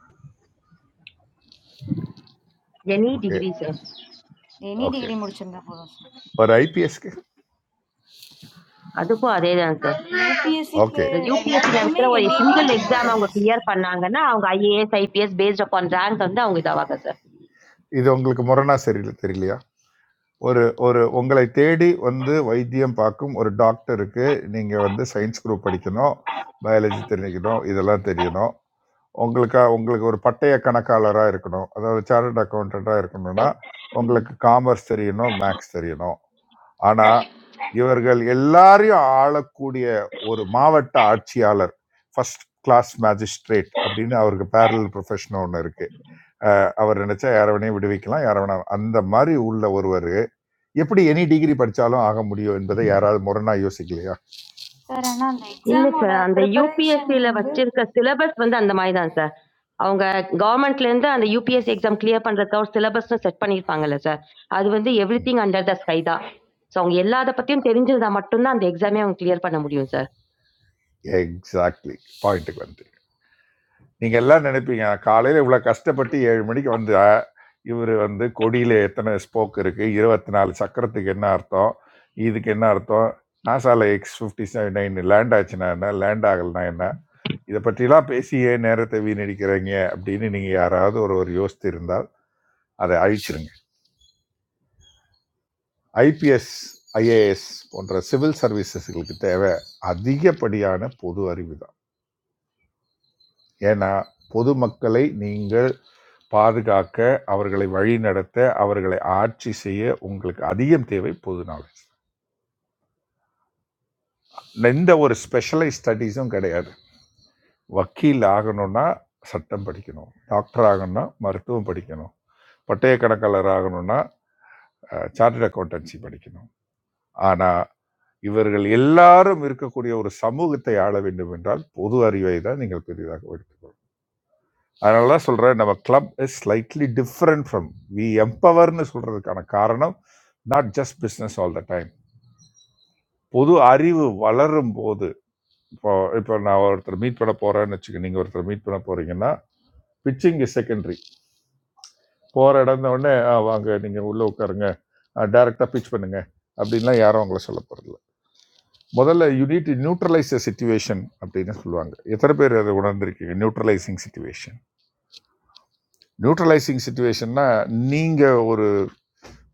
[SPEAKER 23] any
[SPEAKER 9] okay
[SPEAKER 23] degree sir
[SPEAKER 19] any
[SPEAKER 9] okay
[SPEAKER 19] degree முடிச்சிருந்தா போதும் sir
[SPEAKER 9] ஒரு ஐபிஎஸ்க்கு
[SPEAKER 23] அதுக்கும் அதே தான் சார்
[SPEAKER 19] யூபிஎஸ்சிக்கு
[SPEAKER 9] ஓகே
[SPEAKER 23] இந்த யூபிஎஸ்சி
[SPEAKER 19] எல்லாத்துக்குமே
[SPEAKER 23] நடக்கிற ஒரு
[SPEAKER 19] எனி
[SPEAKER 23] சிங்கிள்
[SPEAKER 19] டிகிரி
[SPEAKER 23] எக்ஸாம் அவங்க
[SPEAKER 19] மட்டும்தான் சார்
[SPEAKER 23] கிளியர் பண்ணாங்கன்னா அவங்க IAS IPS based upon rank வந்து அவங்க இதாவாங்க சார்
[SPEAKER 9] இது உங்களுக்கு முரணா சரியில்லை தெரியலையா ஒரு ஒரு உங்களை தேடி வந்து வைத்தியம் பார்க்கும் ஒரு டாக்டருக்கு நீங்கள் வந்து சயின்ஸ் குரூப் படிக்கணும் பயாலஜி தெரிஞ்சுக்கணும் இதெல்லாம் தெரியணும் உங்களுக்கு உங்களுக்கு ஒரு பட்டய கணக்காளராக இருக்கணும் அதாவது சார்ட் அக்கௌண்டண்ட்டாக இருக்கணும்னா உங்களுக்கு காமர்ஸ் தெரியணும் மேக்ஸ் தெரியணும் ஆனா இவர்கள் எல்லாரையும் ஆளக்கூடிய ஒரு மாவட்ட ஆட்சியாளர் ஃபர்ஸ்ட் கிளாஸ் மேஜிஸ்ட்ரேட் அப்படின்னு அவருக்கு பேரல் ப்ரொஃபஷன் ஒன்று இருக்கு அஹ் அவர் நினைச்சா யார வேணையும் விடுவிக்கலாம் யார வேணா அந்த மாதிரி உள்ள ஒருவர் எப்படி எனி டிகிரி படிச்சாலும் ஆக முடியும் என்பதை யாராவது முரணா யோசிக்கலையா
[SPEAKER 19] சார் ஆனால் அந்த
[SPEAKER 23] இல்லை
[SPEAKER 19] எக்ஸாமோட
[SPEAKER 23] சார் அந்த
[SPEAKER 19] ப்ரிப்பரேஷன்
[SPEAKER 23] யூபிஎஸ்சியில்
[SPEAKER 19] வந்து
[SPEAKER 23] வச்சிருக்க சிலபஸ் வந்து அந்த மாதிரி தான் சார் அவங்க கவர்மெண்ட்லேருந்து அந்த யூபிஎஸ்சி எக்ஸாம் கிளியர் பண்ணுறதுக்கு ஒரு சிலபஸ்னு செட் பண்ணியிருப்பாங்கல்ல சார் அது வந்து everything under the sky தான் ஸோ அவங்க எல்லாத பற்றியும் தெரிஞ்சிருந்தா மட்டும்தான் அந்த எக்ஸாமே அவங்க கிளியர் பண்ண முடியும் சார்
[SPEAKER 9] எக்ஸாக்ட்லி பாயிண்ட்டுக்கு வந்துட்டீங்க நீங்கள் எல்லாம் நினைப்பீங்க காலையில் இவ்வளோ கஷ்டப்பட்டு ஏழு மணிக்கு வந்தா இவர் வந்து கொடியில் எத்தனை ஸ்போக் இருக்குது இருபத்தி நாலு சக்கரத்துக்கு என்ன அர்த்தம் இதுக்கு என்ன அர்த்தம் நாசால X fifty seven nine land ஆச்சுன்னா என்ன லேண்ட் ஆகலைன்னா என்ன இதை பற்றிலாம் பேசி ஏன் நேரத்தை வீணடிக்கிறீங்க அப்படின்னு நீங்கள் யாராவது ஒருவர் யோசித்து இருந்தால் அதை அழிச்சிருங்க ஐபிஎஸ் ஐஏஎஸ் போன்ற சிவில் சர்வீசஸ்களுக்கு தேவை அதிகப்படியான பொது அறிவு தான் ஏன்னா பொதுமக்களை நீங்கள் பாதுகாக்க அவர்களை வழிநடத்த அவர்களை ஆட்சி செய்ய உங்களுக்கு அதிகம் தேவை பொது நாலேஜ் எந்த ஒரு ஸ்பெஷலைஸ் ஸ்டடீஸும் கிடையாது வக்கீல் ஆகணும்னா சட்டம் படிக்கணும் டாக்டர் ஆகணும்னா மருத்துவம் படிக்கணும் பட்டய கணக்காளர் ஆகணும்னா சார்ட்டர்ட் அக்கௌண்டன்சி படிக்கணும் ஆனால் இவர்கள் எல்லாரும் இருக்கக்கூடிய ஒரு சமூகத்தை ஆள வேண்டும் என்றால் பொது அறிவை தான் நீங்கள் பெரிதாக எடுத்துக்கொள்ளும் அதனால தான் சொல்கிறேன் நம்ம club is slightly different from we எம்பவர்னு சொல்கிறதுக்கான காரணம் not just business all the time பொது அறிவு வளரும் போது இப்போ இப்போ நான் ஒருத்தர் மீட் பண்ண போகிறேன்னு வச்சுக்க நீங்கள் ஒருத்தர் மீட் பண்ண போகிறீங்கன்னா பிச்சிங் இஸ் செகண்டரி போகிற இடந்த உடனே "ஆ, வாங்க நீங்கள் உள்ளே உட்காருங்க டைரெக்டாக பிச் பண்ணுங்க அப்படின்லாம் யாரும் அவங்கள சொல்ல போகிறதில்ல முதல்ல you need to neutralise the situation அப்படின்னு சொல்லுவாங்க எத்தனை பேர் அதை உணர்ந்திருக்கீங்க நியூட்ரலைசிங் சுச்சுவேஷன் நியூட்ரலைசிங் சுச்சுவேஷன்னா நீங்கள் ஒரு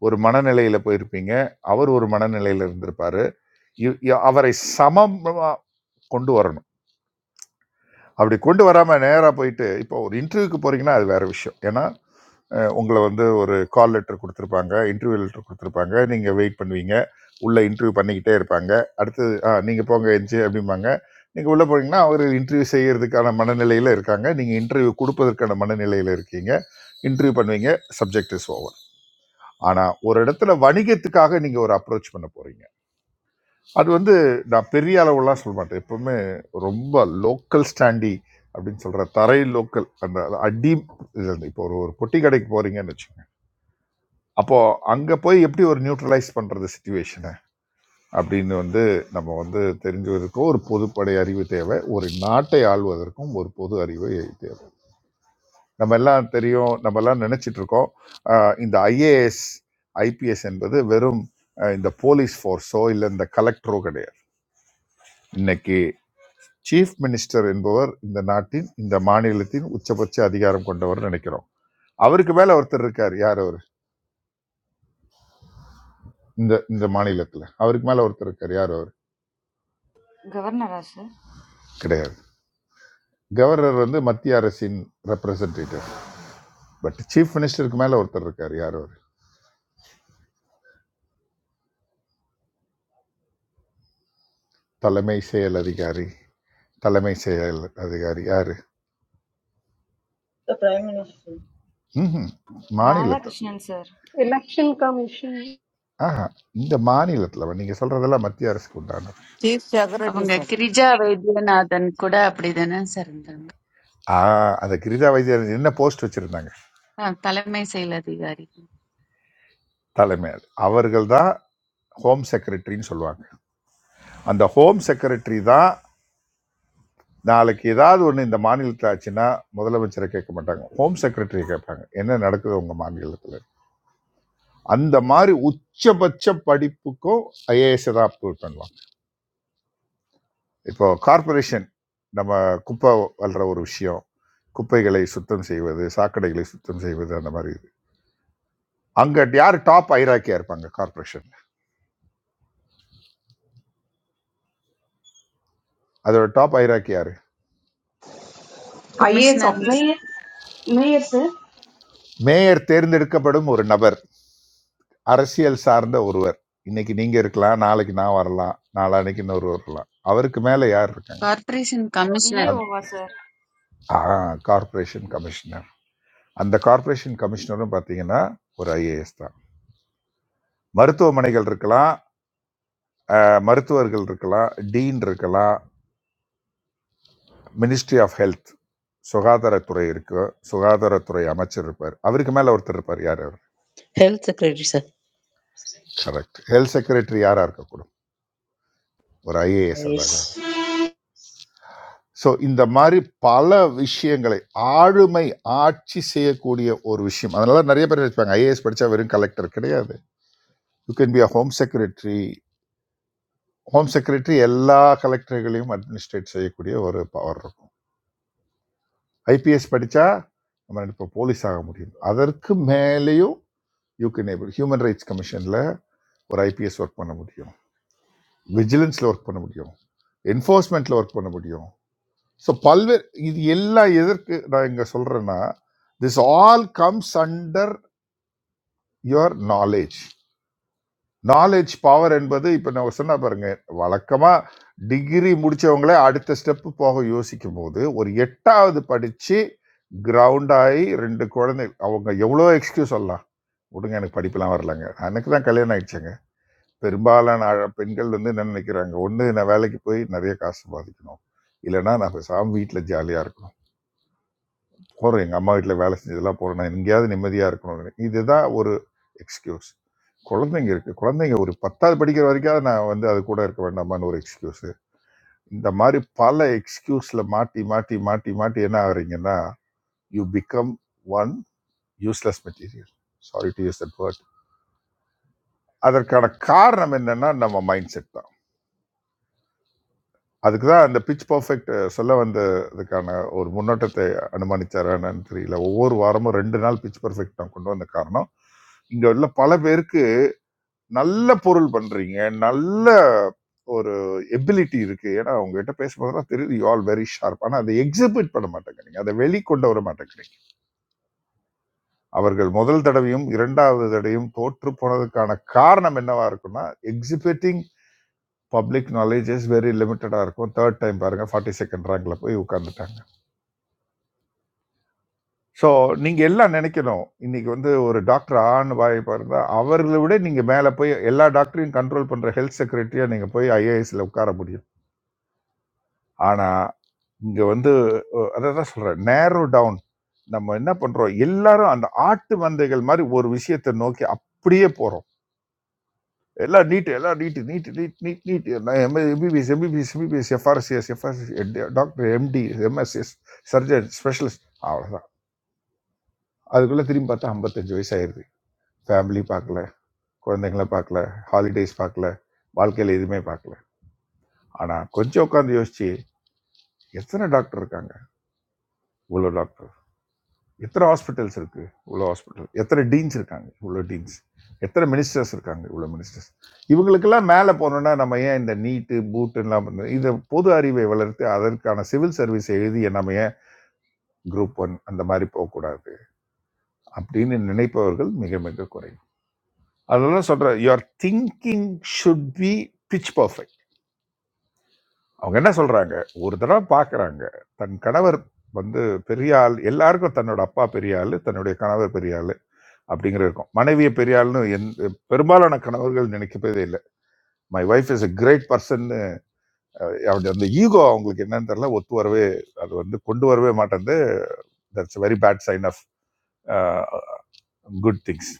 [SPEAKER 9] ஒரு மனநிலையில போயிருப்பீங்க அவர் ஒரு மனநிலையில இருந்திருப்பாரு இ- இ- அவரை சமமா கொண்டு வரணும் அப்படி கொண்டு வராம நேரா போயிட்டு இப்போ ஒரு இன்டர்வியூக்கு போறீங்கன்னா அது வேற விஷயம் ஏன்னா அஹ், உங்களை வந்து ஒரு கால் லெட்டர் கொடுத்துருப்பாங்க இன்டர்வியூ லெட்டர் கொடுத்துருப்பாங்க நீங்க வெயிட் பண்ணுவீங்க உள்ள இன்டர்வியூ பண்ணிக்கிட்டே இருப்பாங்க அடுத்தது ஆ நீங்க போங்க எஞ்சி அப்படிம்பாங்க நீங்க உள்ள போனீங்கன்னா அவர் இன்டர்வியூ செய்யறதுக்கான மனநிலையில இருக்காங்க நீங்க இன்டர்வியூ கொடுப்பதற்கான மனநிலையில இருக்கீங்க இன்டர்வியூ பண்ணுவீங்க சப்ஜெக்ட் இஸ் ஓவர் ஆனா ஒரு இடத்துல வணிகத்துக்காக நீங்க ஒரு அப்ரோச் பண்ண போறீங்க அது வந்து நான் பெரிய அளவுலாம் சொல்ல மாட்டேன் எப்பவுமே ரொம்ப லோக்கல் ஸ்டாண்டி அப்படின்னு சொல்கிற தரை லோக்கல் அந்த அடி இது வந்து இப்போ ஒரு ஒரு பொட்டி கடைக்கு போகிறீங்கன்னு வச்சுக்கோங்க அப்போது அங்கே போய் எப்படி ஒரு நியூட்ரலைஸ் பண்ணுறது சுச்சுவேஷனை அப்படின்னு வந்து நம்ம வந்து தெரிஞ்சுவதற்கும் ஒரு பொதுப்படை அறிவு தேவை ஒரு நாட்டை ஆள்வதற்கும் ஒரு பொது அறிவு தேவை நம்ம எல்லாம் தெரியும் நம்ம எல்லாம் நினைச்சிட்டு இருக்கோம் ஆஹ் இந்த ஐஏஎஸ் ஐபிஎஸ் என்பது வெறும் ஆஹ் இந்த போலீஸ் ஃபோர்ஸோ இல்லை இந்த கலெக்டரோ கிடையாது இன்னைக்கு சீஃப் மினிஸ்டர் என்பவர் இந்த நாட்டின் இந்த மாநிலத்தின் உச்சபட்ச அதிகாரம் கொண்டவர் நினைக்கிறோம் அவருக்கு மேல ஒருத்தர் இருக்கார் யார் அவர் இந்த இந்த மாநிலத்துல அவருக்கு மேல ஒருத்தர் இருக்கார் யார் அவர்
[SPEAKER 19] கவர்னரா சார்
[SPEAKER 9] கிடையாது கவர்னர் வந்து மத்திய அரசின் ரெப்ரசன்டேட்டிவ் பட் சீஃப் மினிஸ்டருக்கு மேல ஒருத்தர் இருக்கார் யார் அவர் தலைமை செயல் அதிகாரி தலைமை செயல் அதிகாரி யாரு
[SPEAKER 6] The Prime Minister.
[SPEAKER 9] ம்ஹும். மாநிலத்தில்
[SPEAKER 19] ராதாகிருஷ்ணன் சார்
[SPEAKER 21] Election Commission.
[SPEAKER 9] ஆஹா இந்த மாநிலத்தில் நீங்கள் சொல்றதெல்லாம் மத்திய அரசுக்கு உண்டானது
[SPEAKER 13] Chief Secretary,
[SPEAKER 5] அவங்க
[SPEAKER 13] sir.
[SPEAKER 5] கிரிஜா வைத்தியநாதன் கூட அப்படிதானே சார் இருந்தாங்க
[SPEAKER 9] ஆ அந்த கிரிஜா வைத்தியர் என்ன போஸ்ட் வச்சிருந்தாங்க
[SPEAKER 5] ஆ, தலைமை செயல் அதிகாரி
[SPEAKER 9] தலைமை அவர்கள் தான் ஹோம் செக்ரட்டரின்னு சொல்லுவாங்க அந்த ஹோம் செக்ரட்டரி தான் நாளைக்கு ஏதாவது ஒன்று இந்த மாநிலத்தில் ஆச்சுன்னா முதலமைச்சரை கேட்க மாட்டாங்க ஹோம் செக்ரட்டரியை கேட்பாங்க என்ன நடக்குது உங்கள் மாநிலத்தில் அந்த மாதிரி உச்சபட்ச படிப்புக்கும் ஐஏஎஸ் தான் அப்ரூவ் பண்ணுவாங்க இப்போ கார்ப்பரேஷன் நம்ம குப்பை வல்ற ஒரு விஷயம் குப்பைகளை சுத்தம் செய்வது சாக்கடைகளை சுத்தம் செய்வது அந்த மாதிரி இது அங்கே யார் டாப் ஐராக்கியாக இருப்பாங்க கார்ப்பரேஷன் அதோட டாப் ஐராக்கி யார்
[SPEAKER 4] IAS
[SPEAKER 5] commissioner
[SPEAKER 4] officer
[SPEAKER 20] it? No, no, sir.
[SPEAKER 9] Mayor தேர்ந்தெடுக்கப்படும் ஒரு நபர் அரசியல் சார்ந்த ஒருவர் இன்னைக்கு நீங்க இருக்கலாம் நாளைக்கு நான் வரலாம் நாளான்னைக்கு இன்னொரு வரலாம் அவருக்கு மேல யார் இருக்காங்க
[SPEAKER 5] கார்ப்பரேஷன் கமிஷனர்
[SPEAKER 9] அந்த
[SPEAKER 19] விஏஓவா சார்
[SPEAKER 9] கார்ப்பரேஷன் கமிஷனர் அந்த கார்ப்பரேஷன் கமிஷனரும் பார்த்தீங்கன்னா ஒரு ஐஏஎஸ் தான் மருத்துவமனைகள் இருக்கலாம் அஹ், மருத்துவர்கள் இருக்கலாம் டீன் இருக்கலாம் மினிஸ்ட்ரி ஆஃப் ஹெல்த் சுகாதாரத்துறை இருக்கு சுகாதாரத்துறை அமைச்சர் இருப்பார் அவருக்கு மேல ஒருத்தர் இருப்பார் யார் அவர்
[SPEAKER 22] health secretary sir.
[SPEAKER 9] Correct health secretary யாரா இருக்கக்கூடும் ஒரு ஐஏஎஸ் அதாக
[SPEAKER 22] Yes.
[SPEAKER 9] ஸோ இந்த மாதிரி பல விஷயங்களை ஆளுமை ஆட்சி செய்யக்கூடிய ஒரு விஷயம் அதனால நிறைய பேர் நினைப்பாங்க ஐஏஎஸ் படித்தா வெறும் கலெக்டர் கிடையாது you can be a home secretary home secretary எல்லா கலெக்டர்களையும் அட்மினிஸ்ட்ரேட் செய்யக்கூடிய ஒரு பவர் இருக்கும் ஐபிஎஸ் படித்தா நம்ம இப்போ போலீஸ் ஆக முடியும் அதற்கு மேலேயும் you can able human rights கமிஷனில் ஒரு ஐபிஎஸ் ஒர்க் பண்ண முடியும் விஜிலன்ஸில் ஒர்க் பண்ண முடியும் என்ஃபோர்ஸ்மெண்ட்டில் ஒர்க் பண்ண முடியும் ஸோ பல்வேறு இது எல்லாம் எதற்கு நான் இங்கே சொல்கிறேன்னா this all comes under your knowledge knowledge power என்பது இப்போ நான் சொன்ன பாருங்க வழக்கமாக டிகிரி முடித்தவங்களே அடுத்த ஸ்டெப்பு போக யோசிக்கும் போது ஒரு எட்டாவது படித்து கிரவுண்ட் ஆகி ரெண்டு குழந்தை அவங்க எவ்வளோ எக்ஸ்கியூஸ் சொல்லலாம் விடுங்க எனக்கு படிப்பெல்லாம் வரலங்க எனக்கு தான் கல்யாணம் ஆயிடுச்சுங்க பெரும்பாலான அழ- பெண்கள் வந்து என்ன நினைக்கிறாங்க ஒன்று நான் வேலைக்கு போய் நிறைய காசு சம்பாதிக்கணும் இல்லைன்னா நான் சாமி வீட்டில் ஜாலியாக இருக்கணும் போகிறோம் எங்கள் அம்மா வீட்டில் வேலை செஞ்சதெல்லாம் போகிறோம் நான் எங்கேயாவது நிம்மதியாக இருக்கணும் இதுதான் ஒரு எக்ஸ்கியூஸ் குழந்தைங்க இருக்குது குழந்தைங்க ஒரு பத்தாவது படிக்கிற வரைக்காவது நான் வந்து அது கூட இருக்க வேண்டாமான்னு ஒரு எக்ஸ்கியூஸு இந்த மாதிரி பல எக்ஸ்கியூஸில் மாட்டி மாட்டி மாட்டி மாட்டி என்ன ஆகுறீங்கன்னா you become one useless material sorry to use that word அதற்கான காரணம் என்னன்னா நம்ம மைண்ட் செட் தான் அதுக்கு தான் அந்த பிச் பர்ஃபெக்ட் சொல்ல வந்ததுக்கான ஒரு முன்னோட்டத்தை அனுமானிச்சாரான்னு தெரியல ஒவ்வொரு வாரமும் ரெண்டு நாள் பிச் பர்ஃபெக்ட் நான் கொண்டு வந்த காரணம் இங்க உள்ள பல பேருக்கு நல்ல பொருள் பண்றீங்க நல்ல ஒரு எபிலிட்டி இருக்கு ஏன்னா உங்ககிட்ட பேசும்போதெல்லாம் தெரியுது யூ ஆல் வெரி ஷார்ப் ஆனா அதை எக்ஸிபிட் பண்ண மாட்டேங்கிறீங்க அதை வெளிக்கொண்டு வர மாட்டேங்கிறீங்க அவர்கள் முதல் தடவையும் இரண்டாவது தடவையும் தோற்று போனதுக்கான காரணம் என்னவா இருக்கும்னா exhibiting public knowledge is very லிமிட்டடா இருக்கும் தேர்ட் டைம் பாருங்க ஃபார்ட்டி செகண்ட் ரேங்க்ல போய் உட்காந்துட்டாங்க ஸோ நீங்க எல்லாம் நினைக்கணும். இன்னைக்கு வந்து ஒரு டாக்டர் ஆன்னு வாய் பொறந்தா, அவர்கள விட நீங்க மேல போய் எல்லா டாக்டரையும் கண்ட்ரோல் பண்ற ஹெல்த் செக்ரட்டரியா நீங்க போய் ஐஏஎஸ்ல உட்கார முடியும். ஆனா, இங்க வந்து அ அததான் சொல்றேன். நேரோ டவுன். நம்ம என்ன பண்றோம்? எல்லாரும் அந்த ஆட்டு மந்தைகள் மாரி ஒரு விஷயத்த நோக்கி அப்படியே போறோம். எல்லாம் நீட், எல்லாம் NEET, NEET, NEET, NEET, NEET. நான் M MBBS, MBBS, MBBS, FRCS, FRCS, doctor, MD, MSS, surgeon, specialist. அவ்வளோதான். அதுக்குள்ள திரும்பி பார்த்தா 55 வயசு ஆயிருது. ஃபேமிலி பார்க்கல. குழந்தைங்கள பார்க்கல ஹாலிடேஸ் பார்க்கல வாழ்க்கையில் எதுவுமே பார்க்கல ஆனால் கொஞ்சம் உட்காந்து யோசிச்சு எத்தனை டாக்டர் இருக்காங்க இவ்வளோ டாக்டர் எத்தனை ஹாஸ்பிட்டல்ஸ் இருக்குது இவ்வளோ ஹாஸ்பிட்டல் எத்தனை டீன்ஸ் இருக்காங்க இவ்வளோ டீன்ஸ் எத்தனை மினிஸ்டர்ஸ் இருக்காங்க இவ்வளோ மினிஸ்டர்ஸ் இவங்களுக்கெல்லாம் மேலே போனோம்னா நம்ம ஏன் இந்த நீட்டு பூட்டுலாம் பண்ணுறது? இதை பொது அறிவை வளர்த்து அதற்கான சிவில் சர்வீஸ் எழுதிய நம்ம ஏன் குரூப் ஒன் அந்த மாதிரி போகக்கூடாது அப்படின்னு நினைப்பவர்கள் மிக மிக குறைவு அதெல்லாம் சொல்கிறேன் your thinking should be pitch perfect அவங்க என்ன சொல்றாங்க ஒரு தடவை பார்க்கறாங்க தன் கணவர் வந்து பெரிய ஆள் எல்லாருக்கும் தன்னோட அப்பா பெரிய ஆளு தன்னுடைய கணவர் பெரிய ஆளு அப்படிங்கிற இருக்கும் மனைவியை பெரிய ஆள்னு எந்த பெரும்பாலான கணவர்கள் நினைக்கவே இல்லை my wife is a great person அந்த ஈகோ அவங்களுக்கு என்னன்னு தெரியல ஒத்து வரவே அது வந்து கொண்டு வரவே மாட்டேங்குது that's very bad sign of good things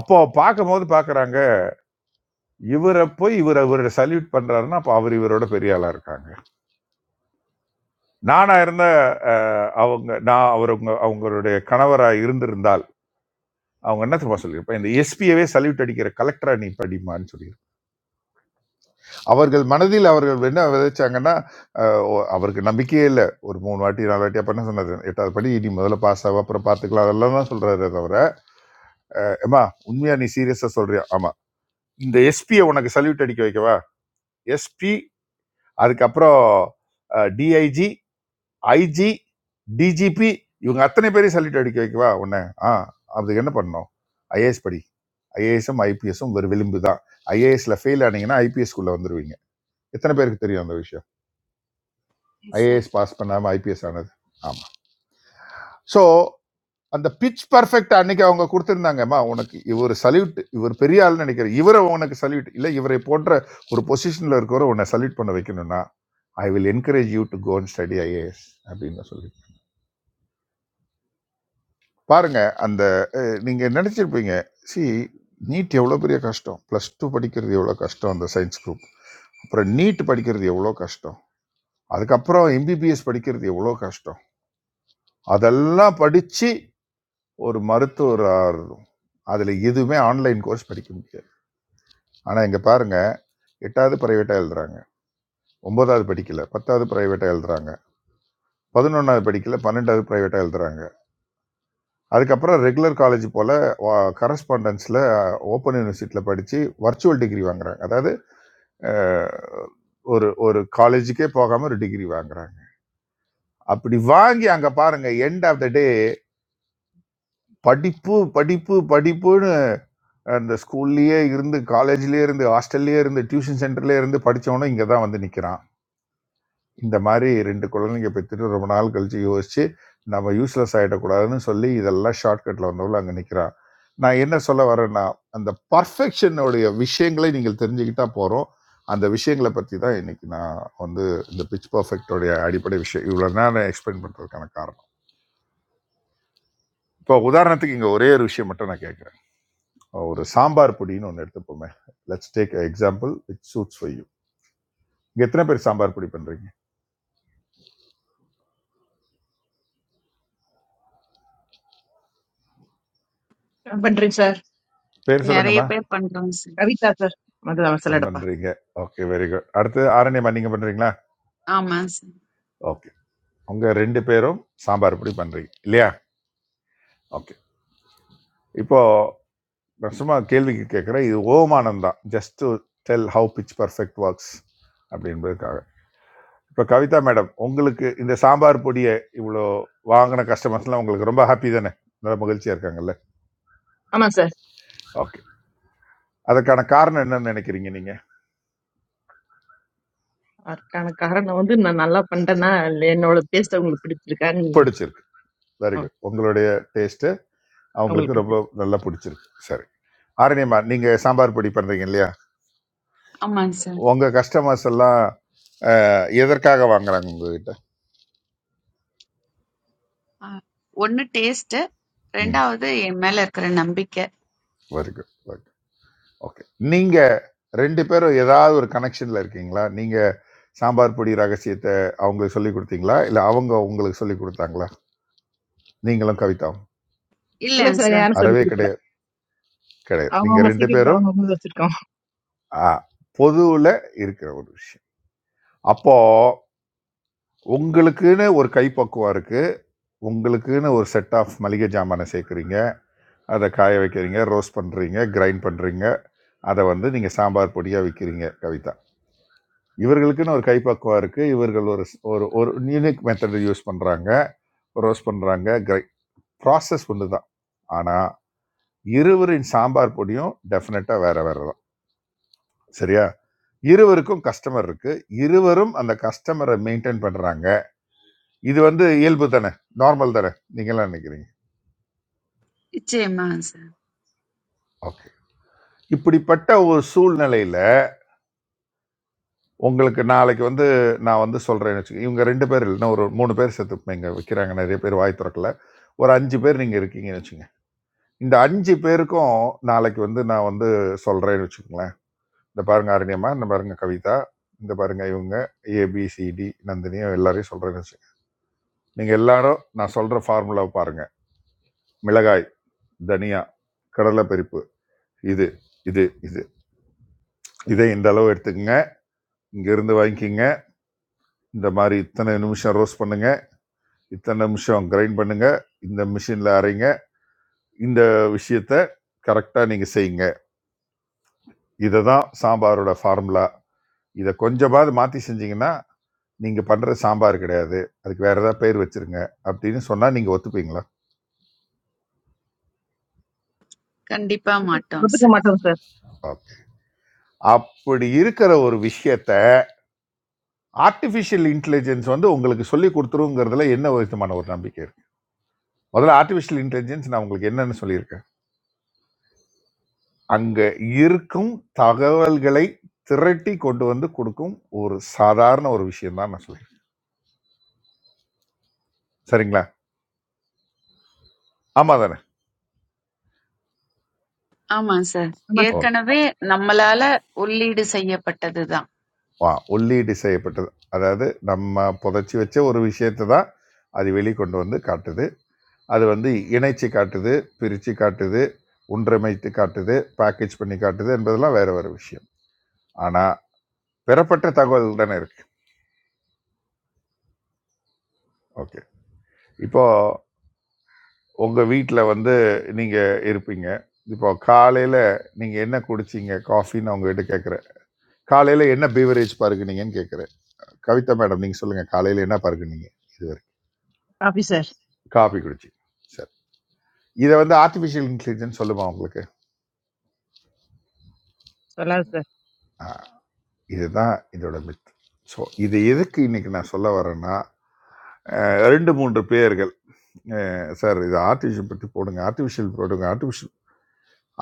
[SPEAKER 9] அப்போ பார்க்கும்போது பார்க்கறாங்க இவரை போய் இவர் இவரை சல்யூட் பண்றாருன்னா அப்போ அவர் இவரோட பெரிய ஆளா இருக்காங்க நானாக இருந்த அஹ், அவங்க நான் அவர் அவங்க அவங்களுடைய கணவராக இருந்திருந்தால் அவங்க என்ன தெரியுமா சொல்லியிருப்பேன் இந்த எஸ்பியவே சல்யூட் அடிக்கிற கலெக்டரா நீ படிமான்னு சொல்லி அவர்கள் மனதில் அவர்கள் என்ன விதைச்சாங்கன்னா அஹ், ஓ- அவருக்கு நம்பிக்கையே இல்லை ஒரு மூணு வாட்டி நாலு வாட்டி அப்ப என்ன சொன்னாரு எட்டாவது படி நீ முதல்ல பாஸ் ஆகும் அப்புறம் பார்த்துக்கலாம் அதெல்லாம் தான் சொல்றாரு தவிர ஏமா உண்மையா நீ சீரியஸா சொல்றியா ஆமா இந்த எஸ்பியை உனக்கு சல்யூட் அடிக்க வைக்கவா எஸ்பி அதுக்கப்புறம் டிஐஜி ஐஜி டிஜிபி இவங்க அத்தனை பேரையும் சல்யூட் அடிக்க வைக்கவா உன்னை ஆ அதுக்கு என்ன பண்ணணும் ஐஏஎஸ் படி ஐஏஎஸும் ஐபிஎஸும் ஒரு விளிம்பு தான் ஐஏஎஸ்ல ஃபெயில் ஆனீங்கன்னா ஐபிஎஸ்குள்ளே வந்துருவீங்க எத்தனை பேருக்கு தெரியும் அந்த விஷயம்
[SPEAKER 19] எஸ் சார்
[SPEAKER 9] ஐஏஎஸ் பாஸ் பண்ணாமல் ஐபிஎஸ் ஆனது ஆமாம் ஸோ அந்த பிச் பர்ஃபெக்ட் அன்னைக்கு அவங்க கொடுத்துருந்தாங்கம்மா உனக்கு இவர் சல்யூட் இவர் பெரிய ஆள்னு நினைக்கிறேன் இவரை உனக்கு சல்யூட் இல்லை இவரை போன்ற ஒரு பொசிஷனில் இருக்கிறவரை உன்னை சல்யூட் பண்ண வைக்கணும்னா I will encourage you to go and study IAS அப்படின்னு சொல்லி பாருங்க அந்த அஹ், நீங்க நினைச்சிருப்பீங்க சி நீட் எவ்வளோ பெரிய கஷ்டம் ப்ளஸ் டூ படிக்கிறது எவ்வளோ கஷ்டம் அந்த சயின்ஸ் குரூப் அப்புறம் நீட் படிக்கிறது எவ்வளோ கஷ்டம் அதுக்கப்புறம் எம்பிபிஎஸ் படிக்கிறது எவ்வளோ கஷ்டம் அதெல்லாம் படித்து ஒரு மருத்துவர் ஆகணும் அதில் எதுவுமே ஆன்லைன் கோர்ஸ் படிக்க முடியாது ஆனால் இங்கே பாருங்க எட்டாவது ப்ரைவேட்டாக எழுதுறாங்க ஒன்பதாவது படிக்கல பத்தாவது ப்ரைவேட்டாக எழுதுறாங்க பதினொன்றாவது படிக்கல பன்னெண்டாவது ப்ரைவேட்டாக எழுதுறாங்க அதுக்கப்புறம் ரெகுலர் காலேஜ் போல் கரஸ்பாண்டன்ஸில் ஓப்பன் யூனிவர்சிட்டியில் படித்து வர்ச்சுவல் டிகிரி வாங்குறாங்க அதாவது அஹ், ஒரு ஒரு காலேஜுக்கே போகாமல் ஒரு டிகிரி வாங்குறாங்க அப்படி வாங்கி அங்கே பாருங்கள் எண்ட் ஆஃப் த டே படிப்பு படிப்பு படிப்புன்னு அந்த ஸ்கூல்லையே இருந்து காலேஜ்லேயே இருந்து ஹாஸ்டல்லையே இருந்து டியூஷன் சென்டர்லேயே இருந்து படித்தவனும் இங்கே தான் வந்து நிற்கிறான் இந்த மாதிரி ரெண்டு குழந்தைங்க பெற்றுட்டு ரொம்ப நாள் கழிச்சு யோசிச்சு நம்ம யூஸ்லெஸ் ஆகிடக்கூடாதுன்னு சொல்லி இதெல்லாம் ஷார்ட்கட்டில் வந்தவள் அங்கே நிற்கிறான் நான் என்ன சொல்ல வரேன்னா அந்த பர்ஃபெக்ஷனுடைய விஷயங்களை நீங்கள் தெரிஞ்சுக்கிட்டா போகிறோம் அந்த விஷயங்களை பற்றி தான் இன்னைக்கு நான் வந்து இந்த பிச் பர்ஃபெக்டோடைய அடிப்படை விஷயம் இவ்வளோ நேரம் எக்ஸ்பிளைன் பண்ணுறதுக்கான காரணம் இப்போ உதாரணத்துக்கு இங்கே ஒரே ஒரு விஷயம் மட்டும் நான் கேட்குறேன் ஒரு சாம்பார் பொடின்னு ஒன்று எடுத்துப்போமே let's take example it suits for you இங்கே எத்தனை பேர் சாம்பார் பொடி பண்ணுறீங்க
[SPEAKER 10] நான் பண்றேன் சார்
[SPEAKER 9] பேர்
[SPEAKER 5] நிறைய
[SPEAKER 9] சொல்லுங்கம்மா
[SPEAKER 5] பேர் பண்றோம் சார்
[SPEAKER 10] கவிதா சார் மதுதான்
[SPEAKER 9] டம்
[SPEAKER 10] சொல்லடப்பா
[SPEAKER 9] பண்றீங்க ஓகே வெரி குட் அடுத்து ஆரண்யமா நீங்க பண்றீங்களா
[SPEAKER 5] ஆமாங்க சார்
[SPEAKER 9] ஓகே உங்க ரெண்டு பேரும் சாம்பார் பொடி பண்றீங்க இல்லையா ஓகே இப்போ நான் சும்மா கேள்விக்கு கேட்குறேன் இது ஓமானம் தான் just to tell how pitch perfect works அப்படின்றதுக்காக இப்போ கவிதா மேடம் உங்களுக்கு இந்த சாம்பார் பொடியை இவ்வளோ வாங்கின கஸ்டமர்ஸ்லாம் உங்களுக்கு ரொம்ப ஹாப்பி தானே நல்ல மகிழ்ச்சியாக இருக்காங்கல்ல
[SPEAKER 10] ஆமா சார்
[SPEAKER 9] ஓகே அதுக்கான காரணம் என்னன்னு நினைக்கிறீங்க நீங்கள்
[SPEAKER 10] அதற்கான காரணம் வந்து நான் நல்லா பண்றேன்னா இல்ல என்னோட டேஸ்ட் அவங்களுக்கு பிடிச்சிருக்கான்னு
[SPEAKER 9] பிடிச்சிருக்கு வெரி
[SPEAKER 10] ஆமா,
[SPEAKER 9] குட் உங்களுடைய டேஸ்ட்டு அவங்களுக்கு
[SPEAKER 10] அவங்களுக்கு
[SPEAKER 9] ரொம்ப
[SPEAKER 10] பிடிச்சிருக்கு
[SPEAKER 9] நல்லா பிடிச்சிருக்கு சரி ஆரண்யமா நீங்கள் சாம்பார் பொடி பண்ணுறீங்க இல்லையா
[SPEAKER 5] ஆமாங்க சார்
[SPEAKER 9] உங்கள் கஸ்டமர்ஸ் எல்லாம் அஹ், எதற்காக வாங்குறாங்க உங்ககிட்ட
[SPEAKER 5] ஒன்னு டேஸ்ட்
[SPEAKER 9] ம்
[SPEAKER 5] ரெண்டாவது என் மேல இருக்கிற நம்பிக்கை
[SPEAKER 9] வெரி குட் ஓகே ஓகே நீங்கள் ரெண்டு பேரும் ஏதாவது ஒரு கனெக்ஷனில் இருக்கீங்களா நீங்கள் சாம்பார் பொடி ரகசியத்தை அவங்களுக்கு சொல்லி கொடுத்தீங்களா இல்லை அவங்க உங்களுக்கு சொல்லி கொடுத்தாங்களா நீங்களும் கவிதாவும்
[SPEAKER 10] இல்ல
[SPEAKER 5] இல்லைங்க
[SPEAKER 10] சார்
[SPEAKER 5] சார்
[SPEAKER 10] யாரும் சொல்லி
[SPEAKER 9] அறவே
[SPEAKER 10] கொடுக்கல
[SPEAKER 9] கிடையாது கிடையாது நீங்கள்
[SPEAKER 10] அவங்கவுங்க
[SPEAKER 9] ரெண்டு
[SPEAKER 10] சீக்கிரம்
[SPEAKER 9] பேரும்
[SPEAKER 10] அவங்கவுங்க வச்சிருக்கோம்
[SPEAKER 9] பொதுவில் இருக்கிற ஒரு விஷயம் அப்போது உங்களுக்குன்னு ஒரு கைப்பக்குவம் இருக்குது உங்களுக்குன்னு ஒரு செட் ஆஃப் மளிகை ஜாமானை சேர்க்குறீங்க அதை காய வைக்கிறீங்க ரோஸ்ட் பண்ணுறீங்க கிரைண்ட் பண்ணுறீங்க அதை வந்து நீங்கள் சாம்பார் பொடியாக விற்கிறீங்க கவிதா இவர்களுக்குன்னு ஒரு கைப்பக்குவம் இருக்குது இவர்கள் ஒரு ஒரு ஒரு யூனிக் மெத்தடை யூஸ் பண்ணுறாங்க ரோஸ்ட் பண்ணுறாங்க கிரை ப்ராசஸ் ஒன்று தான் ஆனால் இருவரின் சாம்பார் பொடியும் டெஃபினட்டாக வேற வேற தான் சரியா இருவருக்கும் கஸ்டமர் இருக்கு இருவரும் அந்த கஸ்டமரை மெயின்டைன் பண்ணுறாங்க இது வந்து இயல்பு தானே நார்மல் தானே நீங்களாம் நினைக்கிறீங்க
[SPEAKER 5] நிச்சயமாங்க சார்
[SPEAKER 9] ஓகே இப்படிப்பட்ட ஒரு சூழ்நிலையில் உங்களுக்கு நாளைக்கு வந்து நான் வந்து சொல்கிறேன்னு வச்சுக்கோங்க இவங்க ரெண்டு பேர் இல்லைன்னா ஒரு மூணு பேர் சேர்த்து இங்கே வைக்கிறாங்க நிறைய பேர் வாய் திறக்கல ஒரு அஞ்சு பேர் நீங்கள் இருக்கீங்கன்னு வச்சுங்க இந்த அஞ்சு பேருக்கும் நாளைக்கு வந்து நான் வந்து சொல்கிறேன்னு வச்சுக்கோங்களேன் இந்த பாருங்க அருணியம்மா இந்த பாருங்க கவிதா இந்த பாருங்க இவங்க ஏபிசிடி நந்தினியும் எல்லாரையும் சொல்கிறேன்னு வச்சுக்கோங்க நீங்கள் எல்லாரும் நான் சொல்கிற ஃபார்முலாவை பாருங்கள் மிளகாய் தனியா கடலை பருப்பு இது இது இது இதை இந்த அளவு எடுத்துக்கங்க இங்கிருந்து வாங்கிக்கிங்க இந்த மாதிரி இத்தனை நிமிஷம் ரோஸ்ட் பண்ணுங்க இத்தனை நிமிஷம் கிரைண்ட் பண்ணுங்க இந்த மிஷினில் அரைங்க இந்த விஷயத்த கரெக்டாக நீங்கள் செய்யுங்க இதை தான் சாம்பாரோட ஃபார்முலா இதை கொஞ்சமாவது மாற்றி செஞ்சீங்கன்னா நீங்கள் பண்ணுற சாம்பார் கிடையாது அதுக்கு வேற ஏதாவது பேர் வச்சிருங்க அப்படின்னு சொன்னால் நீங்கள் ஒத்துப்பீங்களா
[SPEAKER 5] கண்டிப்பா
[SPEAKER 10] ஒத்துக்க
[SPEAKER 5] மாட்டோம்
[SPEAKER 10] ஒத்துக்க
[SPEAKER 5] சார்.
[SPEAKER 10] மாட்டோம் சார்
[SPEAKER 9] ஓகே அப்படி இருக்கிற ஒரு விஷயத்த ஆர்டிஃபிஷியல் இன்டெலிஜென்ஸ் வந்து உங்களுக்கு சொல்லி கொடுத்துருங்கிறதுல என்ன விதமான ஒரு நம்பிக்கை இருக்கு முதல்ல ஆர்டிஃபிஷியல் இன்டெலிஜென்ஸ் நான் உங்களுக்கு என்னன்னு சொல்லியிருக்கேன் அங்க இருக்கும் தகவல்களை திரட்டி கொண்டு வந்து கொடுக்கும் ஒரு சாதாரண ஒரு விஷயம் தான் நான் சொல்லியிருக்கேன் சரிங்களா ஆமா தானே
[SPEAKER 5] ஆமா சார்.
[SPEAKER 10] ஆமா சார்
[SPEAKER 9] ஓகே
[SPEAKER 5] ஏற்கனவே நம்மளால உள்ளீடு செய்யப்பட்டதுதான்.
[SPEAKER 9] வா உள்ளீடு செய்யப்பட்டது அதாவது நம்ம புதைச்சி வச்ச ஒரு விஷயத்தை தான் அது வெளிக்கொண்டு வந்து காட்டுது அது வந்து இணைச்சு காட்டுது பிரித்து காட்டுது ஒன்றமைத்து காட்டுது பேக்கேஜ் பண்ணி காட்டுது என்பதெல்லாம் வேற வேற விஷயம் ஆனால் பெறப்பட்ட தகவல் தானே இருக்கு ஓகே இப்போ உங்க வீட்ல வந்து நீங்க இருப்பீங்க. இப்போ காலையில நீங்க என்ன குடிச்சீங்க காஃபின்னு உங்ககிட்ட கேட்கிறேன். காலையில என்ன பீவரேஜ் பருகுனீங்கன்னு கேட்கிறேன். கவிதா மேடம் நீங்க சொல்லுங்க காலையில என்ன பருகுனீங்க இதுவரை?
[SPEAKER 10] காஃபி சார்
[SPEAKER 9] காஃபி குடிச்சீங்க. சரி. இதை வந்து ஆர்டிஃபிஷியல் இன்டெலிஜென்ஸ் சொல்லுமா உங்களுக்கு?
[SPEAKER 10] சொல்லாது சார்
[SPEAKER 9] ஆ, இதுதான் இதோட மித். ஸோ இது எதுக்கு இன்னைக்கு நான் சொல்ல வரேன்னா அஹ், ரெண்டு மூன்று பேர்கள் சார் இது ஆர்டிஃபிஷியல் பற்றி போடுங்க ஆர்டிஃபிஷியல் போடுங்க ஆர்டிஃபிஷியல்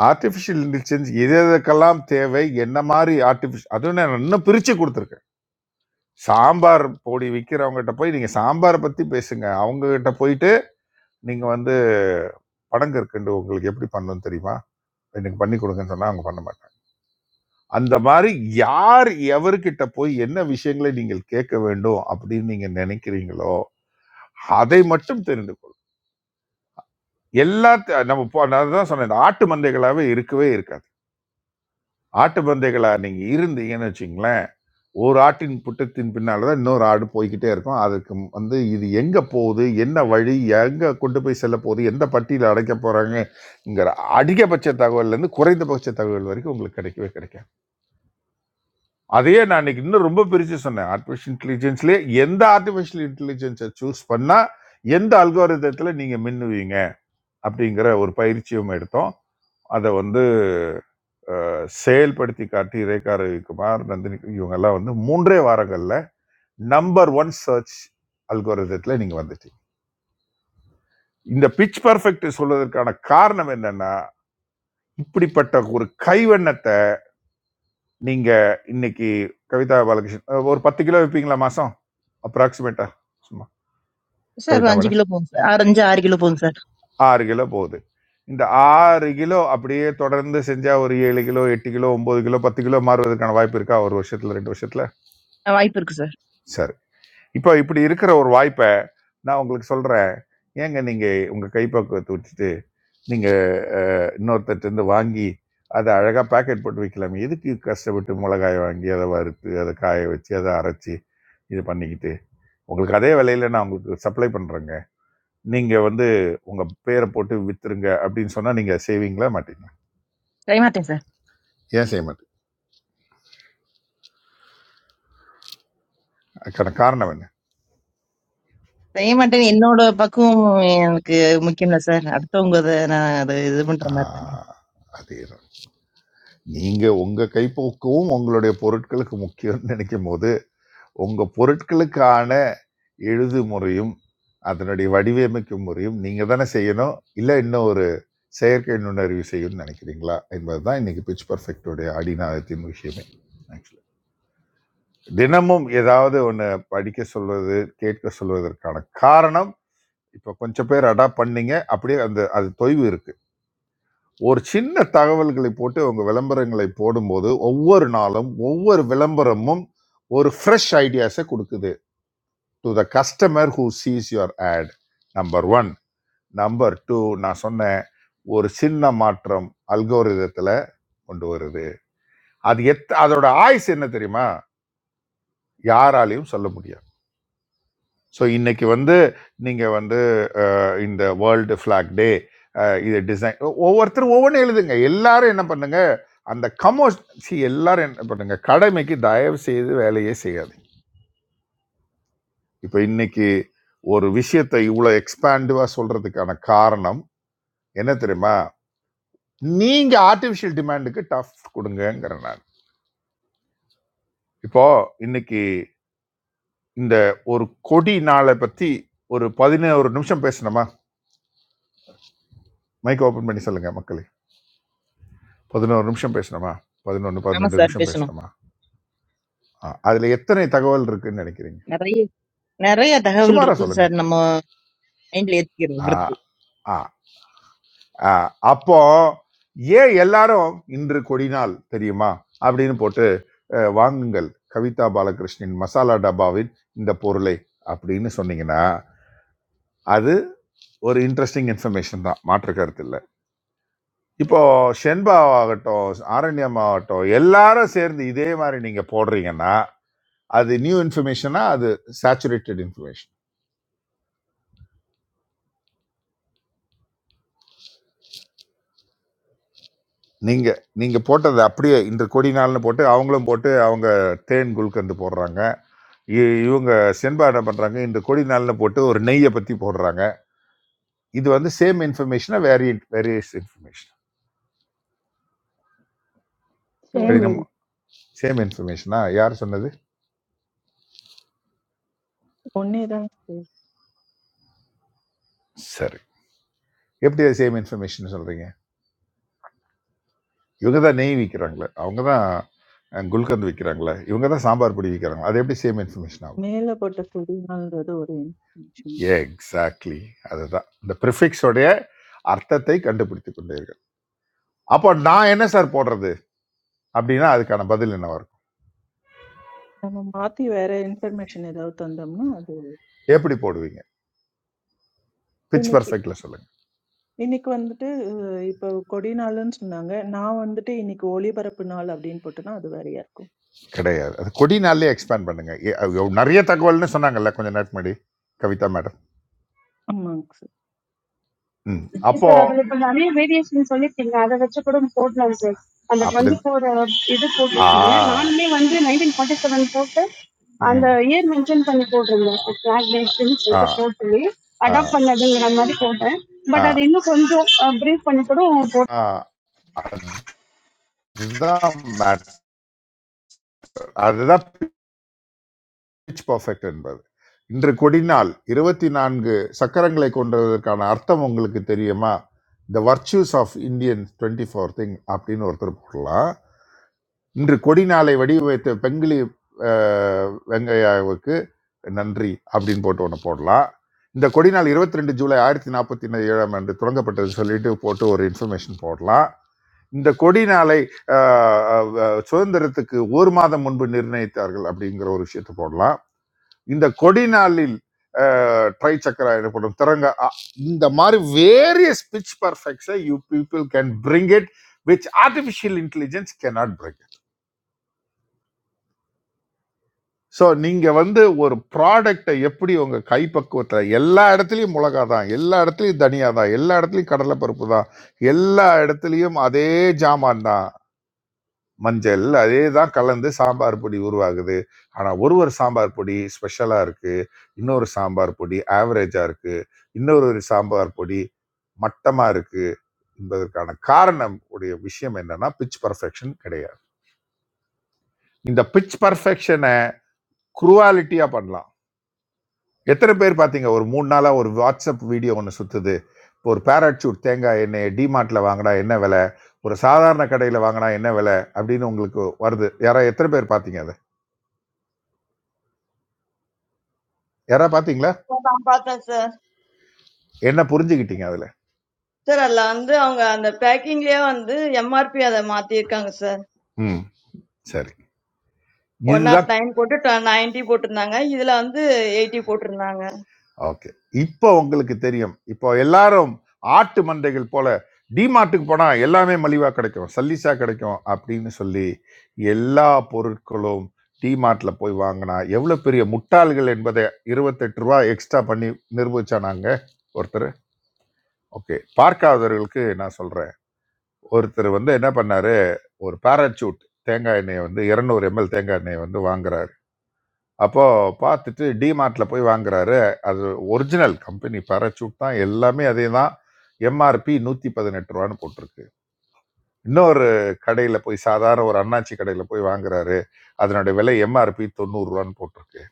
[SPEAKER 9] ஆர்டிஃபிஷியல் இன்டெலிஜென்ஸ் எது எதுக்கெல்லாம் தேவை என்ன மாதிரி ஆர்டிஃபிஷியல் அதுவும் நான் இன்னும் பிரித்து கொடுத்துருக்கேன் சாம்பார் பொடி விற்கிறவங்ககிட்ட போய் நீங்கள் சாம்பாரை பற்றி பேசுங்க அவங்ககிட்ட போயிட்டு நீங்கள் வந்து பனங்கற்கண்டு உங்களுக்கு எப்படி பண்ணணும் தெரியுமா எனக்கு பண்ணி கொடுங்கன்னு சொன்னால் அவங்க பண்ண மாட்டாங்க அந்த மாதிரி யார் எவர்கிட்ட போய் என்ன விஷயங்களை நீங்கள் கேட்க வேண்டும் அப்படின்னு நீங்கள் நினைக்கிறீங்களோ அதை மட்டும் தெரிந்து கொள்ளும் எல்லா நம்ம போ- நான் தான் சொன்னேன் ஆட்டு மந்தைகளாகவே இருக்கவே இருக்காது ஆட்டு மந்தைகளாக நீங்கள் இருந்தீங்கன்னு வச்சிங்களேன் ஒரு ஆட்டின் புட்டத்தின் பின்னால் தான் இன்னொரு ஆடு போய்க்கிட்டே இருக்கும் அதுக்கு வந்து இது எங்கே போகுது என்ன வழி எங்கே கொண்டு போய் செல்ல போகுது எந்த பட்டியில் அடைக்க போகிறாங்கங்கிற அதிகபட்ச தகவல்லேருந்து குறைந்தபட்ச தகவல் வரைக்கும் உங்களுக்கு கிடைக்கவே கிடைக்கும் அதையே நான் இன்னைக்கு இன்னும் ரொம்ப பிரித்து சொன்னேன் ஆர்டிஃபிஷியல் இன்டெலிஜென்ஸ்லேயே எந்த ஆர்டிஃபிஷியல் இன்டெலிஜென்ஸை சூஸ் பண்ணால் எந்த அல்காரிதத்தில் நீங்கள் மின்னுவீங்க அப்படிங்கிற ஒரு பயிற்சியும் எடுத்தோம் அதை வந்து செயல்படுத்தி காட்டி ரேகா ரவிக்குமார் நந்தினி இவங்கெல்லாம் வந்து மூன்றே வாரங்களில் நம்பர் ஒன் சர்ச் அல்கோரிதத்தில் நீங்கள் வந்துட்டீங்க இந்த பிச் பர்ஃபெக்ட் சொல்வதற்கான காரணம் என்னன்னா இப்படிப்பட்ட ஒரு கைவண்ணத்தை நீங்க இன்னைக்கு கவிதா பாலகிருஷ்ணன் அஹ் ஒரு பத்து கிலோ வைப்பீங்களா மாசம் அப்ராக்சிமேட்டா சும்மா
[SPEAKER 10] சார் ஒரு
[SPEAKER 9] கவிதா
[SPEAKER 10] அஞ்சு
[SPEAKER 9] மேடம்
[SPEAKER 10] கிலோ போகும் சார் ஆறு அஞ்சு ஆறு கிலோ போகும் சார்
[SPEAKER 9] ஆறு கிலோ போகுது இந்த ஆறு கிலோ அப்படியே தொடர்ந்து செஞ்சா ஒரு ஏழு கிலோ எட்டு கிலோ ஒன்பது கிலோ பத்து கிலோ மாறுவதற்கான வாய்ப்பு இருக்கா ஒரு வருஷத்துல ரெண்டு வருஷத்துல
[SPEAKER 10] அஹ் வாய்ப்பு இருக்கு சார்
[SPEAKER 9] சரி இப்போ இப்படி இருக்கிற ஒரு வாய்ப்பை நான் உங்களுக்கு சொல்கிறேன் ஏங்க நீங்கள் உங்கள் கைப்பக்குவத்தை விட்டுட்டு நீங்கள் இன்னொருத்தர்ட்டேருந்து வாங்கி அதை அழகாக பேக்கெட் போட்டு வைக்கலாமே எதுக்கு கஷ்டப்பட்டு மிளகாய் வாங்கி அதை வறுத்து அதை காய வச்சு அதை அரைச்சி இது பண்ணிக்கிட்டு உங்களுக்கு அதே விலையில நான் உங்களுக்கு சப்ளை பண்ணுறேங்க நீங்கள் வந்து உங்கள் பேரை போட்டு விற்றுருங்க அப்படின்னு சொன்னால் நீங்கள் செய்வீங்களா மாட்டீங்க
[SPEAKER 10] செய்ய மாட்டேன் சார்
[SPEAKER 9] ஏன் செய்ய மாட்டீங்க அதுக்கான காரணம் என்ன
[SPEAKER 10] செய்ய மாட்டேன் என்னோட பக்குவம் எனக்கு முக்கியம் இல்லை சார் அடுத்தவங்க அதை நான் அதை இது பண்ற மாதிரி தானே
[SPEAKER 9] ஆஹ், அதே தான் நீங்கள் உங்கள் கைப்போக்கவும் உங்களுடைய பொருட்களுக்கு முக்கியம்னு நினைக்கும் போது உங்கள் பொருட்களுக்கான எழுது முறையும் அதனுடைய வடிவமைக்கும் முறையும் நீங்கள் தானே செய்யணும் இல்லை இன்னும் ஒரு செயற்கை நுண்ணறிவு செய்யணும்னு நினைக்கிறீங்களா என்பது தான் இன்றைக்கி பிச் பர்ஃபெக்டோடைய அடிநாதத்தின் விஷயமே ஆக்சுவலி தினமும் ஏதாவது ஒன்று படிக்க சொல்வது கேட்க சொல்வதற்கான காரணம் இப்போ கொஞ்சம் பேர் அடாப்ட் பண்ணீங்க அப்படியே அந்த அது தொய்வு இருக்கு ஒரு சின்ன தகவல்களை போட்டு உங்க விளம்பரங்களை போடும்போது ஒவ்வொரு நாளும் ஒவ்வொரு விளம்பரமும் ஒரு ஃப்ரெஷ் ஐடியாஸை கொடுக்குது to the customer who sees your ad number one number two நான் சொன்னேன் ஒரு சின்ன மாற்றம் அல்கோரிதத்தில் கொண்டு வருது அது எத் அதோட ஆயுஸ் என்ன தெரியுமா யாராலையும் சொல்ல முடியாது ஸோ இன்னைக்கு வந்து நீங்கள் வந்து இந்த வேர்ல்டு flag டே இது டிசைன் ஒவ்வொருத்தரும் ஒவ்வொன்றும் எழுதுங்க எல்லாரும் என்ன பண்ணுங்க அந்த கமோஸ் see எல்லாரும் என்ன பண்ணுங்க கடமைக்கு தயவு செய்து வேலையே செய்யாது இப்போ இன்னைக்கு ஒரு விஷயத்தை இவ்வளோ எக்ஸ்பாண்டிவாக சொல்கிறதுக்கான காரணம் என்ன தெரியுமா நீங்க ஆர்டிஃபிஷியல் டிமாண்டுக்கு டஃப் கொடுங்கங்கிறேன் நான் இப்போ இன்னைக்கு இந்த ஒரு கொடி நாளை பத்தி ஒரு பதினோரு நிமிஷம் பேசணுமா மைக் ஓபன் பண்ணி சொல்லுங்க மக்களே பதினோரு நிமிஷம் பேசணுமா பதினொன்று
[SPEAKER 10] ஆமா
[SPEAKER 9] பதினெட்டு
[SPEAKER 10] சார்
[SPEAKER 9] நிமிஷம்
[SPEAKER 10] பேசணும்
[SPEAKER 9] பேசணுமா ஆ, அதுல எத்தனை தகவல் இருக்குன்னு நினைக்கிறீங்க
[SPEAKER 10] நிறைய நிறைய தகவல்
[SPEAKER 9] சுமாரா
[SPEAKER 10] இருக்கும்
[SPEAKER 9] சொல்லுங்க
[SPEAKER 10] சார் நம்ம மைண்ட்ல ஏத்திக்கிறது
[SPEAKER 9] ஆ,
[SPEAKER 10] பொறுத்து
[SPEAKER 9] ஆ, ஆ. அப்போ ஏன் எல்லாரும் இன்று கொடி நாள் தெரியுமா அப்படின்னு போட்டு அஹ், வாங்குங்கள் கவிதா பாலகிருஷ்ணன் மசாலா டப்பாவின் இந்த பொருளை அப்படின்னு சொன்னீங்கன்னா அது ஒரு இன்ட்ரெஸ்டிங் இன்ஃபர்மேஷன் தான் மாற்று கருத்து இல்லை இப்போ ஷென்பா ஆகட்டும் ஆரண்யம் ஆகட்டும் எல்லாரும் சேர்ந்து இதே மாதிரி நீங்க போடுறீங்கன்னா அது நியூ இன்ஃபர்மேஷனா அது சேச்சுரேட்டட் இன்ஃபர்மேஷன் நீங்க நீங்க போட்டது அப்படியே இன்று கொடி நாள்னு போட்டு அவங்களும் போட்டு அவங்க தேன் குல்கந்து போடுறாங்க இ- இவங்க செண்பா என்ன பண்றாங்க இன்று கொடி நாள்னு போட்டு ஒரு நெய்யை பத்தி போடுறாங்க இது வந்து சேம் இன்ஃபர்மேஷனா வேரியன்ட் வேரியஸ் இன்ஃபர்மேஷன் சரி
[SPEAKER 12] ஒன்று
[SPEAKER 15] ஷேமில்
[SPEAKER 9] நம்ம சேம் இன்ஃபர்மேஷனா யார் சொன்னது
[SPEAKER 12] ஒன்னே தான் சார்
[SPEAKER 9] சரி எப்படி சேம் இன்ஃபர்மேஷன் சொல்றீங்க இவங்க தான் நெய் விற்கிறாங்களே அவங்க தான் குல்கந்த் விற்கிறாங்களே இவங்க தான் சாம்பார் பொடி விற்கிறாங்களே அது எப்படி சேம் இன்ஃபர்மேஷன் ஆகும்
[SPEAKER 12] மேலே போட்ட கொடினால்ன்றது ஒரு இன்ஃபர்மேஷன்
[SPEAKER 9] எக்ஸாக்ட்லி அதுதான் இந்த ப்ரிஃபிக்ஸோடைய அர்த்தத்தை கண்டுபிடித்து கொண்டீர்கள் அப்போ நான் என்ன சார் போடுறது அப்படின்னா அதுக்கான பதில் என்னவா இருக்கும்
[SPEAKER 12] நம்ம மாற்றி வேற இன்ஃபர்மேஷன் ஏதாவது தந்தோம்னா அது
[SPEAKER 9] எப்படி போடுவீங்க பிச்
[SPEAKER 12] இன்னைக்கு
[SPEAKER 9] பர்ஃபெக்ட்ல சொல்லுங்க
[SPEAKER 12] இன்னைக்கு வந்துட்டு அஹ், இப்போ கொடி நாளுன்னு சொன்னாங்க நான் வந்துட்டு இன்னைக்கு ஒளிபரப்பு நாள் அப்படின்னு போட்டேன்னா அது வேறையா இருக்கும்
[SPEAKER 9] கிடையாது அது கொடி நாள்லயே எக்ஸ்பேண்ட் பண்ணுங்க ஏ- அது எவ்வ- நிறைய தகவல்னு சொன்னாங்கல்ல கொஞ்சம் நேரத்துக்கு முன்னாடி கவிதா மேடம்
[SPEAKER 12] ஆமாங்க சார்
[SPEAKER 9] ம்
[SPEAKER 20] This
[SPEAKER 9] அப்போ
[SPEAKER 20] particular one, I mean, variation. So, the thing is, that which is called a court language, and the one
[SPEAKER 9] அப்படி
[SPEAKER 20] before, this court
[SPEAKER 9] uh
[SPEAKER 20] is, I mean, one day, nineteen forty-seven court, and
[SPEAKER 9] ம்
[SPEAKER 20] the year mentioned in that court is, I mean, this
[SPEAKER 9] uh
[SPEAKER 20] is a court, the
[SPEAKER 9] uh
[SPEAKER 20] adopted language, the grammar of court,
[SPEAKER 9] uh
[SPEAKER 20] but I didn't know how much brief, how many sort.
[SPEAKER 9] ஆ அதுதான் அதுதான் pitch perfect என்பது இன்று கொடினால் இருபத்தி நான்கு சக்கரங்களை கொண்டதற்கான அர்த்தம் உங்களுக்கு தெரியுமா the virtues of Indian twenty four thing அப்படின்னு ஒருத்தர் போடலாம் இன்று கொடிநாளை வடிவமைத்த பெங்கிலி அஹ், வெங்கையாவுக்கு நன்றி அப்படின்னு போட்டு ஒன்று போடலாம் இந்த கொடிநாள் இருபத்தி ரெண்டு ஜூலை ஆயிரத்தி நாற்பத்தி ஏழாம் ஆண்டு தொடங்கப்பட்டது சொல்லிட்டு போட்டு ஒரு இன்ஃபர்மேஷன் போடலாம் இந்த கொடி நாளை அஹ், அஹ், சுதந்திரத்துக்கு ஒரு மாதம் முன்பு நிர்ணயித்தார்கள் அப்படிங்கிற ஒரு விஷயத்தை போடலாம் இந்த கொடி நாளில் ட்ரை சக்கரா எனப்படும் திறங்க அ- இந்த மாதிரி வேரியஸ் pitch பர்ஃபெக்ட்ஸை you people can bring it which artificial intelligence cannot bring it. So நீங்கள் வந்து ஒரு ப்ராடக்டை எப்படி உங்கள் கைப்பக்குவத்தில் எல்லா இடத்துலையும் மிளகா தான் எல்லா இடத்துலையும் தனியா தான் எல்லா இடத்துலையும் கடலைப்பருப்பு தான் எல்லா இடத்துலையும் அதே ஜாமான் தான் மஞ்சள் அதே தான் கலந்து சாம்பார் பொடி உருவாகுது ஆனால் ஒரு ஒரு சாம்பார் பொடி ஸ்பெஷலாக இருக்குது இன்னொரு சாம்பார் பொடி ஆவரேஜாக இருக்குது இன்னொரு ஒரு சாம்பார் பொடி மட்டமாக இருக்குது என்பதற்கான காரணம் உடைய விஷயம் என்னன்னா பிச் பர்ஃபெக்ஷன் கிடையாது இந்த பிச் பர்ஃபெக்ஷனை குருவாலிட்டியாக பண்ணலாம் எத்தனை பேர் பார்த்தீங்க ஒரு மூணு நாளாக ஒரு வாட்ஸ்அப் வீடியோ ஒன்று சுற்றுது ஒரு பேராச்சூட் தேங்காய் எண்ணெயை டிமார்ட்டில் வாங்கினா என்ன விலை ஒரு சாதாரண கடையில் வாங்கினா என்ன விலை அப்படின்னு உங்களுக்கு வருது யாரா எத்தனை பேர் பார்த்தீங்க அதை யாரா பார்த்தீங்களா
[SPEAKER 6] Sir, நான் பார்த்தேன் sir.
[SPEAKER 9] என்ன புரிஞ்சுக்கிட்டீங்க அதுல
[SPEAKER 6] Sir, அதுல வந்து அவங்க அந்த packing லயே வந்து MRP அத மாத்திருக்காங்க sir.
[SPEAKER 9] ம் சரி இதுதான்
[SPEAKER 6] 109 போட்டு 90 போட்டிருந்தாங்க. இதுல வந்து 80 போட்டிருந்தாங்க.
[SPEAKER 9] ஓகே இப்போ உங்களுக்கு தெரியும் இப்போ எல்லாரும் ஆட்டு மந்தைகள் போல டிமார்ட்டுக்கு போனா எல்லாமே மலிவா கிடைக்கும் சல்லிஸா கிடைக்கும் அப்படின்னு சொல்லி எல்லா பொருட்களும் டிமார்ட்ல போய் வாங்கினா எவ்வளவு பெரிய முட்டாள்கள் என்பதை இருபத்தெட்டு ரூபா எக்ஸ்ட்ரா பண்ணி நிரூபிச்சானாங்க ஒருத்தர் ஓகே பார்க்காதவர்களுக்கு நான் சொல்றேன் ஒருத்தர் வந்து என்ன பண்ணாரு ஒரு பேராச்சூட் தேங்காய் எண்ணெயை வந்து 200 எம்எல் தேங்காய் எண்ணெயை வந்து வாங்குறாரு அப்போது பார்த்துட்டு டிமார்ட்டில் போய் வாங்குறாரு அது ஒரிஜினல் கம்பெனி பேராசூட் தான் எல்லாமே அதே தான் எம்ஆர்பி நூற்றி பதினெட்டு ரூபான்னு போட்டிருக்கு இன்னொரு கடையில் போய் சாதாரண ஒரு அண்ணாச்சி கடையில் போய் வாங்குறாரு அதனுடைய விலை எம்ஆர்பி தொண்ணூறுரூவான்னு போட்டிருக்கு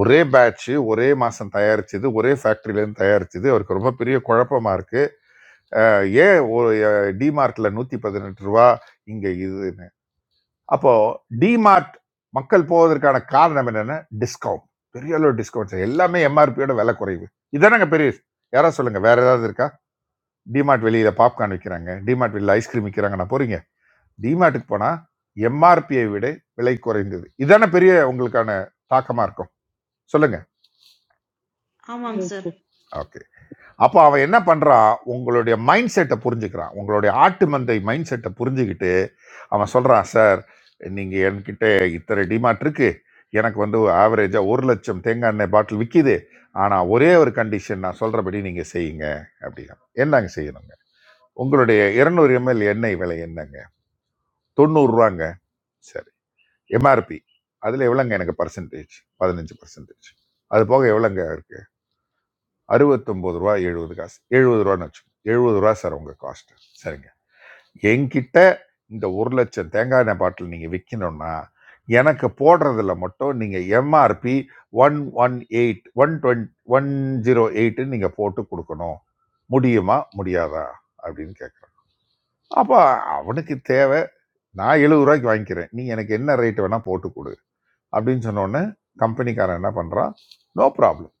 [SPEAKER 9] ஒரே பேட்ச்சு ஒரே மாதம் தயாரிச்சது ஒரே ஃபேக்ட்ரியிலேருந்து தயாரிச்சது அவருக்கு ரொம்ப பெரிய குழப்பமா இருக்குது ஏன் டிமார்ட்டில் நூற்றி பதினெட்டு ரூபா இங்கே இது அப்போ டிமார்ட் மக்கள் போவதற்கான காரணம் என்னன்னா டிஸ்கவுண்ட் பெரிய அளவு டிஸ்கவுண்ட் எல்லாமே எம்ஆர்பியோட விலை குறைவு இதானங்க பெரிய விஷயம். யாரா சொல்லுங்க வேற ஏதாவது இருக்கா டிமார்ட் வெளியில பாப்கார்ன் விற்கிறாங்க டிமார்ட் வெளியில ஐஸ்கிரீம் விற்கிறாங்க நான் போறீங்க டிமார்ட்டுக்கு போனா எம்ஆர்பியை விட விலை குறைந்தது இதான பெரிய உங்களுக்கான தாக்கமா இருக்கும் சொல்லுங்க
[SPEAKER 11] Aman sir.
[SPEAKER 9] அப்போ அவன் என்ன பண்ணுறான் உங்களுடைய மைண்ட் செட்டை புரிஞ்சுக்கிறான் உங்களுடைய ஆட்டு மந்தை மைண்ட் செட்டை புரிஞ்சுக்கிட்டு அவன் சொல்கிறான் சார் நீங்கள் என்கிட்ட இத்தனை டிமார்ட் இருக்கு எனக்கு வந்து ஆவரேஜாக ஒரு லட்சம் தேங்காய் எண்ணெய் பாட்டில் விற்கிது ஆனால் ஒரே ஒரு கண்டிஷன் நான் சொல்கிறபடி நீங்கள் செய்யுங்க அப்படின்னா என்னங்க செய்யணுங்க உங்களுடைய இரநூறு எம்எல் எண்ணெய் விலை என்னங்க தொண்ணூறுரூவாங்க சரி எம்ஆர்பி அதில் எவ்வளோங்க எனக்கு பர்சன்டேஜ் பதினஞ்சு பர்சன்டேஜ் அது போக எவ்வளோங்க இருக்கு அறுபத்தொம்பது ரூபா எழுபது காசு எழுபது ரூபான்னு வச்சுக்கோங்க எழுபது ரூபா சார் உங்கள் காஸ்ட் சரிங்க என்கிட்ட இந்த ஒரு லட்சம் தேங்காய் எண்ணெய் பாட்டில் நீங்கள் விற்கணும்னா எனக்கு போடுறதுல மட்டும் நீங்கள் MRP one one eight one twenty one zero எயிட்டுன்னு நீங்கள் போட்டு கொடுக்கணும் முடியுமா முடியாதா அப்படின்னு கேட்குறேன் அப்போ அவனுக்கு தேவை நான் எழுபது ரூபாய்க்கு வாங்கிக்கிறேன் நீ எனக்கு என்ன ரேட் வேணால் போட்டு கொடு அப்படின்னு சொன்னோடனே கம்பெனிக்காரன் என்ன பண்ணுறான் நோ ப்ராப்ளம்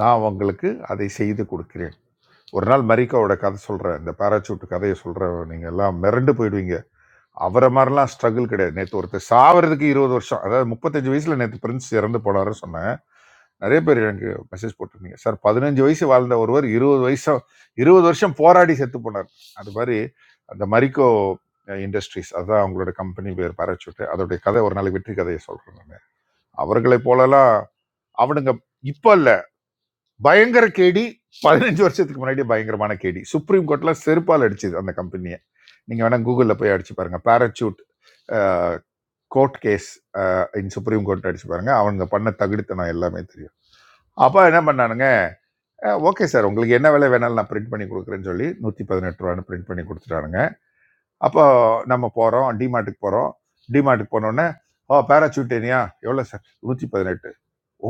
[SPEAKER 9] நான் உங்களுக்கு அதை செய்து கொடுக்கிறேன் ஒரு நாள் மரிக்காவோட கதை சொல்கிறேன் இந்த பேராசூட் கதையை சொல்கிறேன் நீங்கள் எல்லாம் மிரண்டு போயிடுவீங்க அவரை மாதிரிலாம் ஸ்ட்ரகிள் கிடையாது நேற்று ஒருத்தர் சாவறதுக்கு இருபது வருஷம் அதாவது முப்பத்தஞ்சு வயசில் நேற்று பிரின்ஸ் இறந்து போனாரு சொன்னேன் நிறைய பேர் எனக்கு மெசேஜ் போட்டிருந்தீங்க சார் பதினஞ்சு வயசு வாழ்ந்த ஒருவர் இருபது வயசம் இருபது வருஷம் போராடி செத்து போனார் அது மாதிரி அந்த மரிக்கோ இண்டஸ்ட்ரீஸ் அதுதான் அவங்களோட கம்பெனி பேர் பேராசூட் அதோடைய கதை ஒரு நாளைக்கு வெற்றி கதையை சொல்கிறேன் நான் அவர்களை போலலாம் அவனுங்க இப்போ இல்ல பயங்கர கேடி பதினஞ்சு வருஷத்துக்கு முன்னாடி பயங்கரமான கேடி சுப்ரீம் கோர்ட்ல செருப்பால் அடிச்சது அந்த கம்பெனியை நீங்க வேணா கூகுள்ல போய் அடிச்சு பாருங்க parachute court case in supreme court அடிச்சு பாருங்க அவங்க பண்ண தகுடுத்தனம் எல்லாமே தெரியும் அப்போ என்ன பண்ணானுங்க ஓகே சார் உங்களுக்கு என்ன வேலை வேணாலும் நான் பிரிண்ட் பண்ணி கொடுக்குறேன்னு சொல்லி நூற்றி பதினெட்டு ரூபான்னு பிரிண்ட் பண்ணி கொடுத்துட்டானுங்க அப்போ நம்ம போகிறோம் டிமார்ட்டுக்கு போகிறோம் டிமார்ட்டுக்கு போனோடனே ஓ பேராச்சூட் ஏனியா எவ்வளோ சார் நூற்றி பதினெட்டு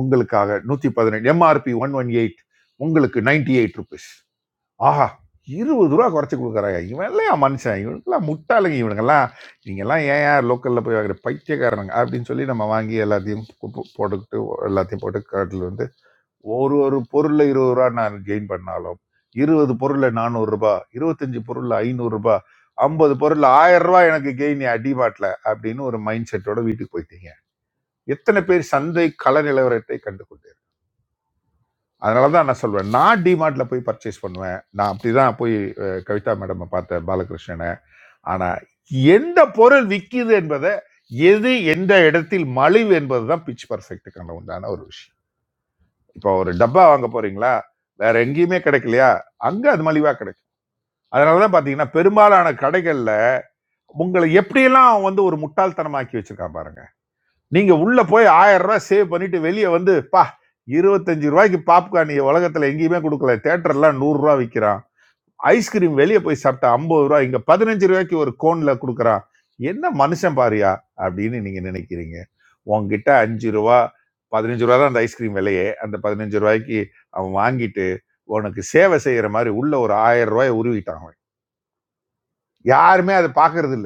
[SPEAKER 9] உங்களுக்காக நூற்றி பதினெட்டு எம்ஆர்பி ஒன் ஒன் எயிட் உங்களுக்கு நைன்டி எயிட் ருபீஸ் ஆஹா இருபது ரூபா குறைச்சி கொடுக்குறாங்க இவன் இல்லையா மனுஷன் இவனுக்கெல்லாம் முட்டாளுங்க இவனுங்கெல்லாம் நீங்கள்லாம் ஏன் ஏன் லோக்கலில் போய் வாங்குற பைத்தியக்காரனுங்க அப்படின்னு சொல்லி நம்ம வாங்கி எல்லாத்தையும் போ- போ- போட்டுக்கிட்டு எல்லாத்தையும் போட்டு காட்டில் வந்து ஒரு ஒரு பொருளில் இருபது ரூபா நான் கெயின் பண்ணாலும் இருபது பொருளில் நானூறுரூபா இருபத்தஞ்சி பொருளில் ஐநூறுரூபா ஐம்பது பொருள் ஆயிரம் ரூபாய் எனக்கு கெயின் அடிபாட்டில் அப்படின்னு ஒரு மைண்ட் செட்டோட வீட்டுக்கு போயிட்டீங்க எத்தனை பேர் சந்தை கள நிலவரத்தை கண்டு கொண்டீர்கள்? அதனால தான் நான் சொல்வேன் நான் டிமார்ட்ல போய் பர்ச்சேஸ் பண்ணுவேன் நான் அப்படிதான் போய் அஹ், கவிதா மேடம் பார்த்தேன் பாலகிருஷ்ணனை ஆனா எந்த பொருள் விற்கிது என்பதை எது எந்த இடத்தில் மலிவு என்பது தான் பிச் பர்ஃபெக்ட்டுக்கான உண்டான ஒரு விஷயம் இப்போ ஒரு டப்பா வாங்க போறீங்களா வேற எங்கேயுமே கிடைக்கலையா அங்க அது மலிவா கிடைக்கும் அதனாலதான் பாத்தீங்கன்னா பெரும்பாலான கடைகள்ல உங்களை எப்படியெல்லாம் அவன் வந்து ஒரு முட்டாள்தனமாக்கி வச்சிருக்கான் பாருங்க நீங்க உள்ள போய் ஆயிரம் ரூபாய் சேவ் பண்ணிட்டு வெளியே வந்து பா இருபத்தஞ்சு ரூபாய்க்கு பாப்கார்ன் நீங்க உலகத்துல எங்கேயுமே கொடுக்கல தேட்டர்லாம் நூறு ரூபாய் விற்கிறான் ஐஸ்கிரீம் வெளியே போய் சாப்பிட்டா ஐம்பது ரூபாய் இங்க பதினஞ்சு ரூபாய்க்கு ஒரு கோன்ல கொடுக்குறான் என்ன மனுஷன் பாரியா அப்படின்னு நீங்க நினைக்கிறீங்க உங்ககிட்ட அஞ்சு ரூபா பதினஞ்சு ரூபா தான் அந்த ஐஸ்கிரீம் விலையே அந்த பதினஞ்சு ரூபாய்க்கு அவன் வாங்கிட்டு உனக்கு சேவை செய்யற மாதிரி உள்ள ஒரு ஆயிரம் ரூபாய் உருவிட்டான் அவன் யாருமே அதை பாக்குறது இல்ல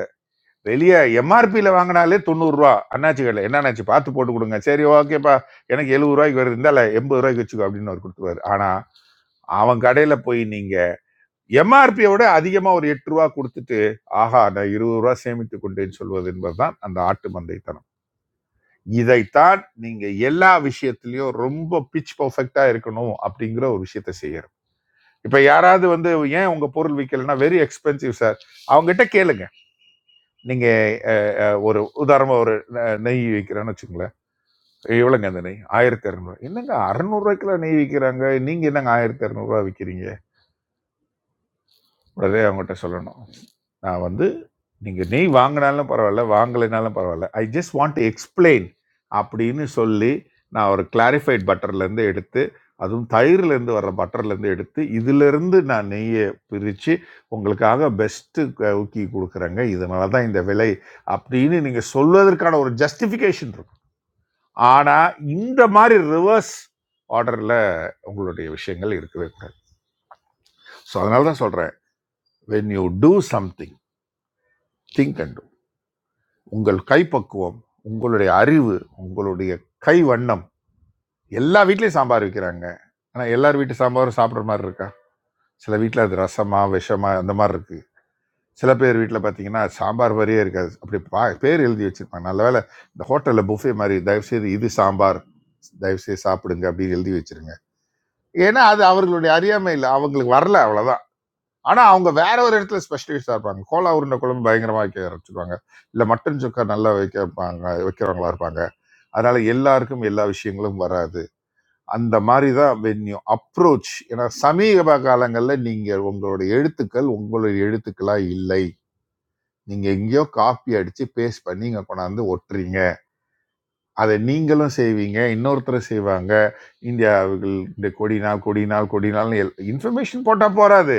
[SPEAKER 9] வெளியே எம்ஆர்பியில் வாங்கினாலே தொண்ணூறுரூவா அண்ணாச்சி கடையில் என்ன அண்ணாச்சி பார்த்து போட்டு கொடுங்க சரி ஓகேப்பா எனக்கு எழுபது ரூபாய்க்கு வருது இருந்தால எண்பது ரூபாய்க்கு வச்சுக்கோ அப்படின்னு அவர் கொடுத்துருவாரு ஆனால் அவன் கடையில் போய் நீங்கள் எம்ஆர்பியை விட அதிகமாக ஒரு எட்டு ரூபா கொடுத்துட்டு ஆஹா நான் இருபது ரூபா சேமித்து கொண்டேன்னு சொல்வது என்பதுதான் அந்த ஆட்டு மந்தைத்தனம் இதைத்தான் நீங்க எல்லா விஷயத்திலயும் ரொம்ப பிச் பர்ஃபெக்டா இருக்கணும் அப்படிங்கிற ஒரு விஷயத்த செய்யறோம் இப்ப யாராவது வந்து ஏன் உங்க பொருள் விற்கலைன்னா வெரி எக்ஸ்பென்சிவ் சார் அவங்ககிட்ட கேளுங்க நீங்கள் ஒரு உதாரணமாக ஒரு நெ- நெய் விற்கிறேன்னு வச்சுங்களேன் எவ்வளோங்க அந்த நெய் ஆயிரத்தி இரநூறு என்னங்க அறநூறுவாய்க்குலாம் நெய் விற்கிறாங்க நீங்கள் என்னங்க ஆயிரத்தி இரநூறுவா விற்கிறீங்க உடனே அவங்ககிட்ட சொல்லணும் நான் வந்து நீங்கள் நெய் வாங்கினாலும் பரவாயில்ல வாங்கலைனாலும் பரவாயில்ல I just want to explain அப்படின்னு சொல்லி நான் ஒரு கிளாரிஃபைட் பட்டர்லேருந்து எடுத்து அதுவும் தயிர்லேருந்து வர்ற பட்டர்லேருந்து எடுத்து இதிலிருந்து நான் நெய்யை பிரித்து உங்களுக்காக பெஸ்ட்டு ஊக்கி கொடுக்குறேங்க இதனால தான் இந்த விலை அப்படின்னு நீங்கள் சொல்வதற்கான ஒரு ஜஸ்டிஃபிகேஷன் இருக்கும் ஆனால் இந்த மாதிரி ரிவர்ஸ் ஆர்டரில் உங்களுடைய விஷயங்கள் இருக்கவே கூடாது ஸோ அதனால தான் சொல்கிறேன் when you do something think and உங்கள் கைப்பக்குவம் உங்களுடைய அறிவு உங்களுடைய கை வண்ணம் எல்லா வீட்லேயும் சாம்பார் வைக்கிறாங்க ஆனால் எல்லார் வீட்டு சாம்பாரும் சாப்பிட்ற மாதிரி இருக்கா சில வீட்டில் அது ரசமா விஷமா அந்த மாதிரி இருக்கு சில பேர் வீட்டில் பார்த்தீங்கன்னா சாம்பார் மாதிரியே இருக்காது அப்படி பா பேர் எழுதி வச்சிருப்பாங்க நல்ல வேளை இந்த ஹோட்டலில் புஃபே மாதிரி தயவுசெய்து இது சாம்பார் தயவுசெய்து சாப்பிடுங்க அப்படின்னு எழுதி வச்சிருங்க ஏன்னா அது அவர்களுடைய அறியாமை இல்லை அவங்களுக்கு வரல அவ்வளோதான் ஆனால் அவங்க வேற ஒரு இடத்துல ஸ்பெஷலிஸ்டாக இருப்பாங்க கோலா உருண்டை குழம்பு பயங்கரமாக வைக்க ஆரம்பிச்சிருவாங்க இல்லை மட்டன் சுக்கா நல்லா வைக்க வைப்பாங்க வைக்கிறவங்களா இருப்பாங்க அதனால எல்லாருக்கும் எல்லா விஷயங்களும் வராது அந்த மாதிரி தான் வென்யூ அப்ரோச் ஏன்னா சமீப காலங்களில் நீங்கள் உங்களுடைய எழுத்துக்கள் உங்களுடைய எழுத்துக்களா இல்லை நீங்க எங்கேயோ காப்பி அடிச்சு பேஸ்ட் பண்ணி இங்க கொண்டாந்து ஒட்டுறீங்க அதை நீங்களும் செய்வீங்க இன்னொருத்தரும் செய்வாங்க இந்தியாவுகள் இந்த கொடி நாள் கொடி நாள் கொடி நாள் இன்ஃபர்மேஷன் போட்டா போறாது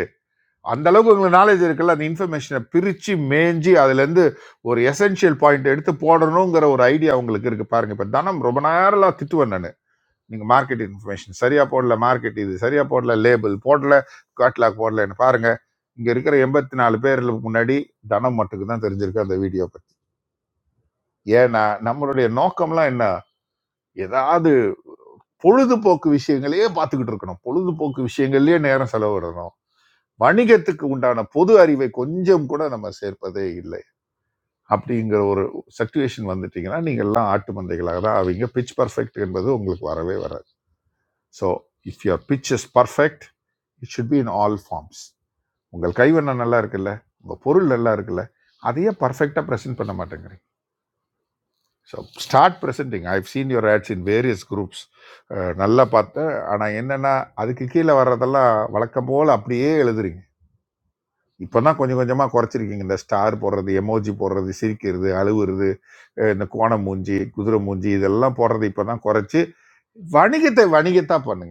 [SPEAKER 9] அந்த அளவுக்கு உங்களுக்கு நாலேஜ் இருக்குல்ல அந்த இன்ஃபர்மேஷனை பிரிச்சு மேஞ்சி அதுல இருந்து ஒரு எசென்ஷியல் பாயிண்ட் எடுத்து போடணுங்கிற ஒரு ஐடியா உங்களுக்கு இருக்கு பாருங்க இப்ப தனம் ரொம்ப நேரம் திட்டுவேன் நான் நீங்கள் மார்க்கெட் இன்ஃபர்மேஷன் சரியாக போடல மார்க்கெட் இது சரியாக போடல லேபிள் போடல காட்லாக் போடலன்னு பாருங்கள் இங்கே இருக்கிற எண்பத்தி நாலு பேரில் முன்னாடி தனம் மட்டுக்கு தான் தெரிஞ்சிருக்கு அந்த வீடியோ பற்றி ஏன்னா நம்மளுடைய நோக்கம்லாம் என்ன ஏதாவது பொழுதுபோக்கு விஷயங்களையே பார்த்துக்கிட்டு இருக்கணும் பொழுதுபோக்கு விஷயங்கள்லயே நேரம் செலவிடணும் வணிகத்துக்கு உண்டான பொது அறிவை கொஞ்சம் கூட நம்ம சேர்ப்பதே இல்லை அப்படிங்கிற ஒரு சுச்சுவேஷன் வந்துட்டீங்கன்னா நீங்க எல்லாம் ஆட்டு மந்தைகளாக தான் ஆவீங்க பிச் பர்ஃபெக்ட் என்பது உங்களுக்கு வரவே வராது So if your pitch is perfect, it should be in all forms. உங்கள் கைவண்ணம் நல்லா இருக்குல்ல உங்கள் பொருள் நல்லா இருக்குல்ல அதையே பர்ஃபெக்டாக ப்ரெசென்ட் பண்ண மாட்டேங்கிறீங்க so start presenting I have seen your ads in various groups நல்லா பார்த்தேன் ஆனால் என்னென்னா அதுக்கு கீழே வர்றதெல்லாம் வழக்கம் போல் அப்படியே எழுதுறீங்க இப்போ தான் கொஞ்சம் கொஞ்சமாக குறைச்சிருக்கீங்க இந்த ஸ்டார் போடுறது எமோஜி போடுறது சிரிக்கிறது அழுவுறது அஹ் இந்த கோணம் மூஞ்சி குதிரை மூஞ்சி இதெல்லாம் போடுறது இப்போ தான் குறைச்சி வணிகத்தை வணிகத்தாக பண்ணுங்க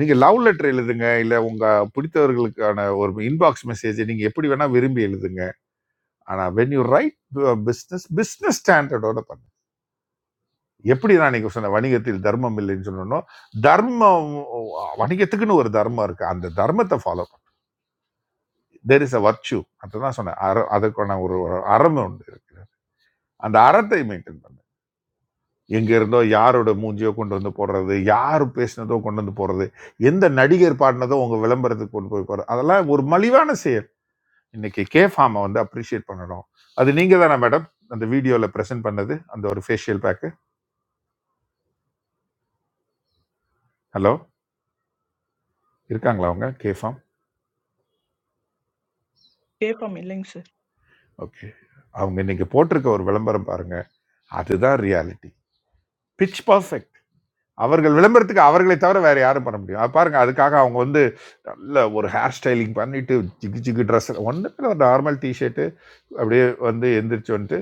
[SPEAKER 9] நீங்க லவ் லெட்டர் எழுதுங்க இல்ல உங்க பிடித்தவர்களுக்கான ஒரு இன்பாக்ஸ் மெசேஜ் நீங்க எப்படி வேணா விரும்பி எழுதுங்க ஆனா when you write business business ஸ்டாண்டர்டோட பண்ணுங்க எப்படி நான் நீங்க சொன்ன வணிகத்தில் தர்மம் இல்லைன்னு சொன்னோம் தர்மம் வணிகத்துக்குன்னு ஒரு தர்மம் இருக்கு அந்த தர்மத்தை ஃபாலோ பண்ணி தெர் இஸ் அ வர்ச்சு அதுதான் சொன்னேன் அற அதுக்கான ஒரு ஒரு அறம் ஒன்று இருக்கு அந்த அறத்தை மெயின்டைன் பண்ணு எங்க இருந்தோ யாரோட மூஞ்சியோ கொண்டு வந்து போடுறது யார் பேசினதோ கொண்டு வந்து போடுறது எந்த நடிகர் பாடினதோ உங்க விளம்பரத்துக்கு கொண்டு போய் போறது அதெல்லாம் ஒரு மலிவான செயல் இன்னைக்கு கே ஃபார்மை வந்து அப்ரிஷியேட் பண்ணணும் அது நீங்க தானே மேடம் அந்த வீடியோவில் ப்ரெசென்ட் பண்ணது அந்த ஒரு ஃபேஷியல் பேக்கு ஹலோ இருக்காங்களா அவங்க கே ஃபார்ம்
[SPEAKER 12] கேட்போம் இல்லைங்க சார்
[SPEAKER 9] ஓகே அவங்க இன்னைக்கு போட்டிருக்க ஒரு விளம்பரம் பாருங்க அதுதான் ரியாலிட்டி பிட்ச் பர்ஃபெக்ட் அவர்கள் விளம்பரத்துக்கு அவர்களை தவிர வேற யாரும் பண்ண முடியும் அது பாருங்க அதுக்காக அவங்க வந்து நல்ல ஒரு ஹேர் ஸ்டைலிங் பண்ணிட்டு ஜிகு ஜிகு ட்ரெஸ் ஒன்றுமே ஒரு நார்மல் டிஷர்ட் அப்படியே வந்து எந்திரிச்சு வந்துட்டு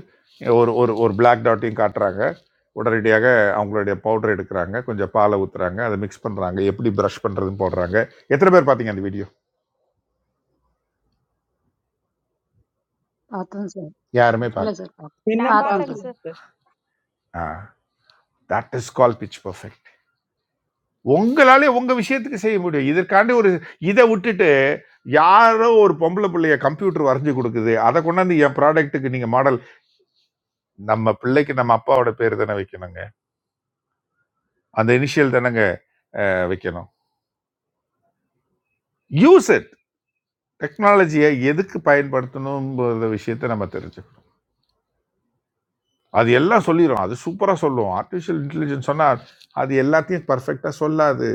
[SPEAKER 9] ஒரு ஒரு ஒரு பிளாக் டாட்டையும் காட்டுறாங்க உடனடியாக அவங்களுடைய பவுடர் எடுக்கிறாங்க கொஞ்சம் பாலை ஊற்றுறாங்க அதை மிக்ஸ் பண்ணுறாங்க எப்படி ப்ரஷ் பண்ணுறதுன்னு போடுறாங்க எத்தனை பேர் பார்த்தீங்க அந்த வீடியோ
[SPEAKER 15] பார்த்தேன் சார்.
[SPEAKER 9] யாருமே
[SPEAKER 15] இல்ல
[SPEAKER 9] பார்க்க
[SPEAKER 15] சார் பார்த்தேன்.
[SPEAKER 12] இன்னும்
[SPEAKER 15] பார்த்தேன்
[SPEAKER 8] Naapata, sir.
[SPEAKER 12] பார்க்கலங்க sir
[SPEAKER 9] uh that is call pitch perfect உங்களாலே உங்கள் விஷயத்துக்கு செய்ய முடியும் இதற்காண்டி ஒரு இதை விட்டுட்டு யாரோ ஒரு பொம்பளை பிள்ளைய கம்ப்யூட்டர் வரைஞ்சு கொடுக்குது அதை கொண்டாந்து என் ப்ராடக்ட்டுக்கு நீங்கள் மாடல் நம்ம பிள்ளைக்கு நம்ம அப்பாவோட பேர் தானே வைக்கணுங்க அந்த இனிஷியல் தானேங்க வைக்கணும் யூஸ் it டெக்னாலஜியை எதுக்கு பயன்படுத்தணுங்கிற விஷயத்த நம்ம தெரிஞ்சுக்கணும் அது எல்லாம் சொல்லிடும் அது சூப்பராக சொல்லுவோம் ஆர்டிஃபிஷியல் இன்டெலிஜென்ஸ் சொன்னால் அது எல்லாத்தையும் பர்ஃபெக்டாக சொல்லாது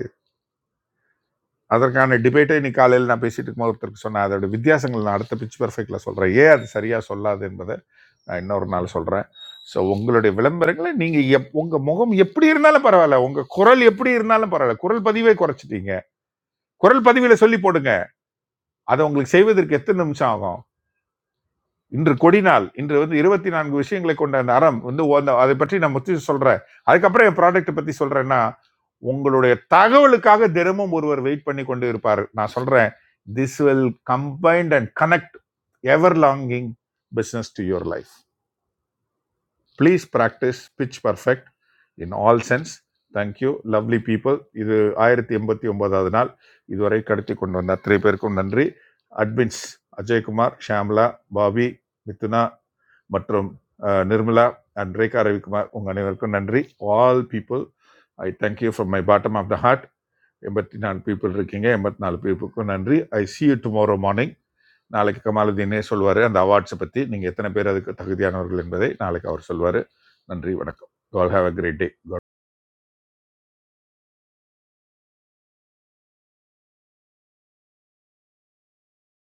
[SPEAKER 9] அதற்கான டிபேட்டை இன்னைக்கு காலையில் நான் பேசிட்டு இருக்கும் ஒருத்தருக்கு சொன்னேன் அதோட வித்தியாசங்கள் நான் அடுத்த பிச் பர்ஃபெக்டில் சொல்கிறேன் ஏன் அது சரியாக சொல்லாது என்பதை நான் இன்னொரு நாள் சொல்கிறேன் ஸோ உங்களுடைய விளம்பரங்களை நீங்கள் எப் உங்கள் முகம் எப்படி இருந்தாலும் பரவாயில்ல உங்கள் குரல் எப்படி இருந்தாலும் பரவாயில்ல குரல் பதிவே குறைச்சிட்டீங்க குரல் பதிவில் சொல்லி போடுங்க அதை உங்களுக்கு செய்வதற்கு எத்தனை நிமிஷம் ஆகும் இன்று கொடி நாள் இன்று வந்து இருபத்தி நான்கு விஷயங்களை கொண்ட அந்த அறம் வந்து ஓ- அந்த- அதை பற்றி நான் முத்தி சொல்றேன் அதுக்கப்புறம் என் ப்ராடக்ட் பத்தி சொல்றேன்னா உங்களுடைய தகவலுக்காக தினமும் ஒருவர் வெயிட் பண்ணி கொண்டு இருப்பார் நான் சொல்றேன் this will combined and connect ever longing business to your life please practise pitch perfect in all sense thank you lovely people இது ஆயிரத்தி எண்பத்தி ஒன்பதாவது நாள் இதுவரை கடத்தி கொண்டு வந்த அத்தனை பேருக்கும் நன்றி அட்மின்ஸ் அஜய்குமார் ஷாம்லா பாபி மிதுனா மற்றும் அஹ், நிர்மலா அண்ட் ரேகா ரவிக்குமார் உங்கள் அனைவருக்கும் நன்றி all people I thank you from my bottom of the heart எண்பத்தி நாலு பீப்புள் இருக்கீங்க எண்பத்தி நாலு பீப்புளுக்கும் நன்றி I see you tomorrow morning நாளைக்கு கமாலுதீனே சொல்வார் அந்த அவார்ட்ஸை பற்றி நீங்கள் எத்தனை பேர் அதுக்கு தகுதியானவர்கள் என்பதை நாளைக்கு அவர் சொல்வார் நன்றி வணக்கம் to all have a great day